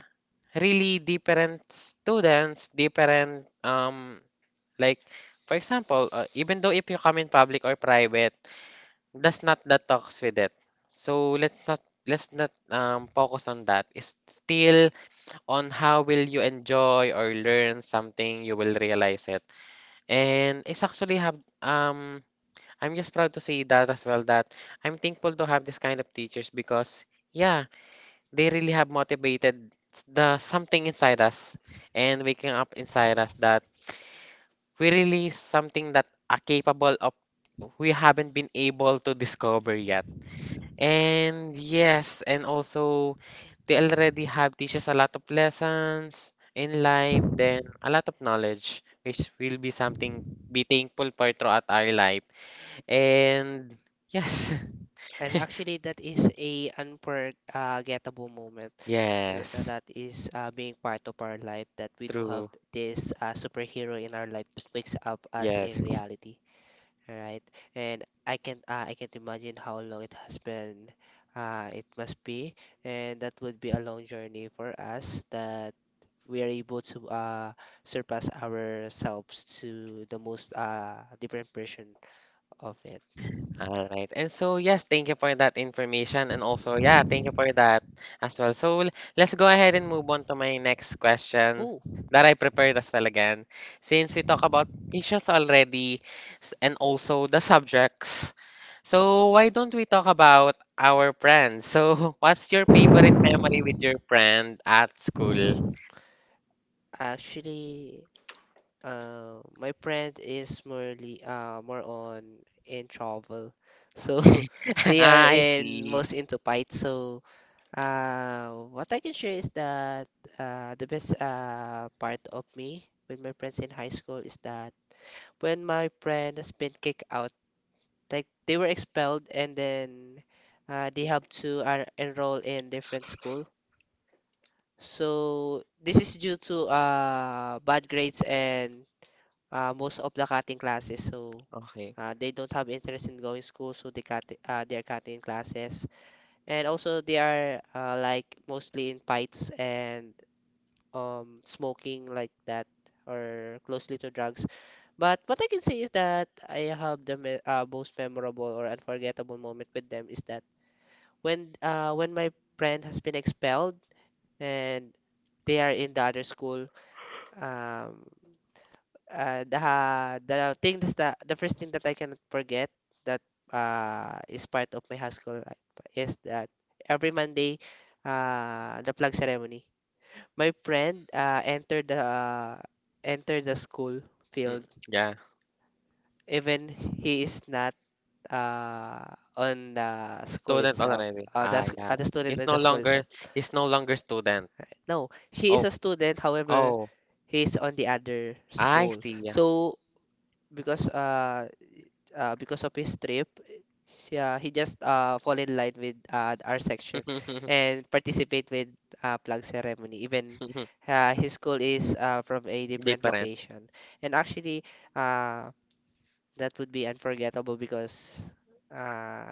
[SPEAKER 2] really different students, different, like, for example, even though if you come in public or private, that's not the talks with it. So let's not focus on that. It's still on how will you enjoy or learn something, you will realize it. And it's actually have, I'm just proud to see that as well, that I'm thankful to have this kind of teachers, because yeah, they really have motivated the something inside us, and waking up inside us that we really something that are capable of, we haven't been able to discover yet. And yes, and also, they already have teaches a lot of lessons in life, then a lot of knowledge, which will be something be thankful for throughout our life. And yes,
[SPEAKER 1] And actually, that is a unforgettable moment
[SPEAKER 2] (laughs) yes,
[SPEAKER 1] that is being part of our life. That we do have
[SPEAKER 2] true.
[SPEAKER 1] this superhero in our life that wakes up us
[SPEAKER 2] Yes.
[SPEAKER 1] in reality. All right. And I can't imagine how long it has been. It must be, and that would be a long journey for us that we are able to surpass ourselves to the most different version of it.
[SPEAKER 2] All right. And so, yes, thank you for that information. And also, yeah, thank
[SPEAKER 1] Mhm.
[SPEAKER 2] you for that as well. So, let's go ahead and move on to my next question
[SPEAKER 1] Oh,
[SPEAKER 2] that I prepared as well again. Since we talk about issues already and also the subjects, so why don't we talk about our friends? So, (laughs) what's your favorite memory with your friend at school?
[SPEAKER 1] actually, my friend is more on in travel, so (laughs)
[SPEAKER 2] (laughs)
[SPEAKER 1] they are
[SPEAKER 2] I
[SPEAKER 1] in
[SPEAKER 2] see.
[SPEAKER 1] most into fight. So what I can share is that the best part of me with my friends in high school is that when my friend has been kicked out, like they were expelled, and then they have to enroll in different school. So this is due to bad grades and most of the cutting classes, so
[SPEAKER 2] Okay.
[SPEAKER 1] they don't have interest in going school, so they're cutting classes, and also they are like mostly in fights and smoking like that or closely to drugs. But what I can say is that I have the most memorable or unforgettable moment with them is that when my friend has been expelled and they are in the other school, um, uh, the the thing that's the first thing that I cannot forget, that is part of my high school life, is that every Monday, the flag ceremony. My friend entered the school
[SPEAKER 2] Mm,
[SPEAKER 1] field
[SPEAKER 2] yeah.
[SPEAKER 1] even he is not uh on the school
[SPEAKER 2] Student oh,
[SPEAKER 1] itself.
[SPEAKER 2] already. Ah,
[SPEAKER 1] That's
[SPEAKER 2] yeah.
[SPEAKER 1] the student
[SPEAKER 2] He's
[SPEAKER 1] in
[SPEAKER 2] no
[SPEAKER 1] the school itself.
[SPEAKER 2] longer he's no longer student.
[SPEAKER 1] No, she is
[SPEAKER 2] Oh,
[SPEAKER 1] a student. However,
[SPEAKER 2] oh,
[SPEAKER 1] he is on the other
[SPEAKER 2] I
[SPEAKER 1] school.
[SPEAKER 2] see.
[SPEAKER 1] So because uh because of his trip, he just fall in line with our section and
[SPEAKER 2] (laughs)
[SPEAKER 1] participate with plug ceremony. Even his school is from a different
[SPEAKER 2] Different.
[SPEAKER 1] location. And actually, uh, that would be unforgettable because uh,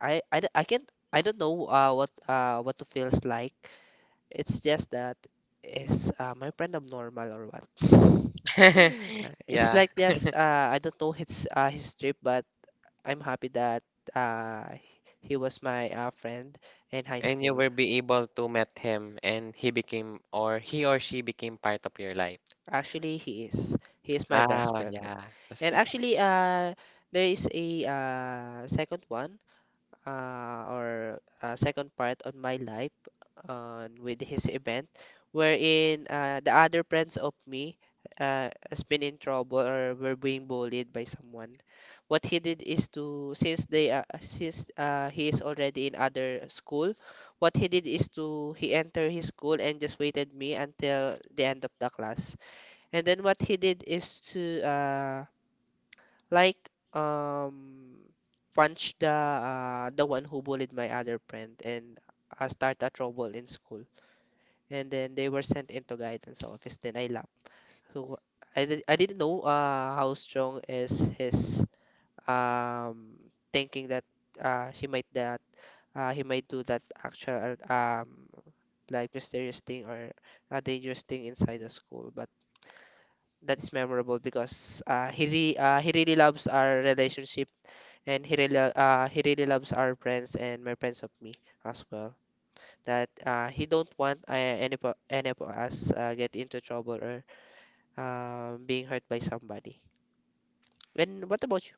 [SPEAKER 1] I can't I don't know what it feels like. It's just that is my friend abnormal or what? (laughs)
[SPEAKER 2] (laughs)
[SPEAKER 1] It's
[SPEAKER 2] Yeah.
[SPEAKER 1] like just I don't know his trip, but I'm happy that uh, he was my friend in high
[SPEAKER 2] And you
[SPEAKER 1] school.
[SPEAKER 2] will be able to meet him and he became or he or she became part of your life.
[SPEAKER 1] Actually, he is. He is my best
[SPEAKER 2] Ah,
[SPEAKER 1] friend.
[SPEAKER 2] yeah. That's
[SPEAKER 1] And
[SPEAKER 2] big.
[SPEAKER 1] actually, there is a second one, or second part on my life on with his event wherein the other friends of me has been in trouble or were being bullied by someone. What he did is to, since they since he is already in other school, what he did is to he entered his school and just waited me until the end of the class, and then what he did is to like um punch the one who bullied my other friend and start a trouble in school, and then they were sent into guidance office, then I left. So I didn't know how strong is his um thinking that uh, he might that he might do that actual like mysterious thing or a dangerous thing inside the school. But that is memorable because he really loves our relationship, and he really loves our friends and my friends of me as well, that he don't want any of us get into trouble or being hurt by somebody. And what about you?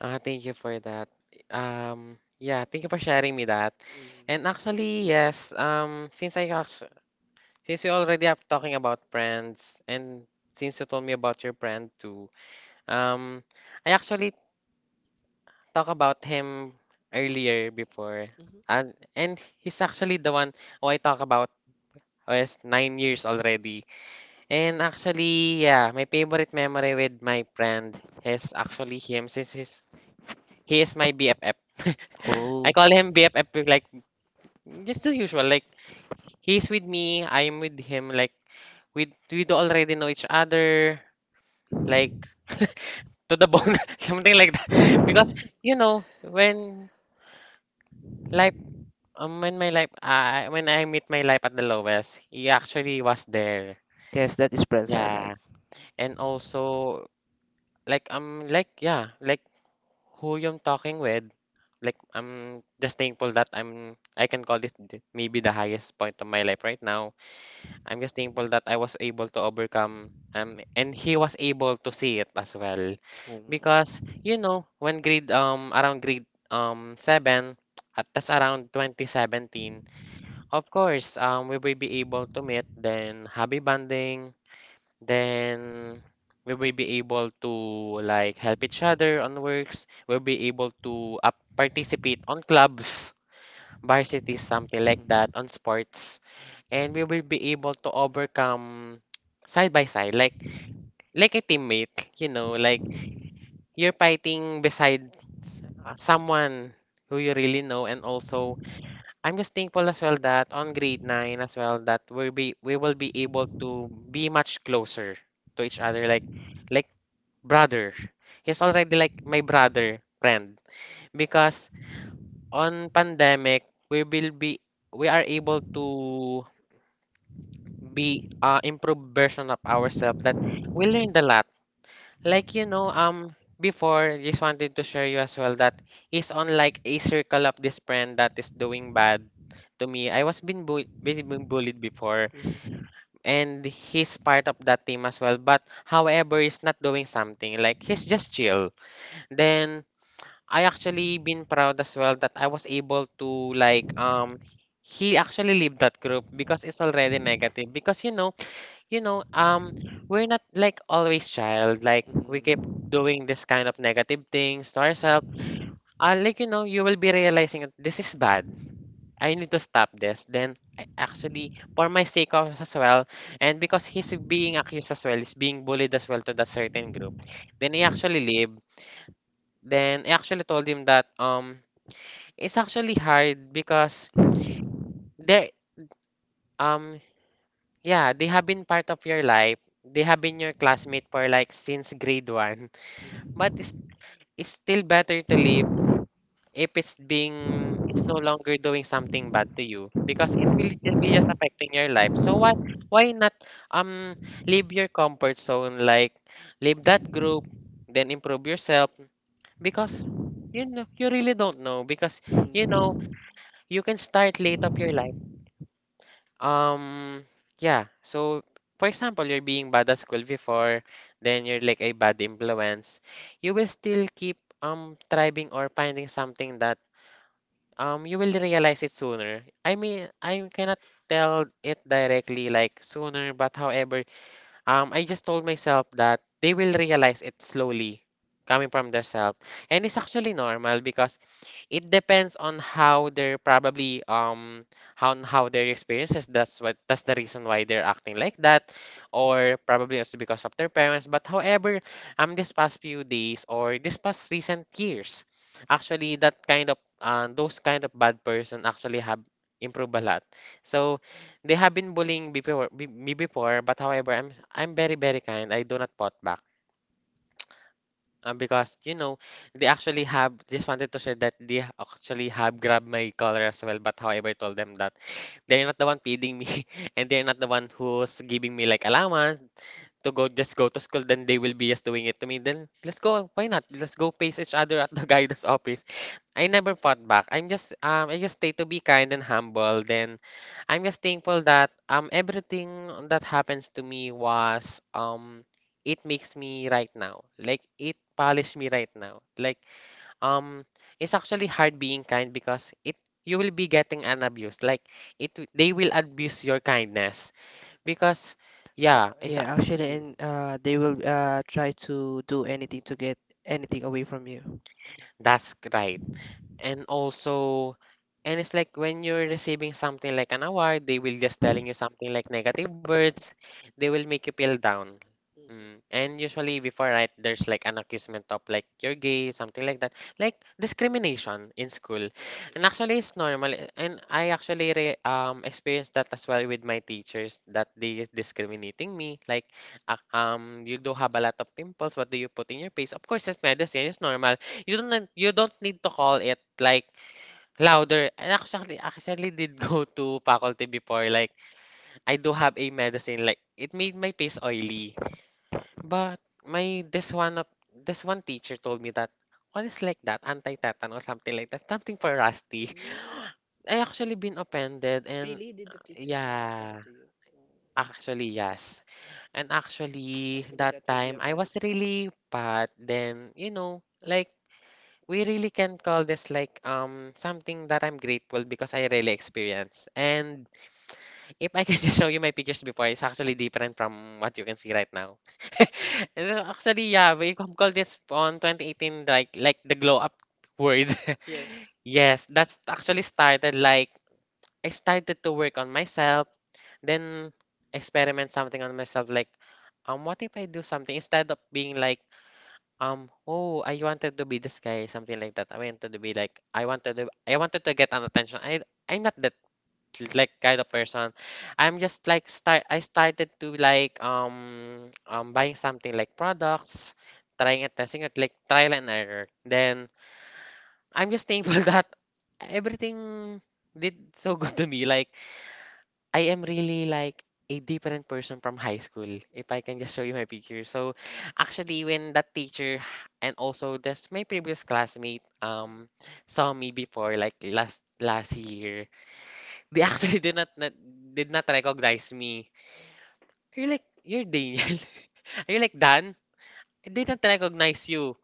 [SPEAKER 2] Thank you for that. Yeah, thank you for sharing me that.
[SPEAKER 1] Mm.
[SPEAKER 2] And actually, yes, um, since we already have talking about friends, and since you told me about your friend too, um, I actually talked about him earlier before,
[SPEAKER 1] Mhm.
[SPEAKER 2] and he's actually the one who I talk about. Oh, yes, 9 years already. And actually, yeah, my favorite memory with my friend is actually him since he is my BFF. (laughs) I
[SPEAKER 1] Oh,
[SPEAKER 2] call him BFF with, like just the usual like he's with me, I'm with him like we do already know each other like (laughs) to the bone (laughs) something like that (laughs) because you know when life when my life when I meet my life at the lowest he actually was there.
[SPEAKER 1] yes, that is friends are like.
[SPEAKER 2] Yeah, and also like who I'm talking with, like I'm just thankful that I can call this maybe the highest point of my life right now. I'm just thankful that I was able to overcome and he was able to see it as well. Because you know, when grade 7 at that's around 2017, of course, we will be able to meet then hobby bonding then we will be able to like help each other on works. We'll be able to up participate on clubs, varsities, something like that, on sports. And we will be able to overcome side by side, like a teammate, you
[SPEAKER 1] Mm.
[SPEAKER 2] know, like
[SPEAKER 1] Mhm.
[SPEAKER 2] you're fighting beside someone who you really know. And also I'm just thankful as well that on grade 9 as well that we will be able to be much closer to each other like like brother. He's already like my brother friend because on pandemic we are able to be improved version of ourselves that we learned a lot like you know, before just wanted to share you as well that he's on like a circle of this friend that is doing bad to me. I was being bu being bullied before,
[SPEAKER 1] Mm.
[SPEAKER 2] and he's part of that team as well. But however, he's not doing something. Like he's just chill. Then I actually been proud as well that I was able to like um. He actually leave that group because it's already negative. Because you know, we're not like always child. Like we keep doing this kind of negative things to ourselves.
[SPEAKER 1] Uh,
[SPEAKER 2] Like you know, you will be realizing that this is bad. I need to stop this. Then I actually, for my sake of as well, and because he's being accused as well, he's being bullied as well to that certain group. Then he actually leave. Then I actually told him that it's actually hard because they, um, yeah, they have been part of your life. They have been your classmate for like since grade one. But it's still better to leave if it's no longer doing something bad to you because it will be just affecting your life. So what why not um leave your comfort zone like leave that group then improve yourself because you know you really don't know because you know you can start late of your life um, yeah. So, for example, you're being bad at school before, then you're like a bad influence. You will still keep thriving or finding something that you will realize it sooner. I mean, I cannot tell it directly like sooner, but however, I just told myself that they will realize it slowly coming from their self. And it's actually normal because it depends on how they're probably how their experiences. That's the reason why they're acting like that, or probably also because of their parents. But however, this past few days or this past recent years, actually that kind of those kind of bad person actually have improved a lot. So they have been bullying before, me before, but however, I'm very kind. I do not fought back. Because you know, they actually have just wanted to share that they actually have grabbed my collar as well. But however, I told them that they're not the one feeding me, (laughs) and they're not the one who's giving me like allowance to go just go to school, then they will be just doing it to me. Then let's go. Why not? Let's go face each other at the (laughs) guidance office. I never fought back. I'm just I just stay to be kind and humble. Then I'm just thankful that everything that happens to me was it makes me right now. Like it polished me right now. Like um it's actually hard being kind because it you will be getting an abuse. Like it they will abuse your kindness because yeah it's
[SPEAKER 1] yeah, actually, and they will try to do anything to get anything away from you.
[SPEAKER 2] That's right. And also, and it's like when you're receiving something like an award, they will just telling you something like negative words. They will make you feel down. Mm. And usually before, right, there's like an accusation of like you're gay, something like that. Like discrimination in school.
[SPEAKER 1] Yes, yes,
[SPEAKER 2] And actually
[SPEAKER 1] yes.
[SPEAKER 2] it's normal. And I actually re experienced that as well with my teachers that they is discriminating me. Like you do have a lot of pimples, what do you put in your face? Of course it's medicine, it's normal. You don't need to call it like louder. And actually, actually did go to faculty before. Like, I do have a medicine. Like, it made my face oily. But my this one teacher told me that what is like that? Anti-tetanus, something like that. Something for Rusty. (laughs) I actually been offended and
[SPEAKER 1] Really? Did the teachers say that
[SPEAKER 2] yeah,
[SPEAKER 1] to you?
[SPEAKER 2] actually yes. And actually
[SPEAKER 1] That
[SPEAKER 2] that
[SPEAKER 1] would be a
[SPEAKER 2] time I
[SPEAKER 1] bad
[SPEAKER 2] was
[SPEAKER 1] experience.
[SPEAKER 2] really bad. Then, you know, like we really can call this like something that I'm grateful because I really experienced. And if I can (laughs) just show you my pictures before, it's actually different from what you can see right now. (laughs) And so actually, yeah, we call this on 2018 like the glow up word.
[SPEAKER 1] Yes,
[SPEAKER 2] (laughs) Yes, that's actually started like I started to work on myself, then experiment something on myself like what if I do something instead of being like um oh I wanted to be this guy something like that I wanted to be like I wanted to get an attention I'm not that like kind of person. I'm just like start I started to like buying something like products, trying and testing it like trial and error. Then I'm just thankful (laughs) that everything did so (laughs) good to me. Like I am really like a different person from high school if I can just show you my picture. So actually when that teacher and also this my previous classmate saw me before like last last year they (laughs) actually did not recognize me. You're like, you're Daniel. (laughs) Are you like Dan? I didn't recognize you.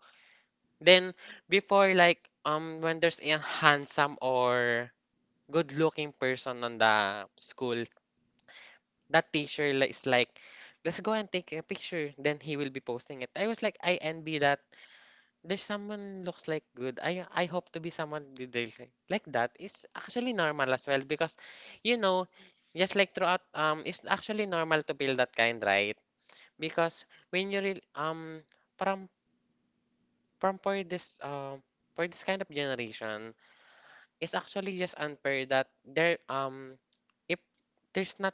[SPEAKER 2] Then before like when there's a handsome or good looking person on the school, that teacher is like, let's go and take a picture. Then he will be posting it. I was like, I envy that. There's someone looks like good. I hope to be someone good like that is actually normal as well because you know just like throughout it's actually normal to feel that kind right because when you real from from for this um for this kind of generation it's actually just unfair that there if there's not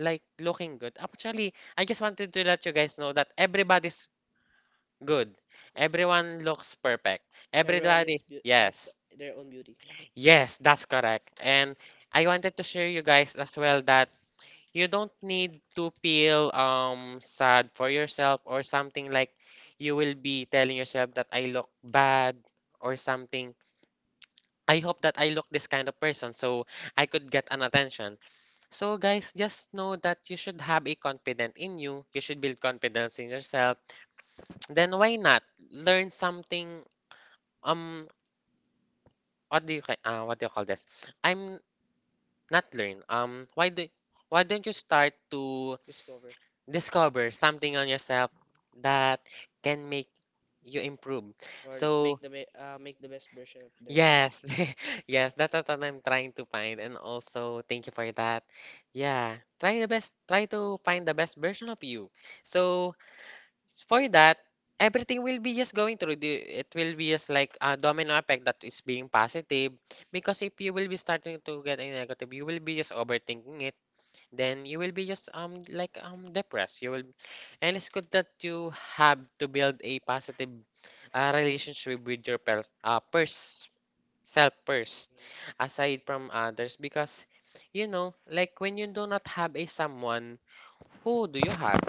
[SPEAKER 2] like looking good actually I just wanted to let you guys know that everybody's good everyone looks perfect
[SPEAKER 1] everyone
[SPEAKER 2] everybody
[SPEAKER 1] is has
[SPEAKER 2] yes.
[SPEAKER 1] their own beauty.
[SPEAKER 2] Yes, that's correct. And I wanted to share you guys as well that you don't need to feel sad for yourself or something like you will be telling yourself that I look bad or something. I hope that I look this kind of person so I could get an attention. So guys, just know that you should have a confidence in you. You should build confidence in yourself. Then why not learn something um what do you what do you call this? I'm not learn. Why do why don't you start to
[SPEAKER 1] Discover.
[SPEAKER 2] discover something on yourself that can make you improve?
[SPEAKER 1] Or
[SPEAKER 2] So,
[SPEAKER 1] make the best version of their self. (laughs)
[SPEAKER 2] yes. (laughs) Yes, that's what I'm trying to find, and also thank you for that. Yeah, try the best, try to find the best version of you. So, for that, everything will be just going through the it will be just like a domino effect that is being positive, because if you will be starting to get a negative, you will be just overthinking it, then you will be just depressed you will. And it's good that you have to build a positive relationship with your per pers self first,
[SPEAKER 1] Mhm.
[SPEAKER 2] aside from others, because you know, like, when you do not have a someone, who do you have?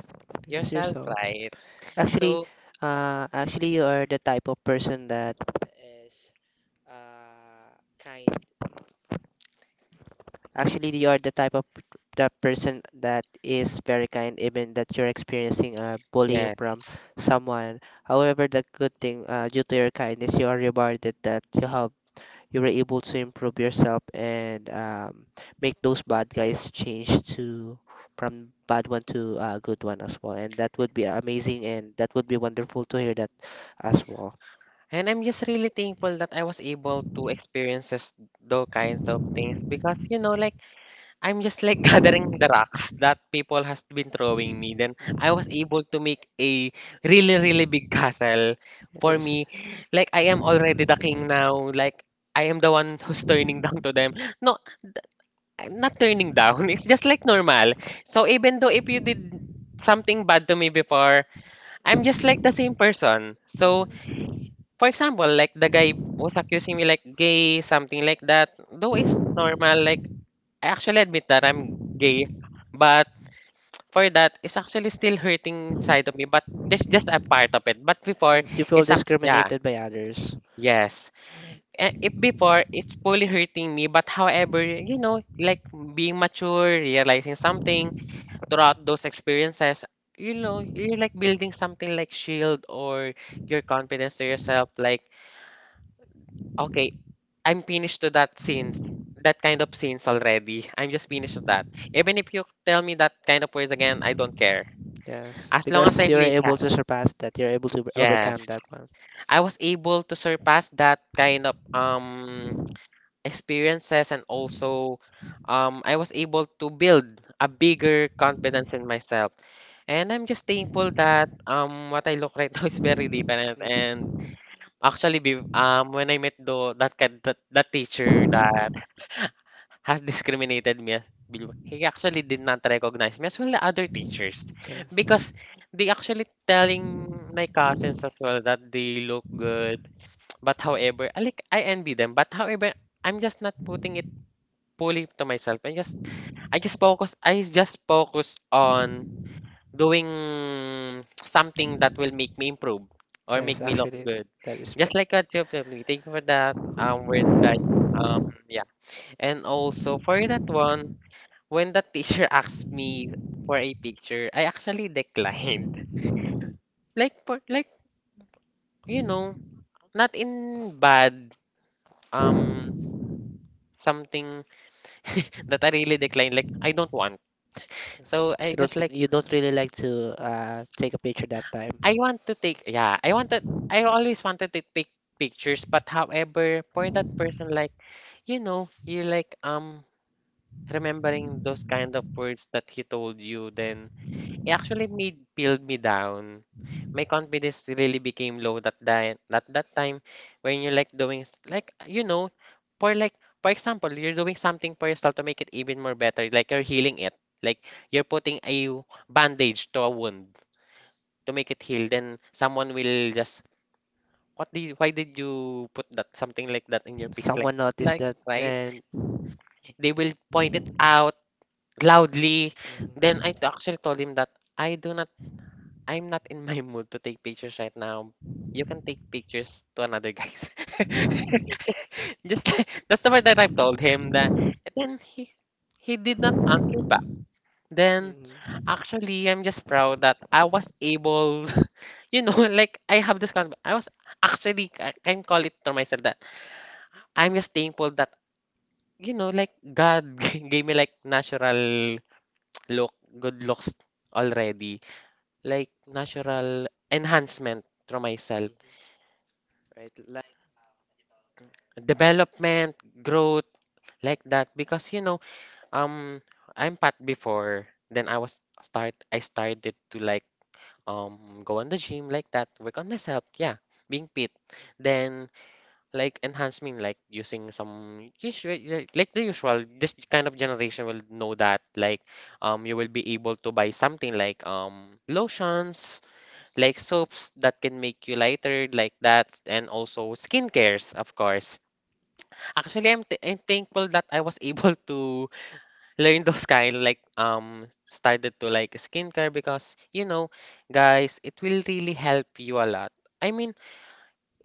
[SPEAKER 1] Yes,
[SPEAKER 2] Yourself,
[SPEAKER 1] yourself.
[SPEAKER 2] right?
[SPEAKER 1] Actually,
[SPEAKER 2] So,
[SPEAKER 1] Actually, you are the type of person that is uh, kind. Actually, you are the type of the person that is very kind, even that you're experiencing bullying from
[SPEAKER 2] yes.
[SPEAKER 1] someone. However, the good thing, due to your kindness, you are rewarded that you were able to improve yourself, and make those bad guys change to from bad one to a good one as well. And that would be amazing, and that would be wonderful to hear that as well.
[SPEAKER 2] And I'm just really thankful that I was able to experience this, those kinds of things, because, you know, like, I'm just like (laughs) gathering the
[SPEAKER 1] Mhm.
[SPEAKER 2] rocks that people has been throwing me. Then I was able to make a really, really big (laughs) castle for
[SPEAKER 1] Yes.
[SPEAKER 2] me. Like, I am already the king now. Like, I am the one who's turning (laughs) down to them. No, I'm not turning down. (laughs) It's just like normal. So even though if you did something bad to me before, I'm just like the same
[SPEAKER 1] Mhm.
[SPEAKER 2] person. So,
[SPEAKER 1] Mhm.
[SPEAKER 2] for example, like, the guy was accusing me like gay, something like that. Though it's normal, like, I actually admit that I'm gay, but for that, it's actually still hurting side of me. But this just a part of it. But before,
[SPEAKER 1] Yes, you feel
[SPEAKER 2] it's actually yeah,
[SPEAKER 1] discriminated by others.
[SPEAKER 2] yes. Eh, if before it's fully hurting me, but however, you know, like, being mature, realizing something throughout those experiences, you know, you're like building something like shield or your confidence to yourself, like. Okay, I'm finished to that scenes, that kind of scenes already. I'm just finished with that. Even if you tell me that kind of words again, I don't care.
[SPEAKER 1] Yes,
[SPEAKER 2] As long as
[SPEAKER 1] because
[SPEAKER 2] I'm
[SPEAKER 1] you're
[SPEAKER 2] Leah,
[SPEAKER 1] able to surpass that, you're able to overcome
[SPEAKER 2] yes.
[SPEAKER 1] that one.
[SPEAKER 2] I was able to surpass that kind of experiences, and also I was able to build a bigger confidence in myself. And I'm just thankful that what I look right (laughs) now is very different. And
[SPEAKER 1] Mhm.
[SPEAKER 2] actually be when I met the that teacher that has discriminated me. He actually did not recognize me, as well the other teachers,
[SPEAKER 1] Yes.
[SPEAKER 2] because they actually telling my cousins as well that they look good. But however, I like I envy them. But however, I'm just not putting it fully to myself. I just I just focus on doing something that will make me improve or
[SPEAKER 1] Yes,
[SPEAKER 2] make me look
[SPEAKER 1] actually,
[SPEAKER 2] good.
[SPEAKER 1] that is ve-
[SPEAKER 2] Just like what you told me. Thank you for that word that um yeah. And also for that one when the teacher (laughs) asked me for a picture, I actually declined. (laughs) Like, for like, you know, not in bad um something that I really declined. Like, I don't want.
[SPEAKER 1] yes.
[SPEAKER 2] So I
[SPEAKER 1] You don't,
[SPEAKER 2] just like,
[SPEAKER 1] you don't really like to take a picture that time.
[SPEAKER 2] I want to take yeah I wanted, I always wanted to take pictures. But however, for that person, like, you know, you're like remembering those kind of words that he told you, then it actually made peeled me down. My confidence really became low that at that time when you're like doing like, you know, for like, for example, you're doing something for yourself to make it even more better, like you're healing it. Like, you're putting a bandage to a wound to make it heal, then someone will just what did you, why did you put that something like that in your pics like
[SPEAKER 1] Someone noticed
[SPEAKER 2] like
[SPEAKER 1] that
[SPEAKER 2] right?
[SPEAKER 1] and
[SPEAKER 2] They will point it out loudly. Then
[SPEAKER 1] mhm.
[SPEAKER 2] I actually told him that I do not, I'm not in my (laughs) mood to take pictures right now. You can take pictures to another guys. (laughs) Just like, that's the word that I've told him that, and then he did not answer back. Then
[SPEAKER 1] Mhm. Mhm.
[SPEAKER 2] actually I'm just proud that I was able, (laughs) you know, like, I have this kind of I was, actually I can call it to myself that I'm just thankful that, you know, like, God (laughs) gave me like natural look, good looks already, like natural enhancement through myself,
[SPEAKER 1] Right.
[SPEAKER 2] development, growth, like that. Because, you know, um, I'm fat before. Then I was start. I started to like go on the gym like that, work on myself. Yeah, being fit. Then, like, enhancement, like using some usual like the usual. This kind of generation will know that, like, you will be able to buy something like lotions, like soaps that can make you lighter like that, and also skincares, of course. Actually, I'm th I'm thankful that I was (laughs) able to learn those kind like started to like skincare, because, you know, guys, it will really help you a lot. I mean,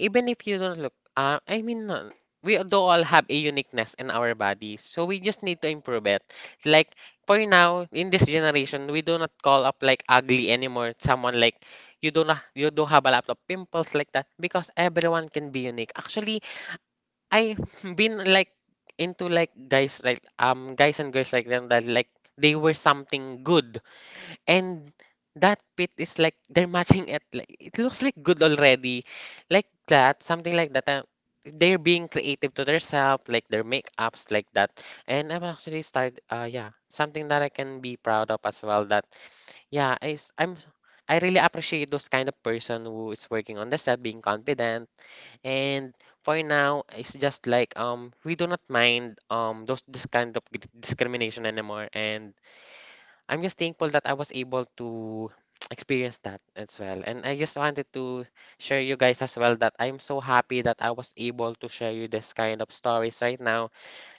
[SPEAKER 2] even if you don't look, I mean, we do all have a uniqueness in our bodies, so we just need to improve it. Like, for now, in this generation, we do not call up like ugly anymore. Someone like, you do not you do have a lot of pimples like that, because everyone can be unique. Actually, I've (laughs) been like into like guys, like guys and girls like them, that, like, they were something good, and that pit is like they're matching it, like it looks like good already, like that, something like that, they're being creative to themselves like their makeups like that. And I've actually started yeah something that I can be proud of as well, that yeah I, I'm, I really appreciate those kind of person who is working on themselves, being confident. And for now, it's just like we do not mind those this kind of discrimination anymore. And I'm just thankful that I was able to (tsk) experience that as well. And I just wanted to share you guys as well that I'm so happy that I was able to share you this kind of stories right now,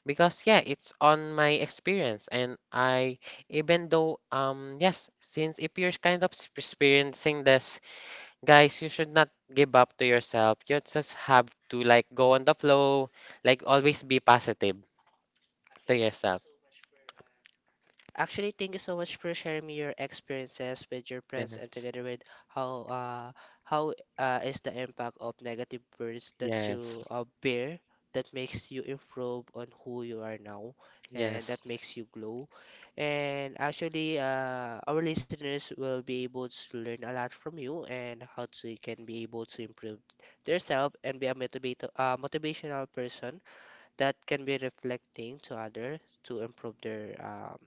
[SPEAKER 2] because yeah, it's on my experience, and I even though yes, since if you're kind of experiencing this, guys, you should not give up to yourself. You just have to like go on the flow, like always be positive to yourself.
[SPEAKER 1] Actually, thank you so much for sharing me your experiences with your friends, and
[SPEAKER 2] Yes.
[SPEAKER 1] together with how uh how is the impact of negative words that you
[SPEAKER 2] Yes.
[SPEAKER 1] bear, that makes you improve on who you are now, and that
[SPEAKER 2] Yes.
[SPEAKER 1] makes you glow. And actually, our listeners will be able to learn a lot from you and how to can be able to improve themselves and be a motivator, motivational person that can be reflecting to others to improve their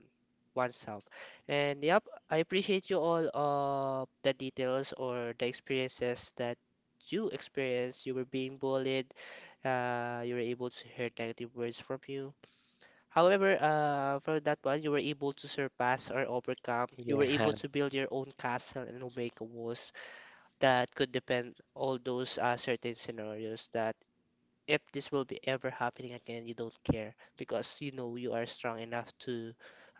[SPEAKER 1] oneself. And yep, I appreciate you all of the details or the experiences that you experienced. You were being bullied. You were able to hear negative words from you. However, for that one, you were able to surpass or overcome. You were able
[SPEAKER 2] Yeah.
[SPEAKER 1] to build your own castle and make walls that could depend all those certain scenarios, that if this will be ever happening again, you don't care because you know you are strong enough to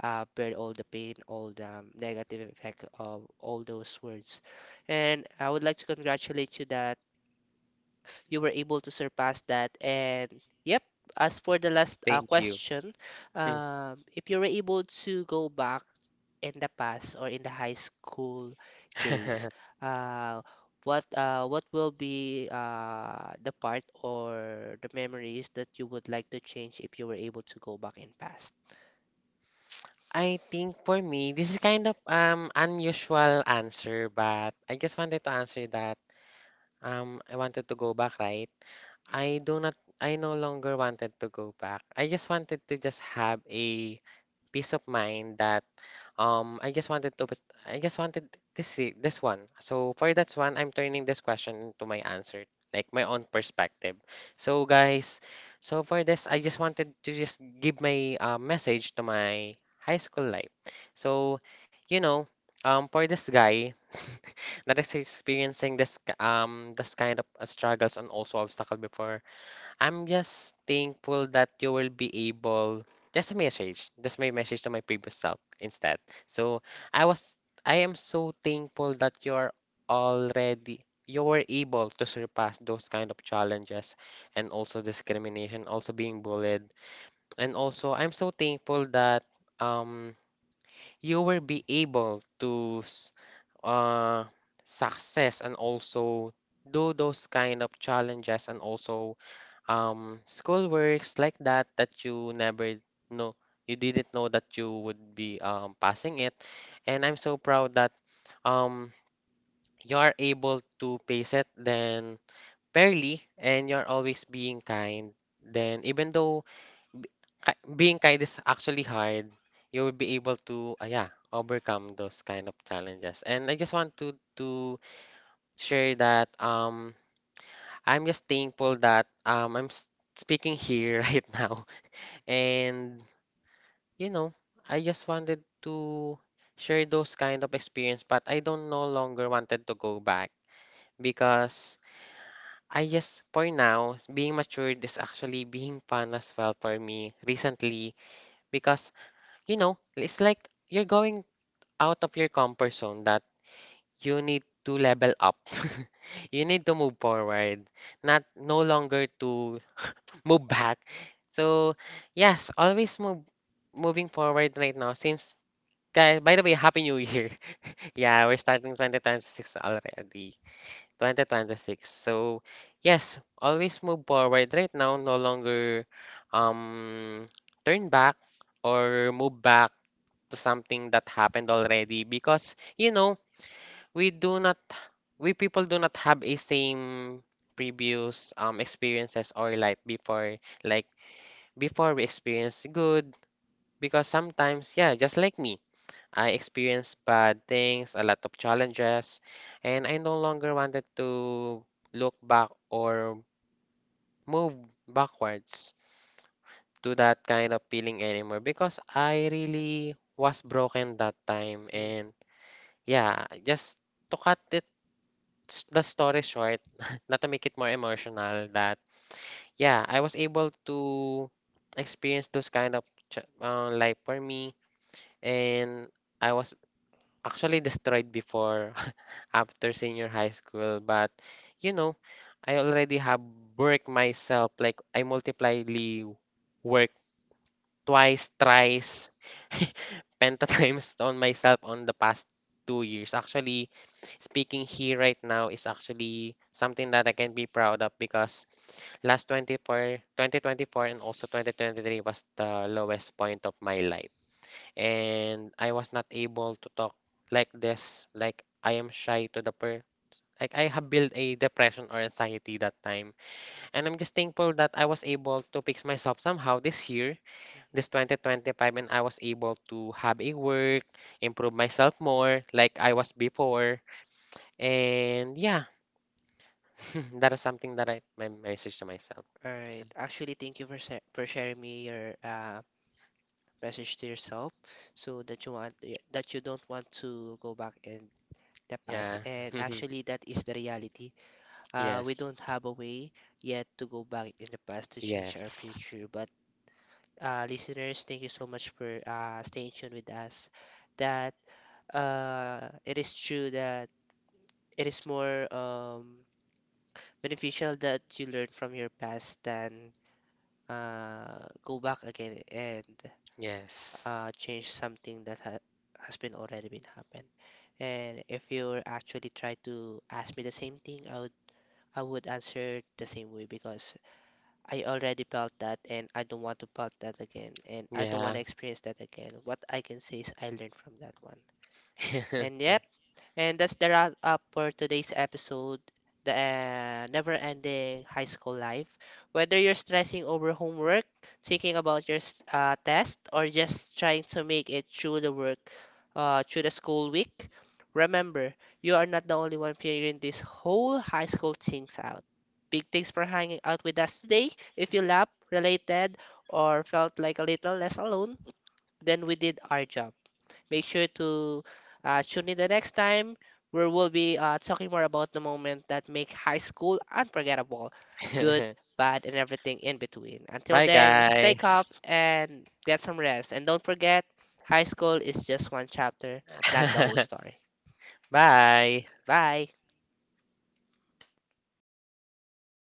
[SPEAKER 1] bear all the pain, all the negative effect of all those words. And I would like to congratulate you that you were able to surpass that. And yep, as for the last
[SPEAKER 2] Thank you.
[SPEAKER 1] question, if you were able to
[SPEAKER 2] (laughs)
[SPEAKER 1] go back in the past or in the high school days,
[SPEAKER 2] (laughs)
[SPEAKER 1] uh, what will be the part or the memories that you would like to change if you were able to go back in past?
[SPEAKER 2] I think for me, this is kind of unusual answer, but I just wanted to answer that. I wanted to go back, right? I do not. I no longer wanted to go back. I just wanted to just have a peace of mind that I just wanted to I just wanted this this one. So for that one, I'm turning this question into my answer, like my own perspective. So guys, so for this, I just wanted to just give my message to my high school life. So you know, for this guy (laughs) that is experiencing this this kind of struggles and also obstacle before, I'm just thankful that you will be able. That's a message. That's my message to my previous self instead. So I was, I am so thankful that you're already, you were able to surpass those kind of challenges, and also discrimination, also being bullied. And also, I'm so thankful that um you will be able to uh success, and also do those kind of challenges and also school works like that, that you never know, you didn't know that you would be passing it. And I'm so proud that um you are able to pace it then fairly, and you're always being kind, then even though b- being kind is actually hard, you will be able to yeah overcome those kind of challenges. And I just want to share that I'm just thankful that I'm speaking here (laughs) right now. And, you know, I just wanted to share those kind of experience, but I don't no longer wanted to go back, because I just, for now, being matured is actually being fun as well for me recently, because, you know, it's like you're going out of your comfort zone, that you need to level up. (laughs) You need to move forward, not no longer to (laughs) move back. So, yes, always move moving forward right now, since, guys, by the way, happy new year. (laughs) Yeah, we're starting 2026 already. 2026. So, yes, always move forward right now, no longer um turn back or move back to something that happened already, because, you know, we do not, we people do not have a same previous experiences or life before. Like, before we experience good, because sometimes yeah just like me, I experienced bad things, a lot of challenges, and I no longer wanted to look back or move backwards to that kind of feeling anymore, because I really was broken that time.
[SPEAKER 1] Mm.
[SPEAKER 2] And yeah, just to cut the story short, (laughs) not to make it more emotional, that yeah, I was able to experience those kind of life for me, and I was actually destroyed before (laughs) after senior high school. But, you know, I already have worked myself. Like, I multiplyly work twice, thrice. (laughs) Pentatimes (laughs) on myself on the past 2 years. Actually, speaking here right now is actually something that I can be proud of, because last 24, 2024, and also 2023 was the lowest point of my life. And I was not able to talk like this, like I am shy to the per, like I have built a depression or anxiety that time. And I'm just thankful that I was able to fix myself somehow this year, this 2025, and I was able to have a work, improve myself more like I was before. And yeah, (laughs) that is something that I my message to myself.
[SPEAKER 1] All right. Actually, thank you for for sharing me your message to yourself, so that that you don't want to go back in the past.
[SPEAKER 2] Yeah.
[SPEAKER 1] And
[SPEAKER 2] Yeah. (laughs)
[SPEAKER 1] actually that is the reality. We
[SPEAKER 2] Yes.
[SPEAKER 1] don't have a way yet to go back in the past to change our
[SPEAKER 2] Yes.
[SPEAKER 1] future, but listeners, thank you so much for staying tuned with us, that it is true that it is more beneficial that you learn from your past than go back again and
[SPEAKER 2] Yes.
[SPEAKER 1] change something that ha has been already been happened. And if you actually try to ask me the same thing, I would answer the same way, because I already felt that and I don't want to felt that again, and I don't want
[SPEAKER 2] Yeah.
[SPEAKER 1] to experience that again. What I can say is I learned from that one. And
[SPEAKER 2] (laughs)
[SPEAKER 1] yep, and that's the wrap up for today's episode, the never ending high school life. Whether you're stressing over homework, thinking about your test, or just trying to make it through the work, through the school week, remember, you are not the only one figuring this whole high school things out. Big thanks for hanging out with us today. If you laughed, related, or felt like a little less alone, then we did our job. Make sure to tune in the next time where we'll be talking more about the moment that
[SPEAKER 2] Yeah.
[SPEAKER 1] make high school unforgettable, good,
[SPEAKER 2] (laughs)
[SPEAKER 1] bad, and everything in between. Until
[SPEAKER 2] Bye,
[SPEAKER 1] then, stay calm
[SPEAKER 2] guys.
[SPEAKER 1] and get some rest. And don't forget, high school is just one chapter, not the whole
[SPEAKER 2] (laughs)
[SPEAKER 1] story.
[SPEAKER 2] Bye.
[SPEAKER 1] Bye.